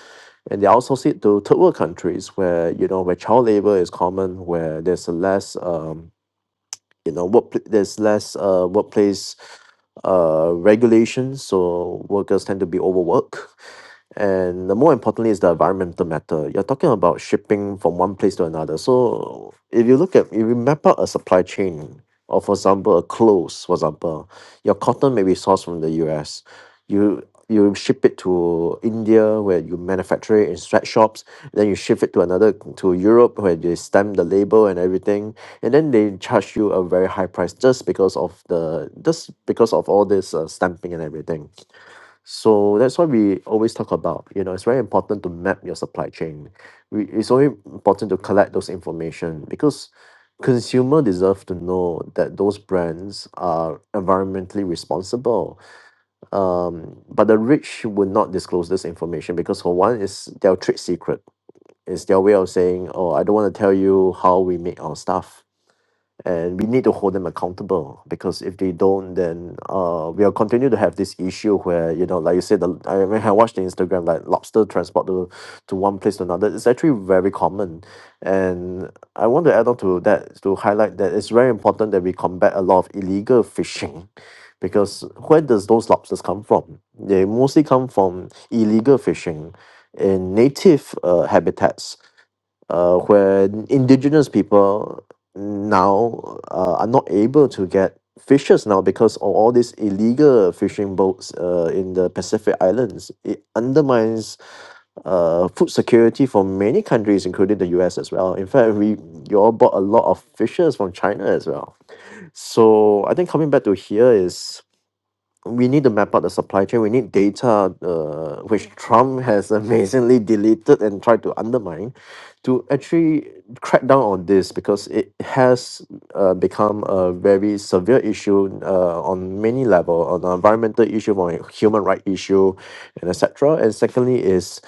Speaker 9: and they outsource it to third world countries where you know where child labor is common, where there's less um you know work there's less uh workplace uh regulations so workers tend to be overworked and the more importantly is the environmental matter. You're talking about shipping from one place to another. So if you look at if you map out a supply chain, or for example, a clothes, for example, your cotton may be sourced from the US. You you ship it to India where you manufacture it in sweatshops, then you ship it to another to Europe where they stamp the label and everything. And then they charge you a very high price just because of the just because of all this uh, stamping and everything. So that's why we always talk about, you know, it's very important to map your supply chain. We, it's only important to collect those information because consumer deserve to know that those brands are environmentally responsible. Um, but the rich would not disclose this information because for one, it's their trade secret. It's their way of saying, oh, I don't want to tell you how we make our stuff and we need to hold them accountable because if they don't then uh we'll continue to have this issue where you know like you said the i when i watched the instagram like lobster transport to to one place to another it's actually very common and i want to add on to that to highlight that it's very important that we combat a lot of illegal fishing because where does those lobsters come from they mostly come from illegal fishing in native uh, habitats uh, where indigenous people now uh, are not able to get fishes now because of all these illegal fishing boats uh, in the Pacific Islands. It undermines uh, food security for many countries, including the US as well. In fact, we you all bought a lot of fishes from China as well. So I think coming back to here is we need to map out the supply chain. We need data, uh, which Trump has <laughs> amazingly deleted and tried to undermine, to actually crack down on this because it has uh, become a very severe issue uh, on many level, on the environmental issue, on a human right issue, and etc. And secondly is,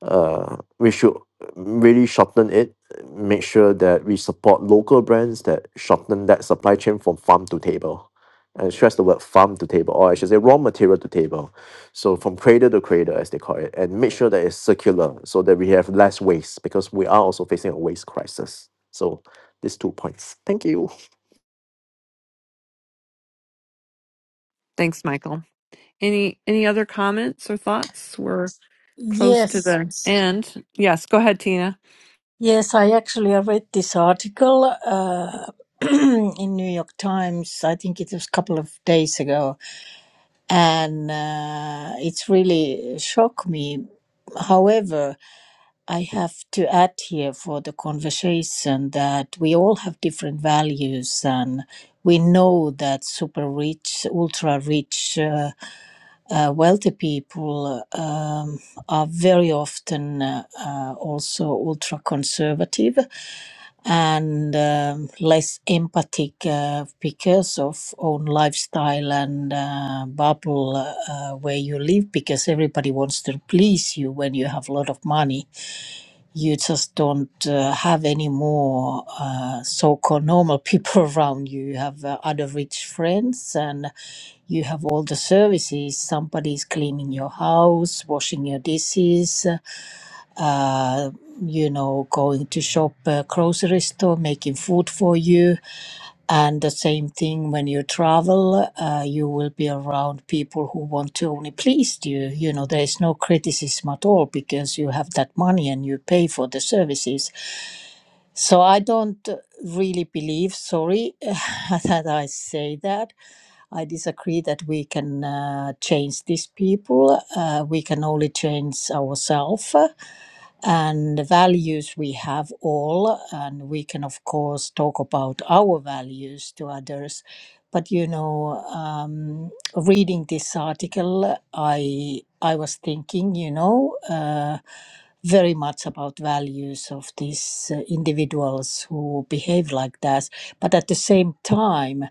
Speaker 9: uh, we should really shorten it. Make sure that we support local brands that shorten that supply chain from farm to table. I stress the word farm to table, or I should say raw material to table. So from cradle to cradle, as they call it, and make sure that it's circular so that we have less waste because we are also facing a waste crisis. So these two points. Thank you.
Speaker 1: Thanks, Michael. Any any other comments or thoughts? We're close to
Speaker 4: Yes.
Speaker 1: the Yes. end. Yes, go ahead, Tina.
Speaker 4: Yes, I actually I read this article uh, <clears throat> in New York Times. I think it was a couple of days ago, and uh, it's really shocked me. However, I have to add here for the conversation that we all have different values, and we know that super rich, ultra rich. Uh, uh, wealthy people uh, um, are very often uh, uh, also ultra conservative and um, less empathic uh, because of own lifestyle and uh, bubble uh, where you live because everybody wants to please you when you have a lot of money you just don't uh, have any more uh, so-called normal people <laughs> around you. You have uh, other rich friends, and you have all the services. Somebody's cleaning your house, washing your dishes uh, you know, going to shop, uh, grocery store, making food for you. And the same thing when you travel, uh, you will be around people who want to only please you. You know, there is no criticism at all because you have that money and you pay for the services. So I don't really believe, sorry <laughs> that I say that. I disagree that we can uh, change these people. Uh, we can only change ourselves and the values we have all. And we can, of course, talk about our values to others but you know um, reading this article i i was thinking you know uh, very much about values of these uh, individuals who behave like that but at the same time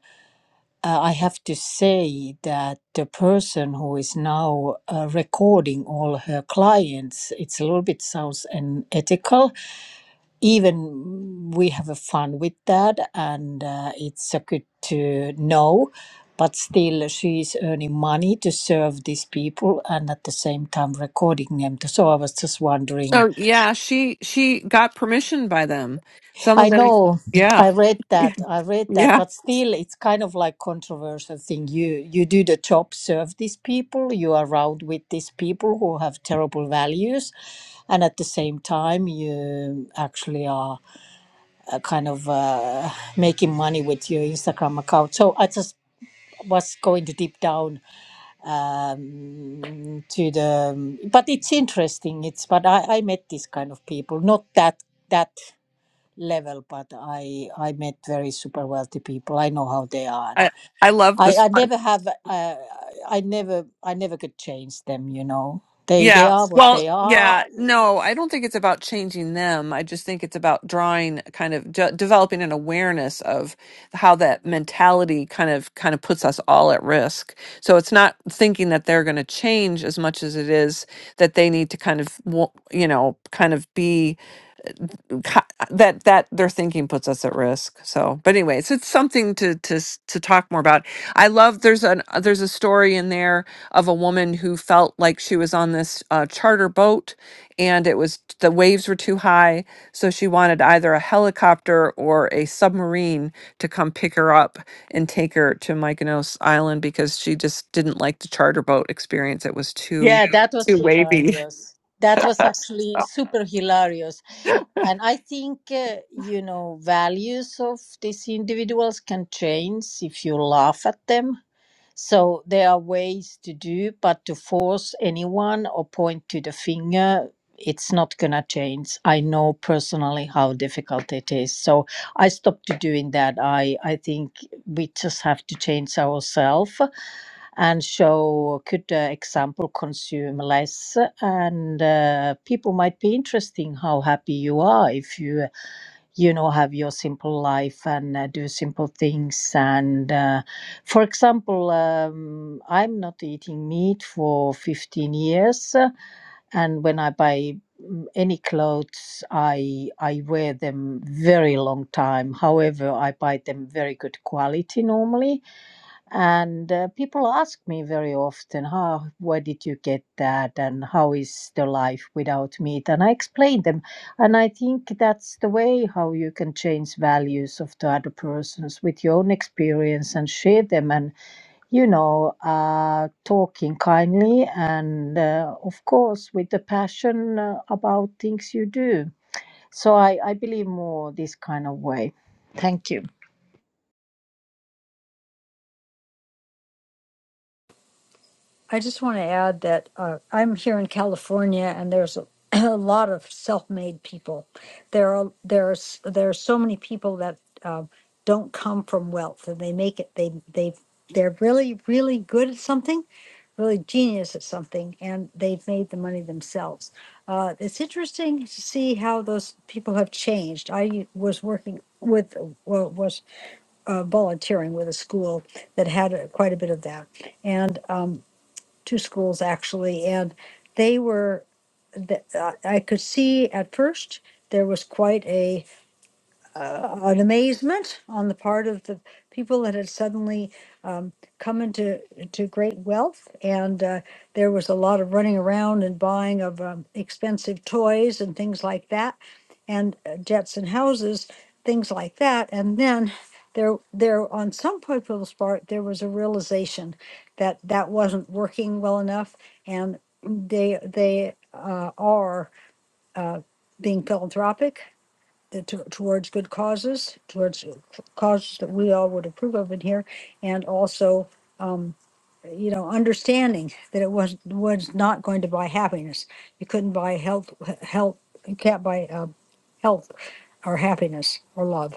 Speaker 4: uh, i have to say that the person who is now uh, recording all her clients it's a little bit sounds unethical even we have a fun with that and uh, it's a good to know but still she is earning money to serve these people and at the same time recording them so i was just wondering
Speaker 1: So yeah, she she got permission by them. Some
Speaker 4: i
Speaker 1: of them,
Speaker 4: know
Speaker 1: yeah,
Speaker 4: i read
Speaker 1: <laughs>
Speaker 4: that i read that
Speaker 1: yeah.
Speaker 4: but still it's kind of like controversial thing you you do the job serve these people you are around with these people who have terrible values and at the same time you actually are uh, kind of uh, making money with your Instagram account. So I just was going to deep down um, to the, but it's interesting. It's but I, I met this kind of people, not that that level, but I I met very super wealthy people. I know how they are. And
Speaker 1: I I love
Speaker 4: I
Speaker 1: this.
Speaker 4: I never have uh, I never I never could change them. You know, they they
Speaker 1: Yeah.
Speaker 4: are what they
Speaker 1: Well,
Speaker 4: are.
Speaker 1: yeah. No, I don't think it's about changing them. I just think it's about drawing kind of de- developing an awareness of how that mentality kind of kind of puts us all at risk. So it's not thinking that they're going to change as much as it is that they need to kind of wa- you know, kind of be co- that that their thinking puts us at risk so but anyways it's something to to s- to talk more about i love there's an uh, there's a story in there of a woman who felt like she was on this uh, charter boat and it was the waves were too high so she wanted either a helicopter or a submarine to come pick her up and take her to mykonos island because she just didn't like the charter boat experience it was too
Speaker 4: Yeah, that was hilarious. That was actually super hilarious And I think, uh, you know, values of these individuals can change if you laugh at them. So there are ways to do, but to force anyone or point to the finger, it's not going to change. I know personally how difficult it is. So I stopped doing that. I I think we just have to change ourselves and show good uh, example. Consume less, and uh, people might be interesting how happy you are if you you know have your simple life and uh, do simple things and uh, for example um, i'm not eating meat for 15 years uh, and when i buy m- any clothes i i wear them very long time however i buy them very good quality normally and uh, people ask me very often how where did you get that and how is the life without meat and i explain them and i think that's the way how you can change values of the other persons with your own experience and share them and you know, uh, talking kindly and, uh, of course, with the passion uh, about things you do. So I, I believe more this kind of way. Thank you.
Speaker 2: I just want to add that uh, I'm here in California, and there's a, <clears throat> a lot of self-made people. There are there's there are so many people that uh, don't come from wealth, and they make it. They they they're really really good at something, really genius at something, and they've made the money themselves. Uh, it's interesting to see how those people have changed. I was working with well, was uh, volunteering with a school that had uh, quite a bit of that, and. Um, two schools actually, and they were. th- uh, I could see at first there was quite a uh, an amazement on the part of the people that had suddenly um, come into to great wealth, and uh, there was a lot of running around and buying of um, expensive toys and things like that and uh, jets and houses, things like that. And then there, there on some people's part, there was a realization that that wasn't working well enough, and they they uh, are uh, being philanthropic uh, to- towards good causes, towards uh, causes that we all would approve of in here, and also, um, you know, understanding that it was was not going to buy happiness. You couldn't buy health, health. You can't buy uh, health or happiness or love.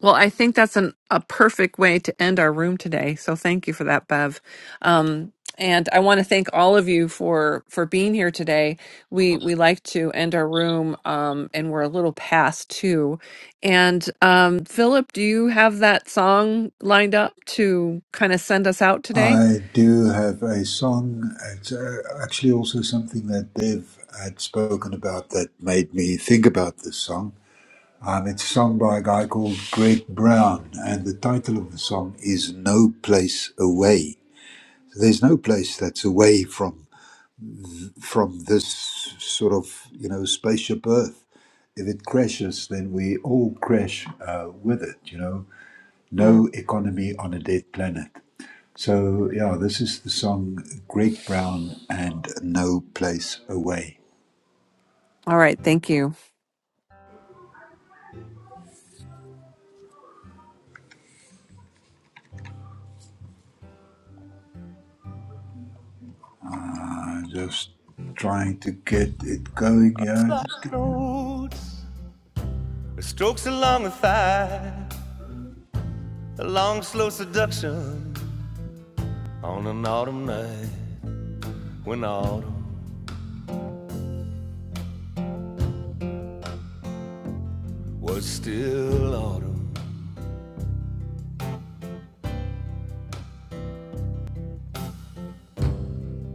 Speaker 1: Well, I think that's an, a perfect way to end our room today. So thank you for that, Bev. Um, and I want to thank all of you for for being here today. We we like to end our room, um, and we're a little past two. And um, Philip, do you have that song lined up to kind of send us out today?
Speaker 3: I do have a song. It's uh, actually also something that Dev had spoken about that made me think about this song. Um, it's a song by a guy called Greg Brown, and the title of the song is "No Place Away." So there's no place that's away from from this sort of you know spaceship Earth. If it crashes, then we all crash uh, with it. You know, no
Speaker 1: Mm.
Speaker 3: economy on a dead planet. So, yeah, this is the song Greg Brown and No Place Away.
Speaker 1: All right. Thank you.
Speaker 3: Uh, just trying to get it going. Yeah, just give me a-
Speaker 6: Strokes along the thigh, a long, slow seduction on an autumn night when autumn was still autumn.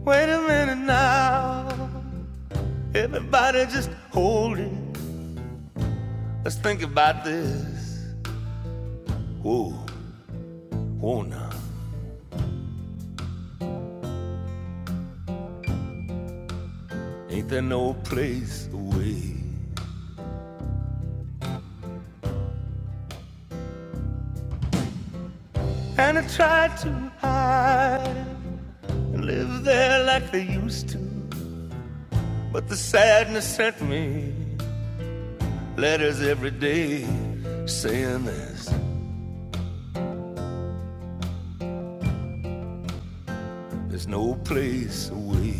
Speaker 6: Wait a minute now, everybody just hold it. Let's think about this. Whoa, whoa now, ain't there no place away? And I tried to hide and live there like they used to, but the sadness sent me. Letters every day saying there's, there's no place away.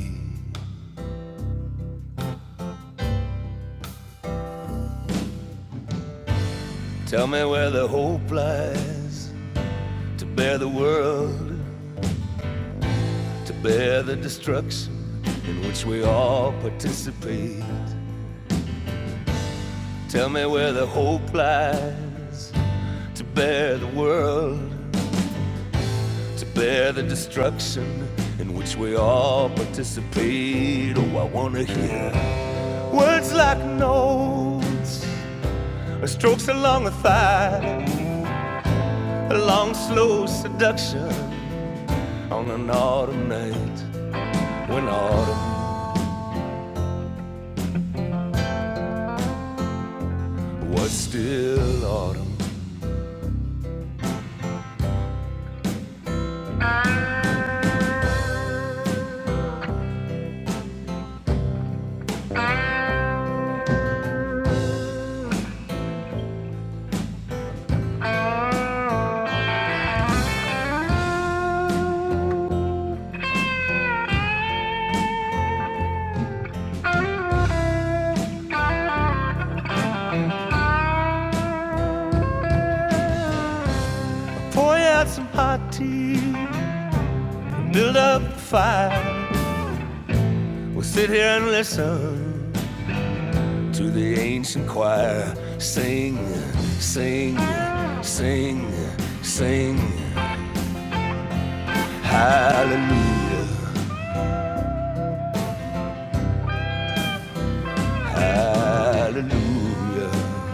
Speaker 6: Tell me where the hope lies to bear the world, to bear the destruction in which we all participate. Tell me where the hope lies to bear the world, to bear the destruction in which we all participate. Oh, I want to hear words like notes Strokes along the thigh, a long slow seduction on an autumn night when autumn was still autumn. Pour out some hot tea, build up a fire. We'll sit here and listen to the ancient choir sing, sing, sing, sing. Hallelujah, hallelujah,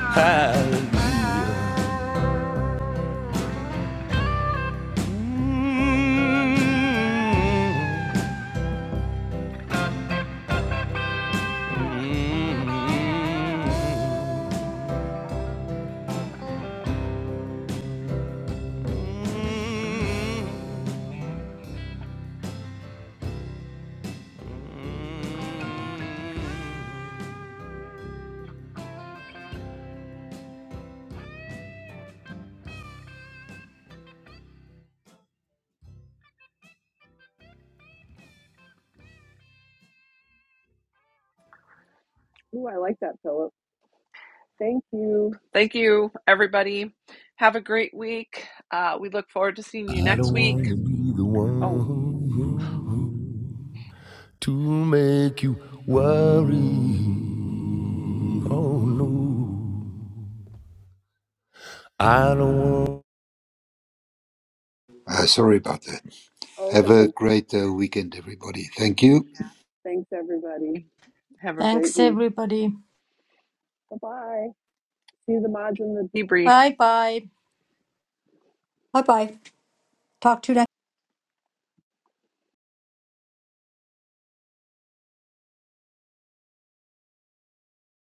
Speaker 6: hallelujah.
Speaker 1: Ooh, I like that, Phil. Thank Thank you, everybody. Have a great week. Uh, we look forward to seeing you
Speaker 6: I
Speaker 1: next
Speaker 6: don't want to
Speaker 1: week.
Speaker 6: be the
Speaker 1: Oh,
Speaker 6: one to make you worry. Oh no. I don't want.
Speaker 3: uh, Sorry about that.
Speaker 1: oh,
Speaker 3: Have
Speaker 1: that's
Speaker 3: a
Speaker 1: okay.
Speaker 3: great uh, weekend, everybody. Thank you.
Speaker 1: Thanks, everybody. Have a great
Speaker 4: Thanks,
Speaker 1: week.
Speaker 4: everybody.
Speaker 1: Bye bye. See the mods in the debrief.
Speaker 4: Bye bye.
Speaker 2: Bye bye. Talk to you.